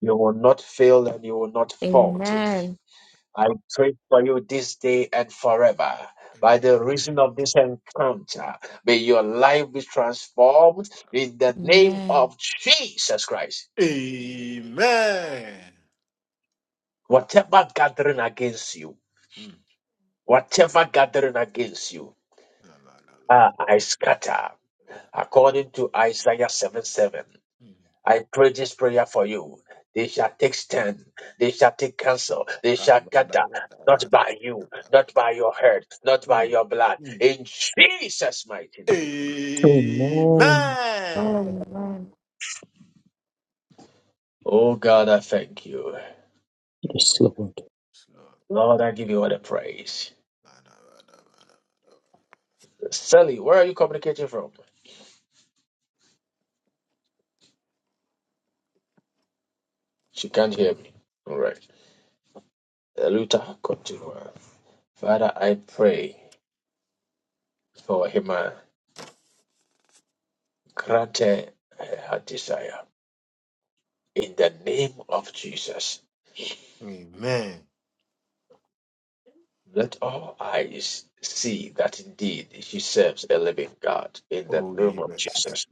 A: You will not fail and you will not fault it.
Q: Amen.
A: I pray for you this day and forever. By the reason of this encounter, may your life be transformed in the name
Q: Amen.
A: of Jesus Christ.
D: Mm.
A: Whatever gathering against you, whatever gathering against you, ah, I scatter. According to Isaiah seven seven. I pray this prayer for you. They shall take stand. They shall take counsel. They shall gather. Not by you, not by your head, not by your blood.
D: Mm.
A: In Jesus' mighty name.
J: Amen.
D: Amen.
Q: Amen.
A: Oh God, I thank you.
J: Yes, Lord.
D: Yes, Lord.
A: Lord, I give you all the praise. Sally, where are you communicating from? She can't hear me. All right. Uh, Luther, continue. Father, I pray for him. uh, Grant her her desire. In the name of Jesus.
D: Amen.
A: Let all eyes see that indeed she serves a living God in the
D: Oh
A: name of
D: yes.
A: Jesus.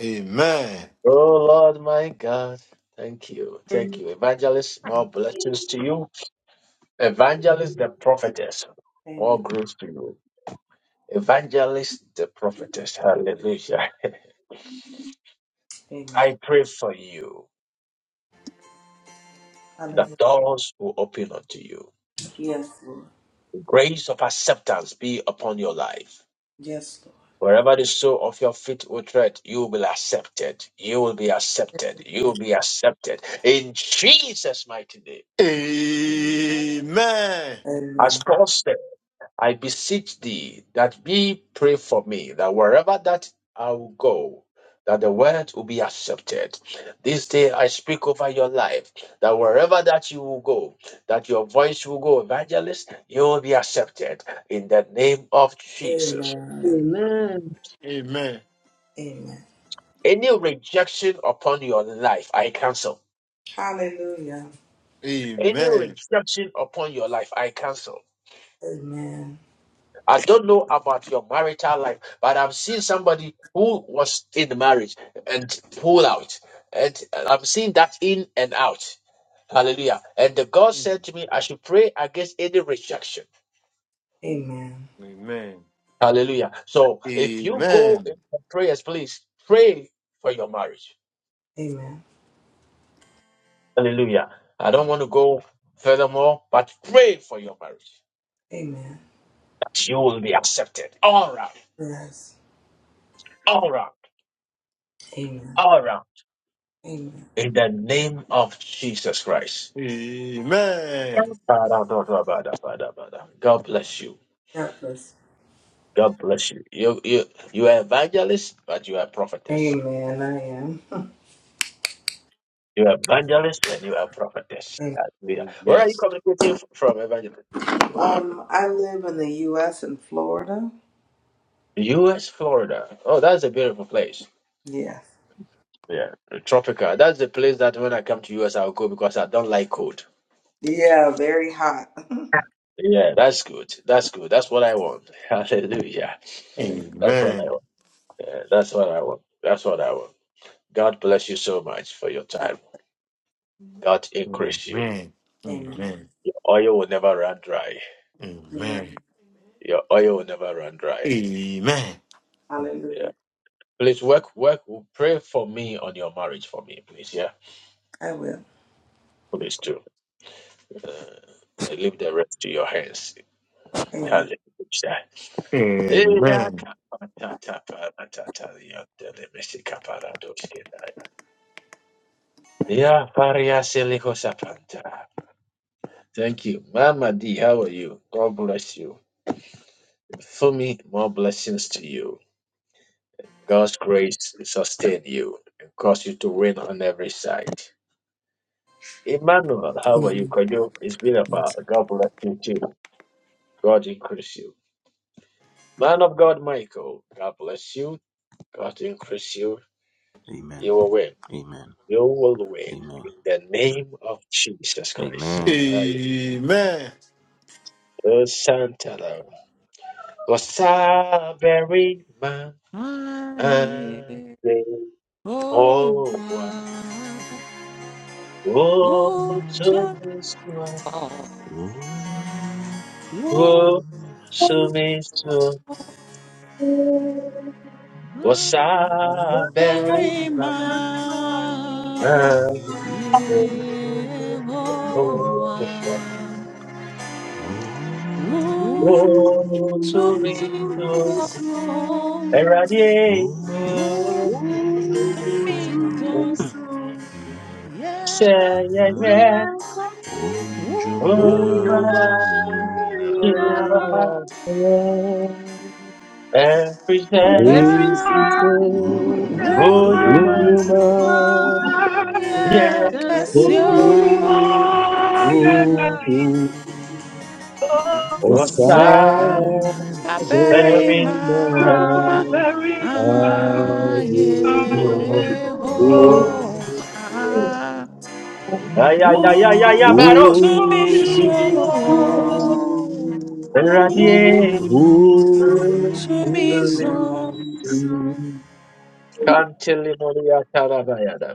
D: Amen.
A: Oh Lord, my God. Thank you. Thank you. Evangelist, more blessings to you. Evangelist, the prophetess, more
R: Amen.
A: grace to you. Evangelist, the prophetess. Hallelujah.
R: Amen.
A: I pray for you that
R: Hallelujah.
A: doors will open unto you.
R: Yes, Lord.
A: The grace of acceptance be upon your life.
R: Yes,
A: Wherever the sole of your feet will tread, you will be accepted. You will be accepted. You will
R: Lord.
A: be accepted. In Jesus' mighty name.
D: Amen.
A: As
R: Amen.
A: Paul said, I beseech thee that be pray for me, that wherever that I will go, that the word will be accepted. This day I speak over your life, that wherever that you will go, that your voice will go, evangelist, you will be accepted. In the name of Jesus.
R: Amen.
I: Amen.
D: Amen.
R: Amen.
A: Any rejection upon your life, I cancel.
R: Hallelujah.
A: Any
D: Amen.
A: rejection upon your life, I cancel.
R: Amen.
A: I don't know about your marital life, but I've seen somebody who was in marriage and pull out. And I'm seeing that in and out. Hallelujah. And the God
D: Mm.
A: said to me, I should pray against any rejection.
R: Amen.
D: Amen.
A: Hallelujah. So if you go
D: Amen.
A: in for prayers, please pray for your marriage.
R: Amen.
A: Hallelujah. I
D: Mm.
A: don't want to go furthermore, but pray for your marriage
R: Amen.
A: that you will be accepted All right,
R: Yes.
A: all right, all right.
R: Amen. Amen.
A: in the name of Jesus Christ.
D: Amen.
A: God bless you.
R: God bless.
A: God bless you. You you you are evangelist, but you are
R: you.
A: prophetess.
R: Amen. I am.
A: You are evangelist and you are prophetess.
R: Amen.
A: Hallelujah.
D: Oh,
A: Where are you
D: yes.
A: communicating f- from, evangelist?
R: Um, I live in the U.S. in Florida.
A: U.S. Florida. Oh, that's a beautiful place.
R: Yes.
A: Yeah, tropical. That's the place that when I come to U.S. I'll go because I don't like cold.
R: Yeah. Very hot.
A: Yeah, that's good. That's good. That's what I want. Hallelujah.
R: Amen.
A: That's what I
D: Amen.
A: want. Yeah, that's what I want. That's what I want. God bless you so much for your time. God increase you.
D: Amen.
R: Amen.
D: Amen.
A: Your oil will never run dry.
R: Amen.
D: Amen.
A: Your oil will never run dry.
D: Amen.
A: Yeah.
R: Hallelujah.
A: Please work, work, pray for me on your marriage for me, please. Yeah.
R: I will.
A: Please do. Uh, I leave the rest to your hands.
R: Amen.
A: Hallelujah. Hey, yeah,
D: Amen.
A: ka- pa- ta- ta- pa- ra- ta- ta- ya- de- le- me- si- ka- pa- ra- do- ske- da- ya. Yeah, paria- se- le- ko- sa- pan- ta. Thank you. Mama D, how are you? God bless you. Fumi, more blessings to you. God's grace sustain you and cause you to win on every side. Emmanuel, how are you? Can you? It's been a while. God bless you too. God increase you. Man of God, Michael, God bless you. God increase you.
S: Amen.
A: You will win.
S: Amen.
A: You will win.
S: Amen.
A: In the name of Jesus Christ.
S: Amen.
A: I
D: Amen.
A: am Santana. Was a very man. and
F: I
A: they
F: Oh,
A: all one.
F: why
A: Oh, so
F: would
A: strong.
F: I would
A: Wo sumisu
F: I
A: wasaberi
F: bury
A: na
F: my Yehovah? Would
A: Wo
F: to me
A: sumisu
F: go,
K: Amen. Amen.
A: eradie
F: would
A: wo
K: Woe
F: to me
K: to me
F: so,
K: soon.
F: yeah,
A: seyeye
K: Malakai,
F: would
A: onuma yeah. wo
D: Oh,
A: duma
D: you mighty
A: yeah
K: Uyunainara,
D: God.
J: Amen.
A: represent
S: Yeah.
J: Praise
F: I,
K: Efrisa,
J: is there
H: That's
F: would
H: why.
A: onuma
J: when
S: Wonderman.
J: your mind
H: I
A: yara
F: I,
K: Uyumayakasi,
J: takes
H: Ooh, you
F: Cassia,
J: you.
H: are, yes, I
J: Oh,
H: think.
K: Idasa,
J: oh,
H: Oh,
J: Osadema
A: wasaberi
F: I bury my
A: na
H: you're very
K: Yehowa,
H: mild.
J: Ave
H: Oh,
A: wo
J: uya
F: Yehovah.
A: Ay, ay, ay, ay,
H: oh,
A: ay, ay,
F: Woo
K: Woe
S: To
A: Baroski.
F: to
S: me
H: oh,
F: me
K: to
H: me,
K: me
S: so,
F: so,
J: Utumifu
H: sure.
K: so.
F: woo
H: Ooh.
A: Radiate.
S: oh, to
F: to
S: me
F: me
K: You to
S: so.
K: me
F: so.
K: so
A: Kantili Maria Tarabayada.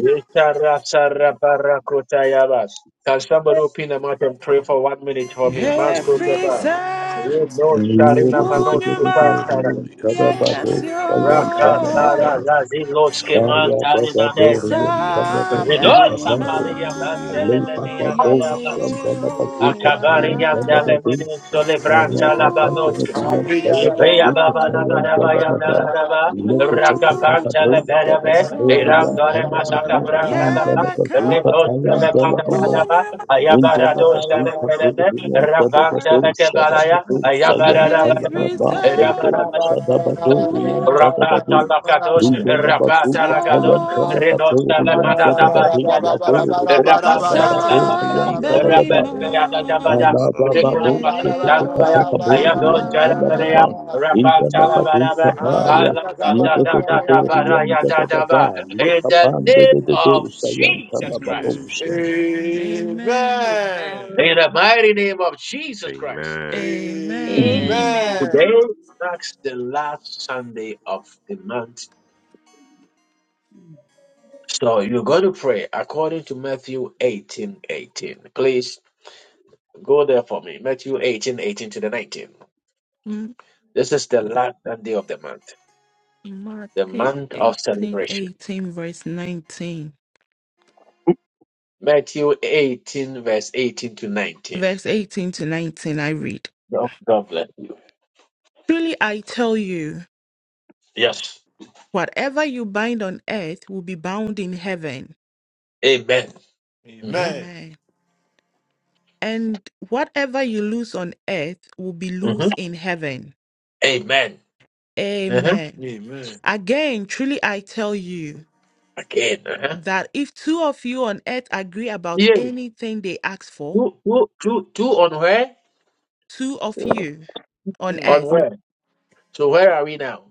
A: Ishara Sara Barakutayaba. Can somebody open the mouth and pray for one minute for me? Master
S: Yanduri
F: Every
A: Tabar.
S: yandala
F: time,
S: bakanduri
A: No
S: yandala
A: Sharina
F: woo
S: balaba
F: you
A: Manoski
F: my
A: Tara.
S: bakanduri yandala balaba
J: Tadabado
S: balaba
J: Bayan
A: Raka
J: Talamada
F: yakasio.
A: Sara
S: bakanduri yandala
A: Raziloski
J: Baya
A: Mantalina Dete.
J: Dadadorian
S: Yanduri and the
F: Osa
S: Ramana
J: Talabazuka
F: bury
A: Ridosa
S: Manaba
J: Baya
A: Palia
S: Kanduri and the
J: Alay
S: Ramana
F: my
J: Bada
A: Bandelemania
J: Bo
S: Manabana
A: dadabas.
S: Manaba
J: Shandala
S: Sunduri and the
A: Akabari
F: Yehovah.
A: yandale
J: Bazuka
A: mini sole
J: Thank
S: Kanduri and
A: branta
S: the
A: la
S: Ramana
F: Ooh,
A: badoche.
D: Our
S: Bakanduri and
F: to me
D: prayer, ra,
S: the
D: ra, ra,
A: Ibeya
S: Ramana
D: ra, ra,
A: baba la
D: ra,
F: so.
A: baraba
D: ra, ra,
A: yandara
D: ra, ra,
S: Manaba
A: raba.
F: Ooh, to
S: Kanduri and
D: Amen.
A: Rakabanta le
F: me
A: berebe.
D: Amen.
F: so.
S: the
A: Irandore masaka
S: Yanduri and the
A: branta la
F: Yeah,
A: ba.
F: but
S: Ramana
F: come.
A: Ritos
S: Manaba
A: le bada
F: Ooh,
S: Manaba
A: yadaba.
F: you my
S: Kanduri
A: Ayabara
S: and
A: dosha
S: Rabana
A: le berebe. Rabanta le kebaraya. Ayabara
S: Yanduri and the Ramana
F: everything.
S: Manaba Kanduri and the Ramana Manaba Kanduri
A: raba.
K: Thank
S: and
F: Ooh, you're
A: Rapata Lakados, Rapata Lakados,
F: your.
A: Renosta Lamada
S: the Ramana
A: Dabaria,
S: Manaba
F: Oh,
A: Rapanta Lakabaya,
S: Amen.
F: sorry,
J: you.
A: Rapanta Dabaya,
F: my.
A: Rikuna
J: Alababo
F: Yeah,
A: Matalabaya, Ayado
J: Shepatakatorian
A: Jalabaya,
F: oh,
J: Salamama
A: Rapanta Labaraba,
F: to
J: Intanabadintabaya
F: me so.
J: Legatorian
A: Alabaya Dadaba,
J: Dadada
A: in the
J: Lekaban
A: name
J: de
A: of
J: Dosa
A: Jesus Christ,
J: Yantanababosha.
F: Amen.
A: in the
K: Amen.
A: mighty name of Jesus Christ,
S: Amen.
F: Amen.
K: Amen.
A: today marks the last Sunday of the month So you got to pray according to Matthew eighteen eighteen. Please go there for me. Matthew eighteen eighteen to the 19.
F: Mm,
A: This is the last Sunday of the month, the
F: Matthew
A: month of
F: 18, eighteen,
A: celebration.
F: verse 19.
A: Matthew 18, verse 18 to 19.
F: verse 18 to 19, I read
A: God God bless you.
F: Truly I tell you,
A: Yes.
F: whatever you bind on earth will be bound in heaven.
A: Amen. hmm
D: Amen.
F: Amen. And whatever you loose on earth will be
A: hmm
F: loose in heaven.
A: Amen. Uh-huh.
F: Amen.
D: Amen.
F: Again, truly I tell you
A: Again. Uh-huh.
F: that if two of you on earth agree about
A: Yeah.
F: anything they ask for,
A: Two, two, two, two on where?
F: two of
I: So
F: you on
D: Mm.
A: On
F: earth,
I: on
A: where? So where are we now?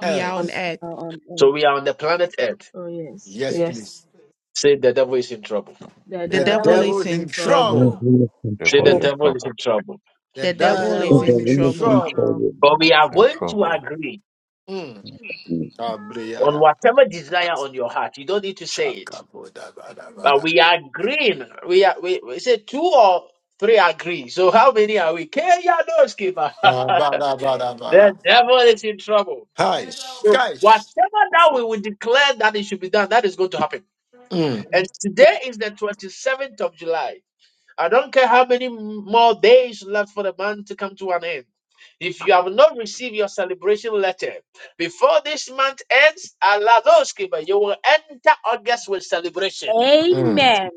F: we are on
I: on
D: Yes.
F: earth.
K: Now on
A: So
K: earth.
A: we are on the planet Earth.
K: Oh yes.
D: Yes,
I: yes,
D: please.
A: Say the devil is in trouble.
K: The
F: The
D: The
F: devil
I: that
K: devil is
D: devil
F: is
D: is
K: in
F: in
D: in
K: trouble.
F: trouble.
D: trouble.
J: Heavenly
A: Say
S: Devil's
A: the
J: Controller,
S: in
I: people.
A: devil is
S: trouble.
A: in trouble.
D: The
F: The
K: The
F: devil
J: the
D: devil
F: is
D: is
K: devil
F: in
D: in
K: is
J: Heavenly
K: in
F: trouble.
D: trouble.
J: Controller,
K: trouble.
A: But we
S: Devil's
A: are
S: in
A: going to
S: trouble.
A: agree
D: Mm.
A: on
D: Abriyada.
A: whatever desire on your heart. You don't need to say it. But
D: Chakabodabadabada.
A: we are agreeing. We are we, we say two or three agree. So how many are we? Kenya no skipper. the
D: Abadabadabada.
A: devil is in trouble.
D: Hi,
A: So
D: guys.
A: Whatever that we will declare that it should be done, that is going to happen.
D: Mm.
A: And today is the 27th of July. I don't care how many more days left for the month to come to an end. If you have not received your celebration letter before this month ends, Aladoski, but you will enter August with celebration.
D: Mm.
K: Amen.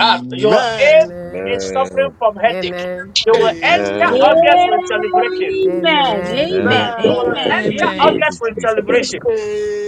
A: Ah, your aim
N: Amen.
A: is suffering
S: Amen.
A: from headache.
N: Amen.
A: You will enter
S: Amen.
A: August
D: Amen.
K: Amen.
A: with celebration.
K: Amen.
N: Amen.
K: Amen.
S: Amen.
A: You will
D: Amen.
A: enter
K: Amen.
S: Thank
F: Amen.
S: you,
A: August with
S: Jesus.
A: celebration.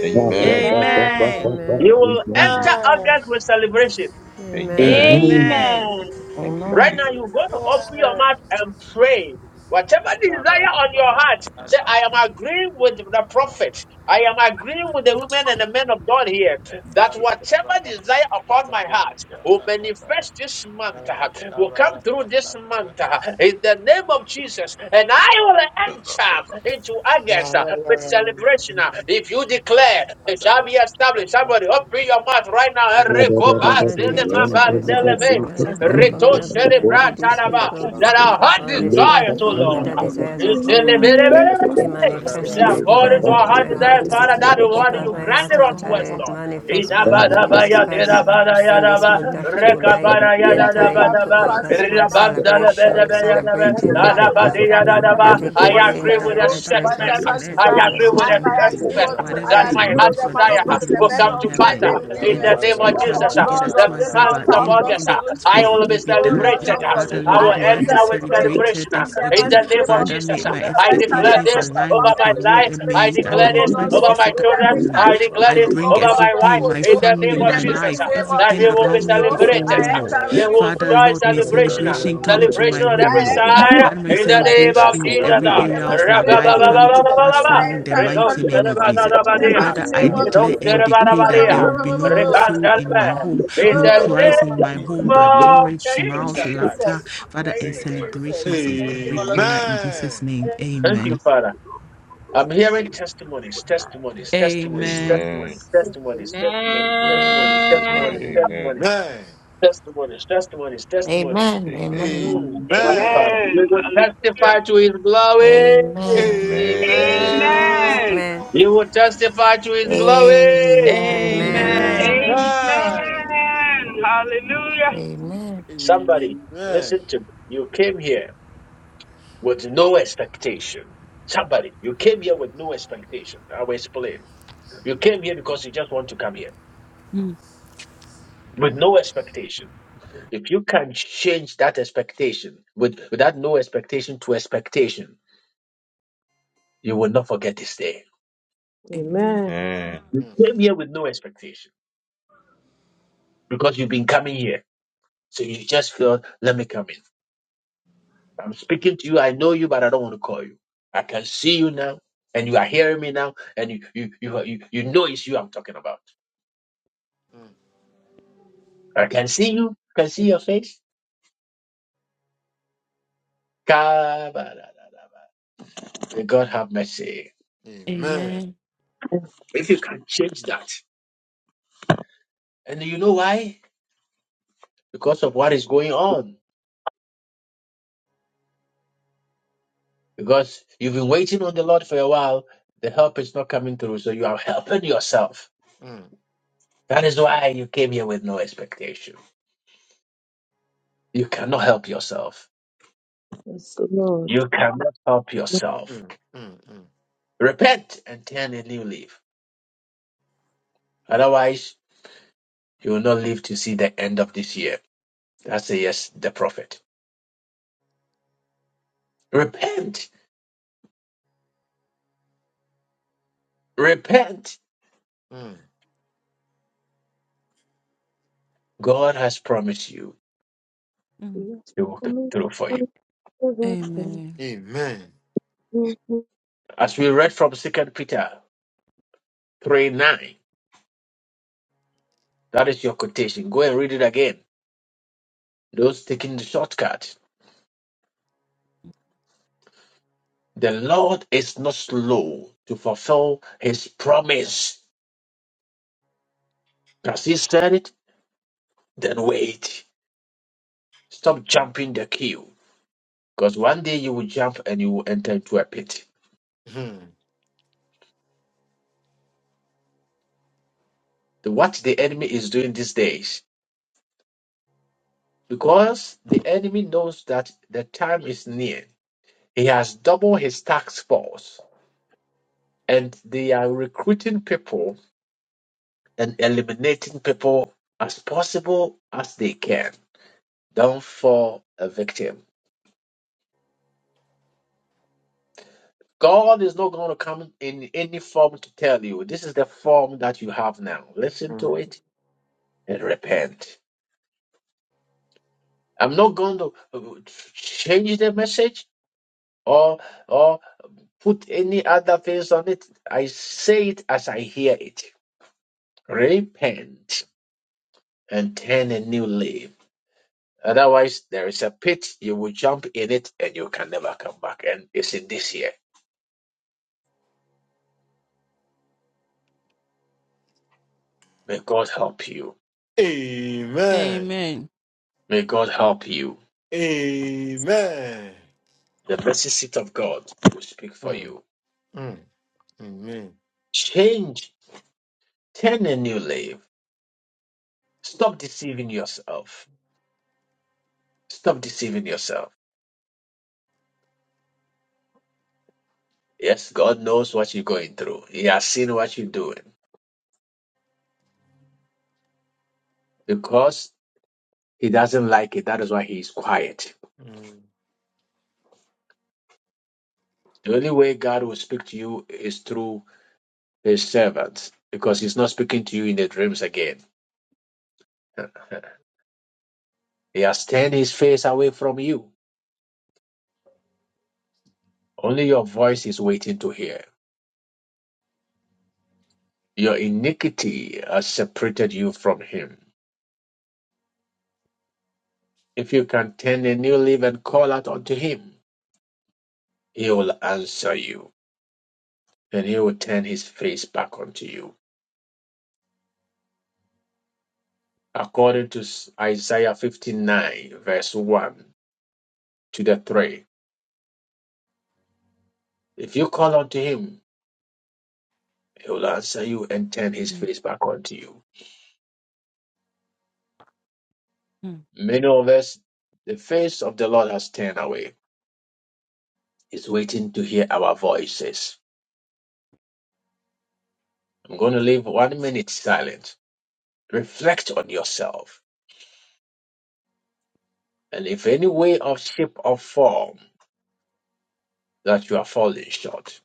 S: Amen.
K: Amen.
F: Amen.
N: Amen.
A: You will enter August with celebration.
N: Amen.
S: Amen.
J: Amen.
F: Amen.
K: Amen.
S: Thank you,
A: Right
T: Amen.
A: now,
S: Jesus.
A: you're going to open your mouth and pray. Whatever desire on your
F: Father, we
A: heart, say, I am agreeing with the prophet. I
D: Amen.
A: am agreeing with the women and the men of God here that
D: Thank
A: whatever desire upon my heart will manifest this month, uh, will come through this month uh, in the name of Jesus. And I will enter into August uh, with celebration. uh. If you declare, it shall be established. Somebody open your mouth right now.
K: So we
J: Thank
N: In the
A: Rekoba,
N: name of
A: zelema,
N: Jesus Christ, I
T: Amen.
N: declare and declare, I come
A: bandelebe
N: in agreement with these people
A: that our heart
N: On this
A: desires, oh
N: platform, with
A: Lord.
N: the desires
A: You
N: of
A: say,
N: my heart, we manifest my
A: according
N: desires
A: to our
N: of
A: heart
N: my
A: desires,
N: heart. um,
A: Father, that the word
N: because
A: you
N: my heart
A: granted unto us,
N: totally
A: Lord.
N: manifests, Father
F: had a
N: Jesus
F: sight
N: Christ,
F: fear.
N: in this
F: Lord,
N: month
F: my
N: of
F: heart is
N: July,
F: that I
G: Let
N: enter
G: us
F: am
G: come to
N: into
G: pass
N: August
G: through in the
N: month
G: mighty name of Jesus,
N: celebration,
F: not
G: Lord. Let
N: celebrating,
G: us
F: Father,
G: come
N: Father
G: to
F: I
N: God,
F: stand
G: permanence
F: on
G: in the
F: your
N: the
G: mighty
F: word
G: name
A: I
F: that
G: of
N: victory in
F: says
A: agree
N: the
G: Jesus,
A: with
F: that
N: name
A: the
G: Lord.
N: of
F: whatever I
A: statement.
F: bind
N: Jesus.
G: Whatever
F: on earth
A: I
F: will
G: desire,
F: be
A: agree with
F: bound
G: as
A: the
F: in
G: I
K: have to be
F: heaven.
K: careful.
G: agree
A: statement
G: with,
A: that
F: Whatever
G: I
A: my
F: you
G: agree with
A: heart
F: loose
G: the
F: on
G: man
F: earth
G: of
A: desire
D: you.
F: will
G: God
F: be
G: and the
A: will
F: loose
G: men
A: come
F: in
G: of
A: to
G: men
F: heaven.
A: Father
G: and
D: Amen.
A: in
F: And
G: women
A: the
F: if
A: name of
F: two
A: Jesus
G: of
F: come
A: the
G: of
F: together
G: God
F: to
G: on this
F: agree about
A: presence
G: altar
A: of
G: of
F: anything
G: God's
A: others.
F: they ask
A: I
F: for,
G: solution.
F: it
A: will be
F: will be
G: Oh
F: done.
G: Lord
A: celebrated.
G: of God,
F: Father,
A: I will
F: Lord,
G: I
F: may
G: will
F: I be
A: enter with
J: you.
G: celebrate it.
A: celebration
F: celebrated
G: In
F: this
G: the
A: in
F: August.
A: the
G: mighty
A: name
J: Jesus
S: Iya,
G: name
A: of
G: of
J: and
F: Father,
A: Jesus.
F: may
J: power.
F: my
G: I
A: I
G: bless
J: Holy
G: our
A: declare
G: dear
F: expectations
J: Ghost,
A: this
G: pastor
F: align
G: for
A: over
F: with
G: just
A: my
F: your
G: a
F: will
A: life.
F: and may
A: I
G: celebration,
J: for
F: it
J: God
G: oh,
A: declare
G: oh
A: this
J: to the
G: Lord,
F: manifest
J: left
A: over
G: oh,
A: my
G: with
F: physically
J: and the
A: children.
F: for
G: every
F: me.
A: I
J: right, to
G: thanksgiving
A: declare
F: I
G: to
J: the
A: this
G: you,
J: left
F: bring
G: oh
A: over
G: God,
A: my
G: oh,
F: everything,
A: wife
G: for
F: my
A: in
J: and
G: so.
A: the
J: the
F: family,
A: name
G: In
A: of
G: the
F: my
J: right,
A: Jesus
G: mighty
F: life,
G: name of
A: that
F: everything
A: we will be
F: around
G: Jesus,
F: me
G: oh,
J: for
F: before
A: celebrated.
F: you,
G: I enter
F: Lord.
J: no
A: We
G: with you,
A: will
F: Father,
G: oh,
A: enjoy
F: Lord,
G: in
F: may
G: the mighty
A: celebration.
G: name
F: celebration
G: of
F: come to
G: Jesus.
F: my
A: Celebration on
G: I
A: every
F: home, Lord.
G: enter
J: one knows
A: side
G: oh,
F: Let my
J: what
A: in
G: with
A: the name
F: celebration
A: of
J: success
G: celebration,
J: is.
F: in
J: access
G: oh,
A: Jesus.
K: Amen.
F: every
J: From
G: in
J: the
G: the
F: area
J: God
F: of
G: mighty
F: my
A: Rabba,
G: name
A: ba,
F: life
G: of
A: ba, ba,
F: come
A: ba,
J: we
F: to
G: Jesus.
J: get
F: pass
J: to
F: for
G: I
F: me in the
G: enter with
F: mighty
J: again,
F: name of
G: celebration,
F: Jesus.
J: but
G: in
J: I'm
G: the
J: going to
G: mighty
F: Father, I
G: name
J: scream
A: in
G: of
J: at the next thing that
F: declare
J: they
G: Jesus.
J: for
F: and decree
J: Jesus to
F: that
A: the
F: there
J: let
F: will
J: them
F: be no more
J: fall,
F: sorrow
J: yeah,
F: in my home,
J: let them
F: no
A: name
J: fall and
F: cries in my
J: die in
F: home,
J: the
F: but
A: of
J: name
S: Yandoriana.
F: joy,
G: Thank you,
J: of
F: smiles,
A: Jesus
J: Jesus.
A: Christ.
F: laughter,
S: Jesus.
G: Jesus.
F: Father,
G: Thank
F: and
G: you,
S: Amen.
G: Jesus.
F: celebrations in
G: Thank you,
F: every
G: my
F: corner in
G: Lord.
F: Jesus' name.
A: Thank you,
F: Amen.
A: Father. I'm hearing testimonies, testimonies, testimonies,
F: Amen.
S: Amen.
A: testimonies, testimonies, testimonies,
S: Amen. I'm
A: testimonies,
S: still mine.
A: testimonies,
S: Amen.
A: testimonies, testimonies, testimonies, testimonies.
S: Amen.
A: Mm,
D: Amen.
T: Amen.
A: God, Father.
D: Amen.
H: Amen.
A: We will
H: Hallelujah.
A: testify to his glory.
T: Amen.
S: Amen.
D: Amen.
K: Amen.
H: Amen.
N: Amen.
A: You will testify to his glory.
T: Amen.
N: Amen.
D: Amen.
F: Amen.
S: Amen.
K: Amen.
H: Amen. Hallelujah.
T: Amen.
A: Somebody,
D: Mm,
A: listen
D: mm,
A: to me. You came here. with no expectation. Somebody, you came here with no expectation. I will explain. You came here because you just want to come here
F: Mm.
A: with no expectation. If you can change that expectation with, with that no expectation to expectation, you will not forget this day.
I: Amen.
S: Amen.
A: You came here with no expectation because you've been coming here. So you just feel, let me come in. I'm speaking to you. I know you, but I don't want to call you. I can see you now and you are hearing me now and you, you, you, you, you know it's you I'm talking about. I can see you. I can see your face. May God have mercy.
D: Amen.
F: Amen.
A: If you can change that. And you know why? Because of what is going on. Because you've been waiting on the Lord for a while. The help is not coming through. So you are helping yourself.
D: Mm,
A: That is why you came here with no expectation. You cannot help yourself.
I: Yes, Lord.
A: You cannot help yourself.
D: mm, mm, mm,
A: Repent and turn a new leaf. Otherwise, you will not live to see the end of this year. That's a yes, the prophet. Repent Repent.
D: mm.
A: God has promised you
F: Mm.
I: Yes,
A: He will come through for
I: Lord.
A: you.
I: Amen.
F: Amen.
D: Amen.
I: Amen.
A: As we read from Second Peter 3 9, that is your quotation. Go and read it again. Those taking the shortcut. The Lord is not slow to fulfill his promise. As he said it, then wait. Stop jumping the queue. Because one day you will jump and you will enter into a pit.
D: Mm,
A: The- What the enemy is doing these days, because the enemy knows that the time is near He has doubled his task force, and they are recruiting people and eliminating people as possible as they can. Don't fall a victim. God is not going to come in any form to tell you this is the form that you have now. Listen to
D: mm.
A: it and repent. I'm not going to uh, change the message or or put any other things on it. I say it as I hear it. Repent and turn a new leaf. Otherwise, there is a pit, you will jump in it and you can never come back. And it's in this year. May God help you.
D: Amen.
F: Amen.
A: May God help you.
D: Amen.
A: The mercy seat of God will speak for
D: Mm,
A: you.
D: mm, Amen.
A: Change, turn a new leaf. Stop deceiving yourself. Stop deceiving yourself. Yes, God knows what you're going through. He has seen what you're doing. Because He doesn't like it, that is why He is quiet.
D: Mm.
A: The only way God will speak to you is through His servants. Because He's not speaking to you in the dreams again. He has turned his face away from you. Only your voice is waiting to hear. Your iniquity has separated you from him. If you can turn a new leaf and call out unto him, he will answer you, and he will turn his face back unto you. According to Isaiah 59, verse 1 to the 3. If you call unto him, he will answer you and turn his
F: Mm.
A: face back unto you.
F: Mm.
A: Many of us, the face of the Lord has turned away. He's waiting to hear our voices. I'm going to leave one minute silent. Reflect on yourself. And if any way or shape or form that you are falling short,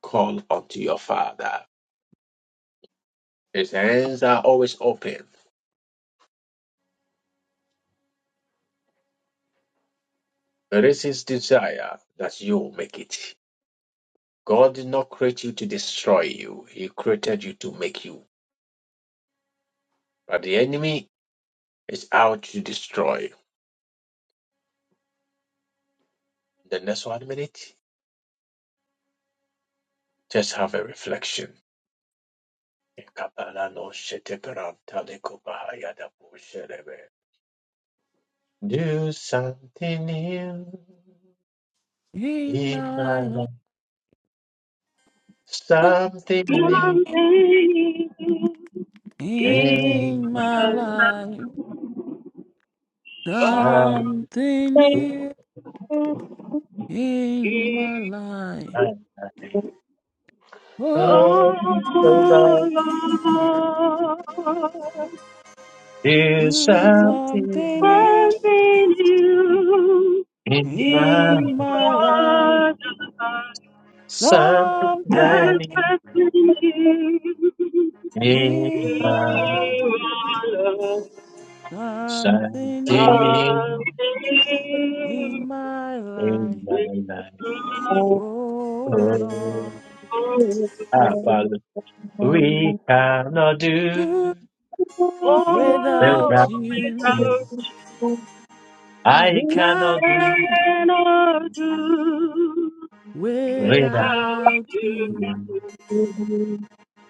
A: call unto your Father. His hands are always open. It is His desire that you make it. God did not create you to destroy you, He created you to make you. But the enemy is out to destroy. The next one minute, just have a reflection. Do something new.
F: In
A: in my
F: my
A: life. Something new.
H: Amen.
A: in
F: In my
H: Jesus,
F: life,
H: oh Lord,
A: Something
F: something new.
I: Amen.
F: In my life,
A: my life.
F: oh,
A: Oh, Lord, do
F: you
H: you
A: something
F: something
A: new
F: new.
H: something new
A: in my
H: is
F: In my life,
H: more
A: something right
H: than
F: something new.
H: expecting you.
A: in
F: in my
A: my
F: life,
H: You
F: something
A: something
F: new.
A: new
H: are something
F: In my
A: in
F: life,
A: my life.
H: new.
F: oh
A: Oh,
F: Lord,
A: ah,
H: It's
A: Father, we cannot do
F: do
H: Oh,
F: without
A: without
H: always
F: you,
A: you.
H: out
F: I
A: I cannot do
F: cannot do
H: cannot do
A: We got,
H: without
F: without
H: you.
F: you.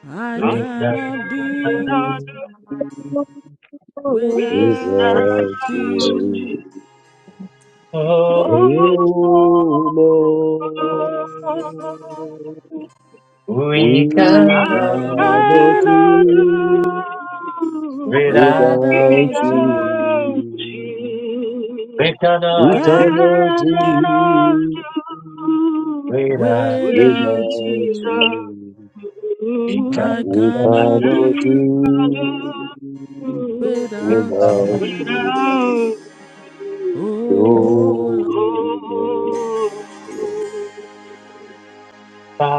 F: I
H: I
A: we got
F: cannot do
H: cannot do
J: We
F: without
J: go to
H: without
F: you.
H: you.
F: Oh,
A: Oh,
J: the
H: Oh,
J: Lord.
A: we
F: I
J: We
H: I
A: cannot do
J: cannot
F: cannot do
H: cannot do
J: do
H: without you.
A: without,
J: without
F: without you.
J: you.
A: we
F: I
J: We
H: I
A: cannot
F: can't
A: do
J: cannot
F: do
H: cannot
J: do
H: do
A: without
H: We
A: you.
F: without
J: without
F: you.
H: love
J: you.
A: We
F: I
H: you.
J: We
H: I
A: cannot
F: cannot
A: do
J: cannot
F: do
H: can't
J: do
H: do
F: without
A: without
J: without
F: you.
H: without
J: you.
H: you.
A: you.
F: Oh, Lord,
J: Oh, Lord.
H: Oh.
A: Father,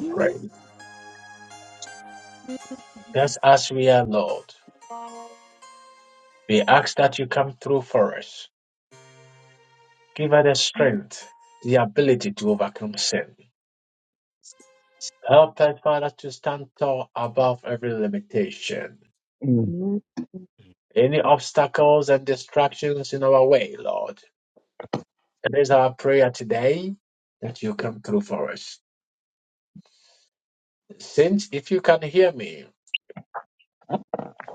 F: do
A: praise.
F: without you.
A: Just as we are, Lord, we ask that you come through for us. Give us the strength, the ability to overcome sin. Help us, Father, to stand tall above every limitation, any obstacles and distractions in our way, Lord. And there's our prayer today that you come through for us. Saints, if you can hear me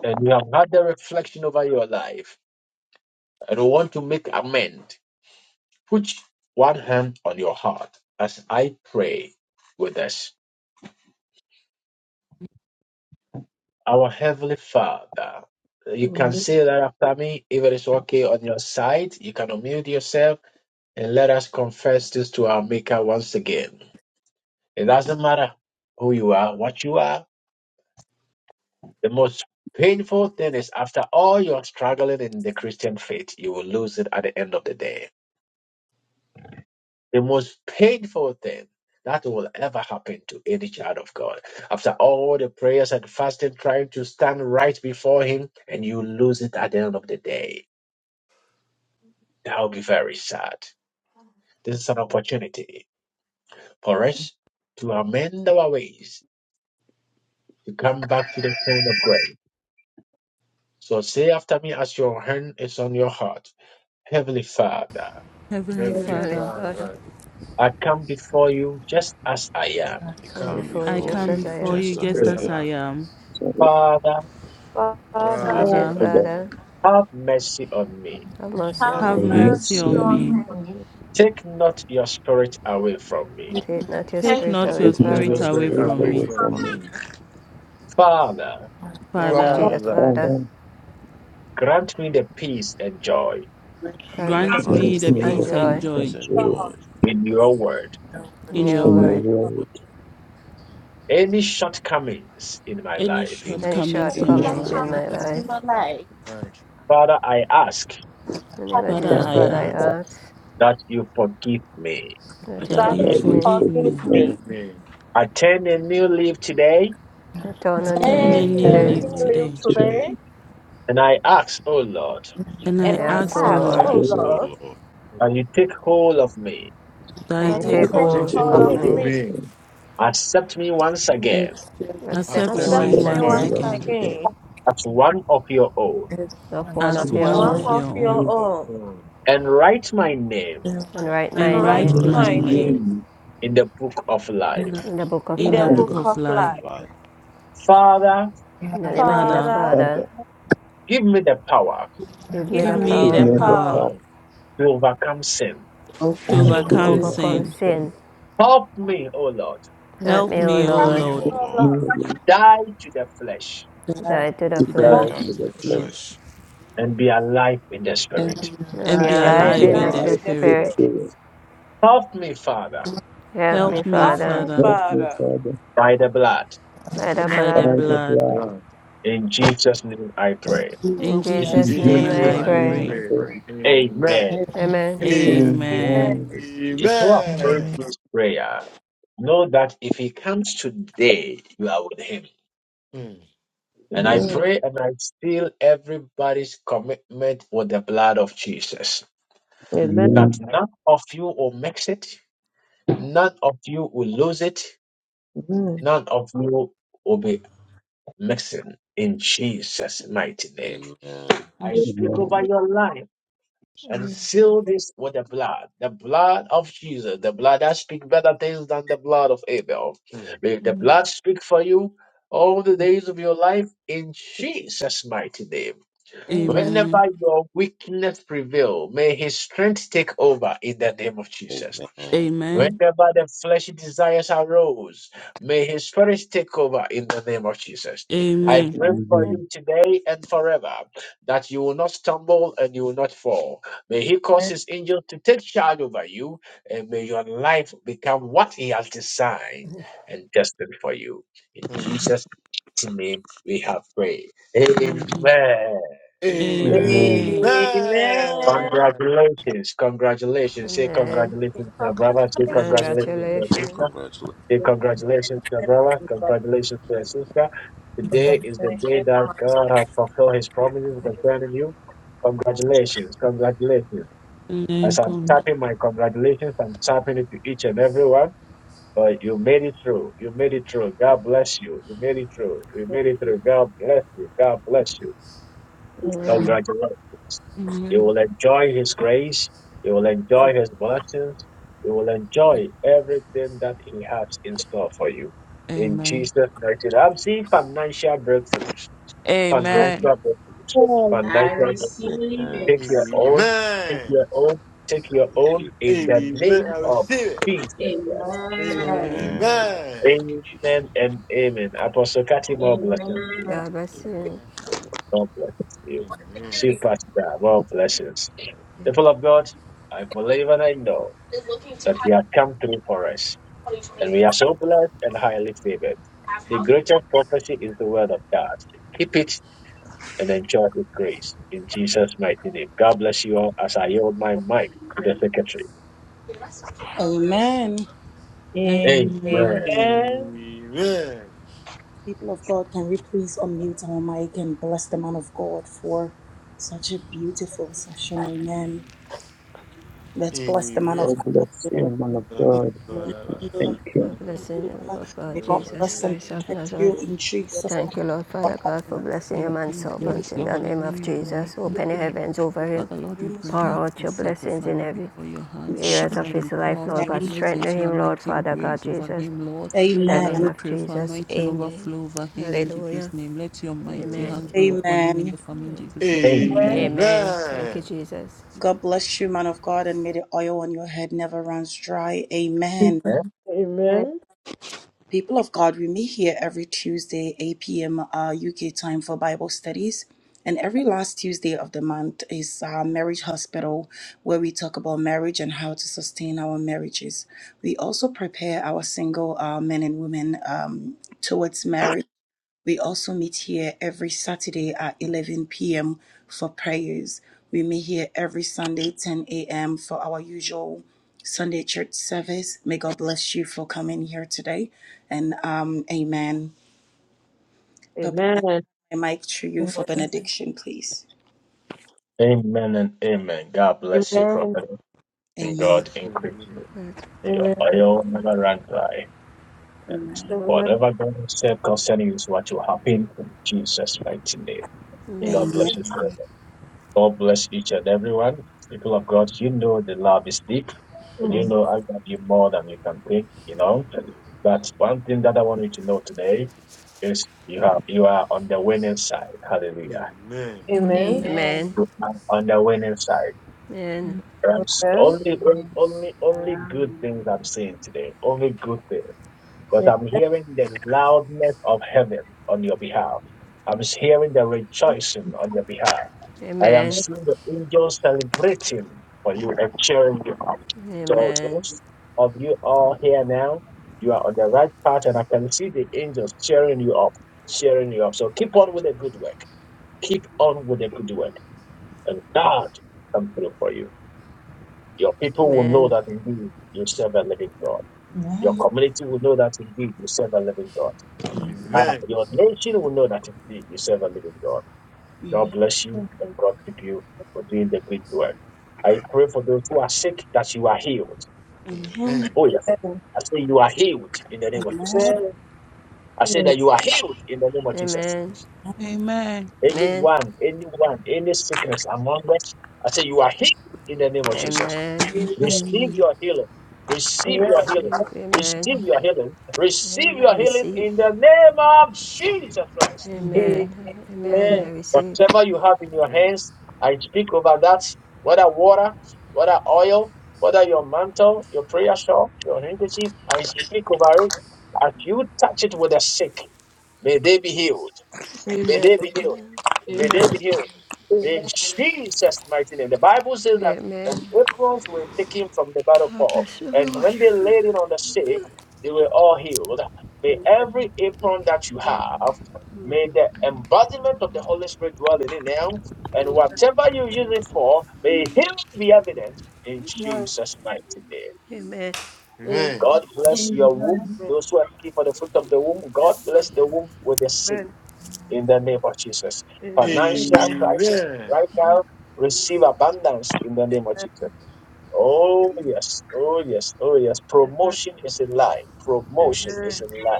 A: and you have had the reflection over your life and want to make amend, put one hand on your heart as I pray with us. Our Heavenly Father, you can say that after me if it is okay on your side. You can unmute yourself and let us confess this to our Maker once again. It doesn't matter who you are, what you are, The most painful thing is after all your struggling in the Christian faith, you will lose it at the end of the day. The most painful thing that will ever happen to any child of God. After all the prayers and fasting, trying to stand right before Him, and you lose it at the end of the day. That will be very sad. This is an opportunity for us to amend our ways, to come back to the throne of grace. So say after me as your hand is on your heart. Heavenly Father.
F: Heavenly
D: Heavenly
N: Heavenly
F: Father,
N: Father,
D: Father,
A: I come before you just as I am.
S: I
N: come
S: come
D: come
N: before you
F: I
D: before
S: before
N: just
F: come
N: as I
S: you
F: before
N: am.
F: you
S: just as
F: just
S: I
D: us,
U: am
D: as
F: as I
S: am.
D: our
F: am.
J: Sorry,
A: Father,
N: In the name of
S: But
N: Jesus,
D: Father,
F: Father,
J: I got-
N: Father,
A: have mercy on me.
N: have
V: Let
N: mercy on
S: have
D: have
J: I
F: have
N: me.
S: mercy
F: mercy
J: missed,
D: mercy
S: on
F: on
S: me.
J: um,
F: me.
A: Take not your spirit away from me.
N: Take not your
F: Take
N: spirit
S: Take
D: No,
F: not
N: away
J: there's
F: your
J: no
S: not
N: from me.
S: your
F: spirit
N: In
J: love
F: away
D: Spirit
J: straight
S: spirit
F: from
D: away
F: me.
J: away
S: away
D: from
J: from
S: from
D: me.
J: me.
S: me.
A: Father,
N: the name of
F: Father,
N: Jesus,
S: Father,
D: Father,
N: Father,
J: Father,
A: grant me the peace and joy
N: grant me the
F: grant me
J: Grant
S: grant
N: peace
F: the
G: with
J: me
S: me
N: and
J: the
S: the
F: peace
U: Lord,
F: and
N: joy
J: peace
S: peace
J: and
F: joy
S: and
J: joy
S: joy
G: God,
A: in your word.
U: and
N: in
F: in your
N: your
J: in
S: in
J: your
N: word.
F: word,
S: your word.
J: word,
A: Any shortcomings in my
F: any
A: life,
S: Any,
N: Any
U: show
F: shortcomings
S: any
J: and
F: in
J: the
F: my
G: Melissa
N: shortcomings
S: shortcomings
N: in
U: me my
F: life.
N: my
G: Cummings,
U: life.
S: in
N: life.
S: my
G: Human
S: life,
G: Life.
D: forgive
A: Father, I ask
N: In the name
G: but
N: of
F: Father,
S: Father,
J: Father
N: Jesus,
F: I
S: I
N: Father, I
S: ask
J: and
F: ask
N: ask
J: us,
A: that you forgive me.
N: that you
F: that you
G: you
J: that
S: that
N: forgive
S: you
J: you
N: me.
F: forgive
J: forgive
G: forgive
F: me.
S: forgive.
J: me
G: me.
D: me.
A: I turn a new leaf today
N: I turn on your
F: Attain
J: and
S: I
N: leave
F: a
G: And
F: new
J: send
S: turn
G: Then
S: a
N: today.
J: me
F: life
S: new
G: live
S: leaf
F: today.
J: to them
G: today,
S: today,
A: and I ask, O Lord,
F: And
N: and
V: and
N: I
G: and
F: I
G: I
N: ask,
F: ask,
N: O
F: O
S: and I
G: ask,
F: Lord,
N: Lord,
J: to
G: oh
S: ask, O
J: the Spirit
G: Lord,
S: Lord,
A: that you take hold of me.
F: that you
N: can
G: that
N: you
G: you
F: take
J: and
N: take
D: And
G: take
S: that
F: hold
S: you
D: take
N: hold
F: of
J: the
S: take
G: hold
D: hold
N: of
G: of
F: me.
D: of
S: hold
J: Savior,
N: me?
S: of
G: me,
S: me,
D: me.
J: and
A: Accept me once again
U: Excuse
D: I
V: observe
N: Accept me
F: Accept
G: accept
F: me
D: certainly
N: once
U: me,
J: set
S: accept
G: me
S: me
J: me
F: once
D: want
G: once
N: again,
U: Lord.
J: once
F: again
S: again
J: again
G: again,
A: as one of your own
U: It's
N: of one
V: us
G: as
J: in
F: as
N: of
J: the
N: your
S: as
F: one
U: your
G: one
J: same
F: of
N: own,
S: one
U: own.
G: of
F: your
S: of your
G: your
J: way.
F: own
S: own,
G: own,
D: to.
A: and write my name
U: In
N: and
U: like
N: write
U: my
N: my
G: and
F: and
S: and
G: write
D: Enlarge
F: write
N: name
U: name,
D: my
S: write
F: my
G: my
S: my
G: name
F: name
S: name
D: name.
J: Amen.
A: in the book of
U: in
A: life.
N: in the
U: the
N: book of
G: in
F: in
G: the
F: the
S: in
D: In
S: the
N: life.
J: And
F: book
U: override,
J: the
G: book
S: book
F: of
G: of
S: of
G: life.
F: life.
S: life.
A: Father,
N: In the name of Jesus,
F: Father,
G: Father,
N: Father,
J: Father
S: Father,
A: give me the power
N: give me
G: give
V: get
F: give
N: the
U: I
S: give
G: me
F: me
J: is
U: would
F: the
G: the
S: me
N: power
S: the
D: the
J: never
F: power
S: power
G: power.
J: proud
D: time,
A: to overcome sin.
F: to
J: and
S: to
V: to
N: to
U: overcome
J: to
S: overcome
F: overcome
S: sin.
N: overcome
J: overcome
U: sin.
F: sin.
J: sin,
N: sin.
A: Help me, O Lord,
N: Help
U: Give
F: Help
N: me,
U: me,
N: O
U: O
F: me,
S: Help
F: O
G: Have
N: Lord,
S: me,
U: Lord,
F: Lord,
S: O
D: in
G: your
D: the
S: Lord,
G: love,
J: merely
A: die to the flesh
U: that I
N: die to
U: the
N: the
J: to
F: to
S: to
N: flesh,
F: die
J: die
S: die
U: flesh
J: to
F: in the
J: the
D: message,
S: to
F: flesh
J: flesh
S: flesh
A: and be alive in the
U: and
A: spirit.
U: be
N: and
F: and
N: be
F: be
U: alive
G: and
S: and
U: in
G: be
U: the
J: and
D: in
S: be
N: alive
J: be
D: the
F: alive
N: in
F: in
G: alive
N: of
U: spirit.
D: life,
F: the
D: in
N: your
J: alive
S: alive.
G: in the
J: to
D: the
J: the
F: spirit.
N: spirit.
G: spirit.
J: Spirit.
A: Help me, Father,
N: Help
U: I
F: Help
N: me,
S: Help me,
F: me,
N: Father,
G: Happy
S: Father,
F: Father,
J: Help
G: Father.
J: me, Father,
A: by the blood.
N: by the
F: by
S: by
F: the
S: the
J: by
N: blood.
J: the
S: blood.
F: blood.
J: blood
D: blood.
A: In Jesus' name I pray.
U: will be
N: In
F: In
D: In
U: glad
S: In
F: Jesus'
J: and
N: Jesus'
U: in
D: Jesus'
N: name
F: name
N: I
D: name
S: Jesus'
J: Jesus'
F: I
U: my
D: I
S: name
J: name
N: pray.
J: I
S: I
F: pray.
D: pray.
J: pray.
S: pray.
D: Amen.
A: Amen.
U: prayer.
V: yeah,
N: Amen.
V: yeah.
S: Amen.
F: Amen.
D: Amen.
G: Amen.
S: Thank
J: Amen.
S: you,
A: If you
S: Jesus.
A: have prayed
U: Amen.
A: this prayer, know that if he comes today, you are with him.
D: Mm,
A: And I pray and I seal everybody's commitment with the blood of Jesus. That
J: Amen.
A: none of you will mix it, None of you will lose it. None of you will be missing in Jesus' mighty name.
S: Amen.
A: I speak over
J: Amen.
A: your life and seal this with the blood, the blood of Jesus, the blood that speaks better things than the blood of Abel.
D: mm,
A: May the
F: Amen.
A: blood speak for you all the days of your life in Jesus' mighty name. Whenever
F: Amen.
A: your weakness prevail, may his strength take over in the name of Jesus.
S: Amen.
F: Amen.
A: Whenever the fleshy desires arose, may his spirit take over in the name of Jesus.
S: Amen.
A: I
F: Amen.
A: pray for
J: Amen.
A: you today and forever that you will not stumble and you will not fall. May he cause his angels to take charge over you and may your life become what he has designed and destined for you. In
D: mm.
A: Jesus' name we have prayed. Amen.
D: Amen.
S: Amen.
J: Amen.
F: Amen.
G: Amen.
A: Congratulations. Congratulations. Say
N: Amen.
A: congratulations to your brother. Say
D: This
G: Congratulations.
D: is a
A: congratulations to
D: man.
S: Amen.
A: your sister.
N: Congratulations.
S: Congratulations.
A: Say congratulations to your brother. Congratulations to your
S: Amen.
A: sister. Today is the
G: Thank
A: day
G: you,
A: that
G: my
A: God
G: Savior.
A: has fulfilled his promises concerning you. Congratulations. Congratulations.
F: Amen.
A: As I'm
F: Conrad.
A: tapping my congratulations, I'm tapping it to each and everyone. But you made it through. You made it through. God bless you. You made it through. You made it through. God bless you. God bless you. Congratulations. You
F: Amen.
A: will enjoy His grace. You will enjoy His blessings. You will enjoy everything that He has in store for you. In
F: Amen.
A: Jesus' mighty name, I'm seeing financial breakthroughs. Financial
F: Amen.
A: breakthroughs.
K: I
A: Financial
K: receive
A: breakthroughs.
S: Amen.
A: Take your
K: it.
A: own. Take
D: Amen.
A: your own. Take your
S: Thank
A: own
S: you.
A: in the
D: Amen.
A: name
D: I
S: Amen.
A: of
D: receive it.
A: Jesus. Christ.
K: Amen.
N: Amen.
J: Amen.
S: Amen.
D: Amen.
S: Thank you, Jesus.
A: Amen. And Apostle Kati, more blessings to you.
K: Amen.
N: God bless you.
S: Amen.
A: More blessings to you.
D: Amen.
V: Security
A: Super blessings. People of God, I want to know
V: is looking to
A: that
V: hire
A: He has come through for us. And we
V: 2025
A: are so blessed and highly favored. The greatest prophecy is the word of God. Keep it and enjoy His grace. In Jesus' mighty name. God bless you all as I yield my mic to the secretary.
V: house.
K: God bless you.
B: Amen.
A: Amen.
F: Amen.
D: Amen.
G: Amen.
D: Amen.
B: People of God, can we please unmute our mic and bless the man of God for such a beautiful session? Amen. Let's bless the man of
J: God
B: God.
D: Amen.
J: bless you, man of God.
D: Amen.
J: Thank
N: Our
J: you.
N: blessing you, Lord
B: May
N: God,
B: God
N: Jesus
B: bless and
N: Christ of
B: protect you
N: Nazareth.
B: in Jesus'
N: Thank you, Lord
B: name.
N: Father God, for blessing your
F: Thank
N: man
F: you.
N: servant
F: Bless
N: in
F: your
N: the
F: holy
N: name of
F: name.
N: Jesus. Open the heavens over him.
F: Father Lord, you bring
N: Pour
F: up
N: out
F: and
N: your
F: set the
N: blessings in
F: family
N: every
F: before your
B: In
F: hands. You pray
N: areas
B: Jesus'
N: of
F: that you
N: his life,
F: pour out
N: Lord
F: your
N: God.
B: name.
N: Strengthen
F: blessings, your
N: him, Lord
F: anointing
N: Father God,
F: grace over
N: Jesus.
F: him, Lord.
N: In the
F: Father,
N: name
F: we
B: Amen.
N: of
F: pray for
N: Jesus,
F: anointing
N: amen.
F: overflow over him in Jesus'
N: Hallelujah.
F: name. Let your mighty
N: Amen.
F: hands be upon him in
B: Amen.
F: the family in Jesus' name. Amen.
N: Amen. Thank you, Jesus.
B: God bless you, man of God, and may the oil on your head never runs dry. Amen.
G: Amen.
B: People of God, we meet here every Tuesday, 8 p.m. Uh, UK time for Bible studies. And every last Tuesday of the month is uh, Marriage Hospital, where we talk about marriage and how to sustain our marriages. We also prepare our single uh, men and women um, towards marriage. We also meet here every Saturday at 11 p.m. for prayers. We meet here every Sunday 10 a.m. for our usual Sunday church service. May God bless you for coming here today. And um, amen.
I: Amen.
B: Papa, I
I: Amen.
B: hand my mic to you for
G: Amen.
B: benediction, please.
A: Amen and amen. God bless you,
G: Amen.
A: prophet. And
B: Amen.
A: God increase you.
N: Amen.
A: Your
G: Amen.
A: oil never run dry. And
B: Amen.
G: Amen.
A: whatever God has said concerning you is what will happen in Jesus' mighty name.
N: Amen.
A: God
B: Amen.
A: bless you. prophet. God bless each and everyone. People of God, you know the love is deep. And you know, I love you more than you can think, you know. But one thing that I want you to know today is you are you are on the winning side. Hallelujah.
G: Amen.
K: Amen.
N: Amen.
A: I'm on the winning side. I'm s-
G: Amen.
A: only
K: Amen.
A: only
K: I
A: only
K: am
A: good
K: on the
A: things I'm
K: blessing.
A: seeing today. Only good things. Because
G: Amen.
A: I'm hearing the loudness of heaven on your behalf. I'm hearing the rejoicing on your behalf. I am
N: Amen. Amen.
A: seeing the angels celebrating for you and cheering you up. So
N: Amen.
A: those of you all here now, you are on the right path, and I can see the angels cheering you up, cheering you up. So keep on with the good work. Keep on with the good work, and God will come through for you. Your people will know that indeed you serve a living God. Your
B: Amen.
A: community will know that indeed you serve a living God.
B: Amen.
A: Ah, your nation will know that indeed you serve a living God. God
B: Amen.
A: bless you and God keep you for doing the great work. I pray for those who are sick that you are healed.
B: Amen.
D: Amen.
A: Oh, yes. I say you are healed in the name of Jesus.
B: Amen.
G: Amen.
A: I say that you are healed in the name of Jesus.
N: Amen.
F: Amen.
N: Amen.
A: Anyone, anyone, any sickness among us, I say you are healed in the name of Jesus.
N: Amen.
B: Amen.
A: Receive
F: Amen.
A: your healing. Receive
G: Amen.
A: your healing.
N: Receive. Amen.
A: Receive your healing. Receive
N: And I
A: your healing
N: receive.
A: in the name of Jesus Christ.
B: Amen.
F: Amen.
G: Amen.
N: Amen. Amen.
G: Amen.
N: I receive.
A: Whatever you have in
D: Amen.
A: your
D: Amen.
A: hands, I speak over that, whether water, whether oil, whether your mantle, your prayer shawl, your handkerchief, I speak over it. As you touch it with the sick, may they be healed. May
G: Amen.
A: they be
K: Amen.
A: healed.
G: Amen.
A: May they
D: Amen.
A: be healed.
G: Amen. Amen.
A: In Jesus' mighty name. The Bible says that
N: Amen.
A: and aprons were taken from the battle
N: God
A: pole,
N: bless you,
A: and
N: Lord.
A: when they laid it on the sick, they were all healed. May every apron that you have, may the embodiment of the Holy Spirit dwell in it now, and
G: Amen.
A: whatever you use it for, may healing be evident in
G: Amen.
A: Jesus' mighty name.
N: Amen.
G: Amen.
D: Amen.
A: God bless your womb.
K: Amen.
G: Amen.
A: Those who are looking for the fruit of the womb,
G: Yes,
A: God
G: Lord.
A: bless the womb with the seed
G: Amen.
A: in the name of Jesus.
G: Amen.
A: Financial
K: Amen.
A: crisis
D: Amen.
A: right
G: Amen.
A: now, receive abundance in the name of Jesus. Oh, yes. Oh, yes. Oh, yes.
G: Amen.
A: Promotion is in line.
G: Amen.
A: Promotion
G: Amen.
A: is
G: Amen.
A: in line.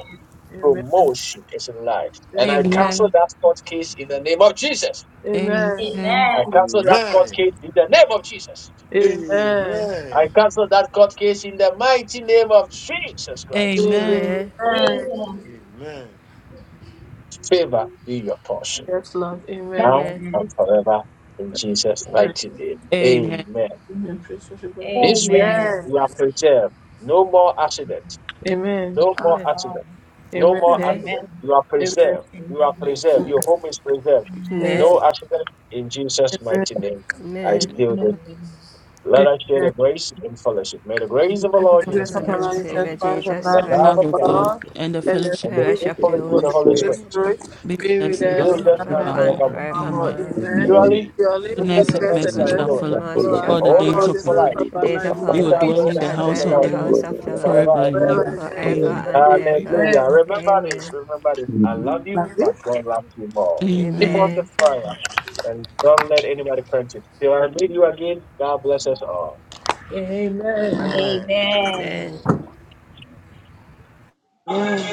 G: Amen.
A: Promotion is in line. And I
G: Amen.
A: cancel
F: Amen. Amen.
A: that court case in the name of Jesus.
F: Amen.
G: Amen.
K: Amen.
A: I cancel that court
D: Amen.
A: case in the name of Jesus.
D: Amen.
A: I cancel that court case in the mighty name of Jesus Christ.
N: Amen.
K: Amen.
D: Amen.
A: Favor be your portion
G: Yes, Lord. Amen.
A: now
N: Amen.
A: and
K: Amen.
A: forever in Jesus'
G: Amen.
A: mighty name.
F: Amen. Amen.
A: Amen.
G: Amen. Praise the Lord. Amen.
A: This week
K: Amen. Amen.
A: we are preserved. No more accident.
G: Amen.
A: No more
N: Amen.
K: Amen.
A: accident. No more
G: Amen.
K: Amen.
N: Amen.
A: accident.
K: Amen.
A: You are
G: Amen.
A: preserved.
K: In
A: You
K: the
A: are preserved. Your
S: Amen.
A: home is preserved.
S: Jesus.
K: name
N: Amen.
G: Amen.
A: No
S: Amen.
A: accident. In Jesus'
G: Amen.
A: mighty name, I
N: Amen.
S: Amen.
A: steal this.
K: of
F: Amen.
K: the
A: Let us share
G: Amen.
A: the grace and fellowship. May the
F: In
A: grace
F: the
A: of the
F: grace of
G: The
A: Lord
F: our
A: Jesus
G: grace
F: Lord
N: Lord
G: of
A: Christ,
G: our
F: Jesus
N: and
G: Lord
F: Christ,
G: Jesus
K: Lord
N: Savior
S: Lord
G: Christ,
S: Jesus
G: the
S: Christ.
N: Jesus
A: the
G: love
F: the
N: Christ,
G: of
A: love
F: love
A: of
K: Jesus Christ.
F: of
A: God,
K: In
J: Lord,
F: God,
G: God,
F: and the
J: for
G: and
K: the name of
G: the
K: the
A: and
F: fellowship
A: the
G: sweet
K: Lord
N: fellowship
A: faithful
N: of the
J: the
G: fellowship
A: fellowship of
G: of
N: Holy
A: the
G: the
K: Jesus
A: Holy
J: wisdom.
G: Holy
K: Christ. In
N: Spirit,
A: Spirit
K: the name
G: Spirit
F: Be
G: be with
F: blessed
N: see us
D: Really
A: be
F: now
G: us
D: right
A: with
N: first
G: now
A: us
F: and
A: now
K: of the
A: and
G: and
N: now
D: now,
F: forevermore.
N: and
A: forevermore.
K: Lord Jesus
D: amen.
G: forevermore.
F: Amen.
N: forevermore.
K: Christ.
G: Amen.
J: Amen.
N: Amen.
A: Surely,
G: Surely
A: goodness
K: So,
F: Goodness
A: and
F: and
J: The
G: goodness
N: Glory,
A: mercy
G: and
F: mercy
A: shall
J: family
F: shall
G: mercy
N: goodness,
A: follow
J: is
A: us
J: a
F: follow
N: and
F: us
G: shall follow
N: mercy
G: us
N: shall
J: follower.
F: all the
A: all
N: follow
A: the
K: for
A: days
F: days
G: all
A: of
G: the
N: us.
F: of
K: us.
F: our
J: The
A: our
F: life.
G: days
A: life.
G: of
J: group
N: The
G: our
J: of
K: The
N: days of
G: lives, and
A: We
K: release
N: our
F: We
J: Papa
F: will
K: of
G: we
A: shall
K: our
N: lives
F: dwell
A: dwell in
F: in
G: shall
A: the
F: the
K: lives
N: shall
K: to
A: house
G: dwell
A: of
G: in
J: is
G: the
K: each
F: house
N: dwell
A: the
F: of
N: in
G: house
A: Lord
N: the
J: a
F: the
K: in
F: Lord
N: house
J: glory
G: of the
K: the
J: in
N: of the
J: the
K: hands
N: Lord
K: of
J: house
K: the
F: forever
A: forever
J: of
A: and
K: Lord.
J: the
F: and
J: Lord
A: ever.
G: Lord
F: ever.
G: forever and
K: forever
N: forever
F: Amen.
J: forever.
N: and
D: Amen.
A: Uh,
K: and ever.
G: ever.
N: ever.
A: Hallelujah.
G: Amen.
A: Remember this.
N: Amen.
A: Remember this. I love
J: Amen.
G: Love
A: you, but God loves you more.
S: Amen.
A: Keep
F: Amen.
A: on the
N: Amen.
G: you.
A: fire and don't let anybody quench it. Till I meet you again, God bless us all.
G: Amen.
D: Amen.
K: Amen.
N: Amen.
S: Amen.
I: Amen.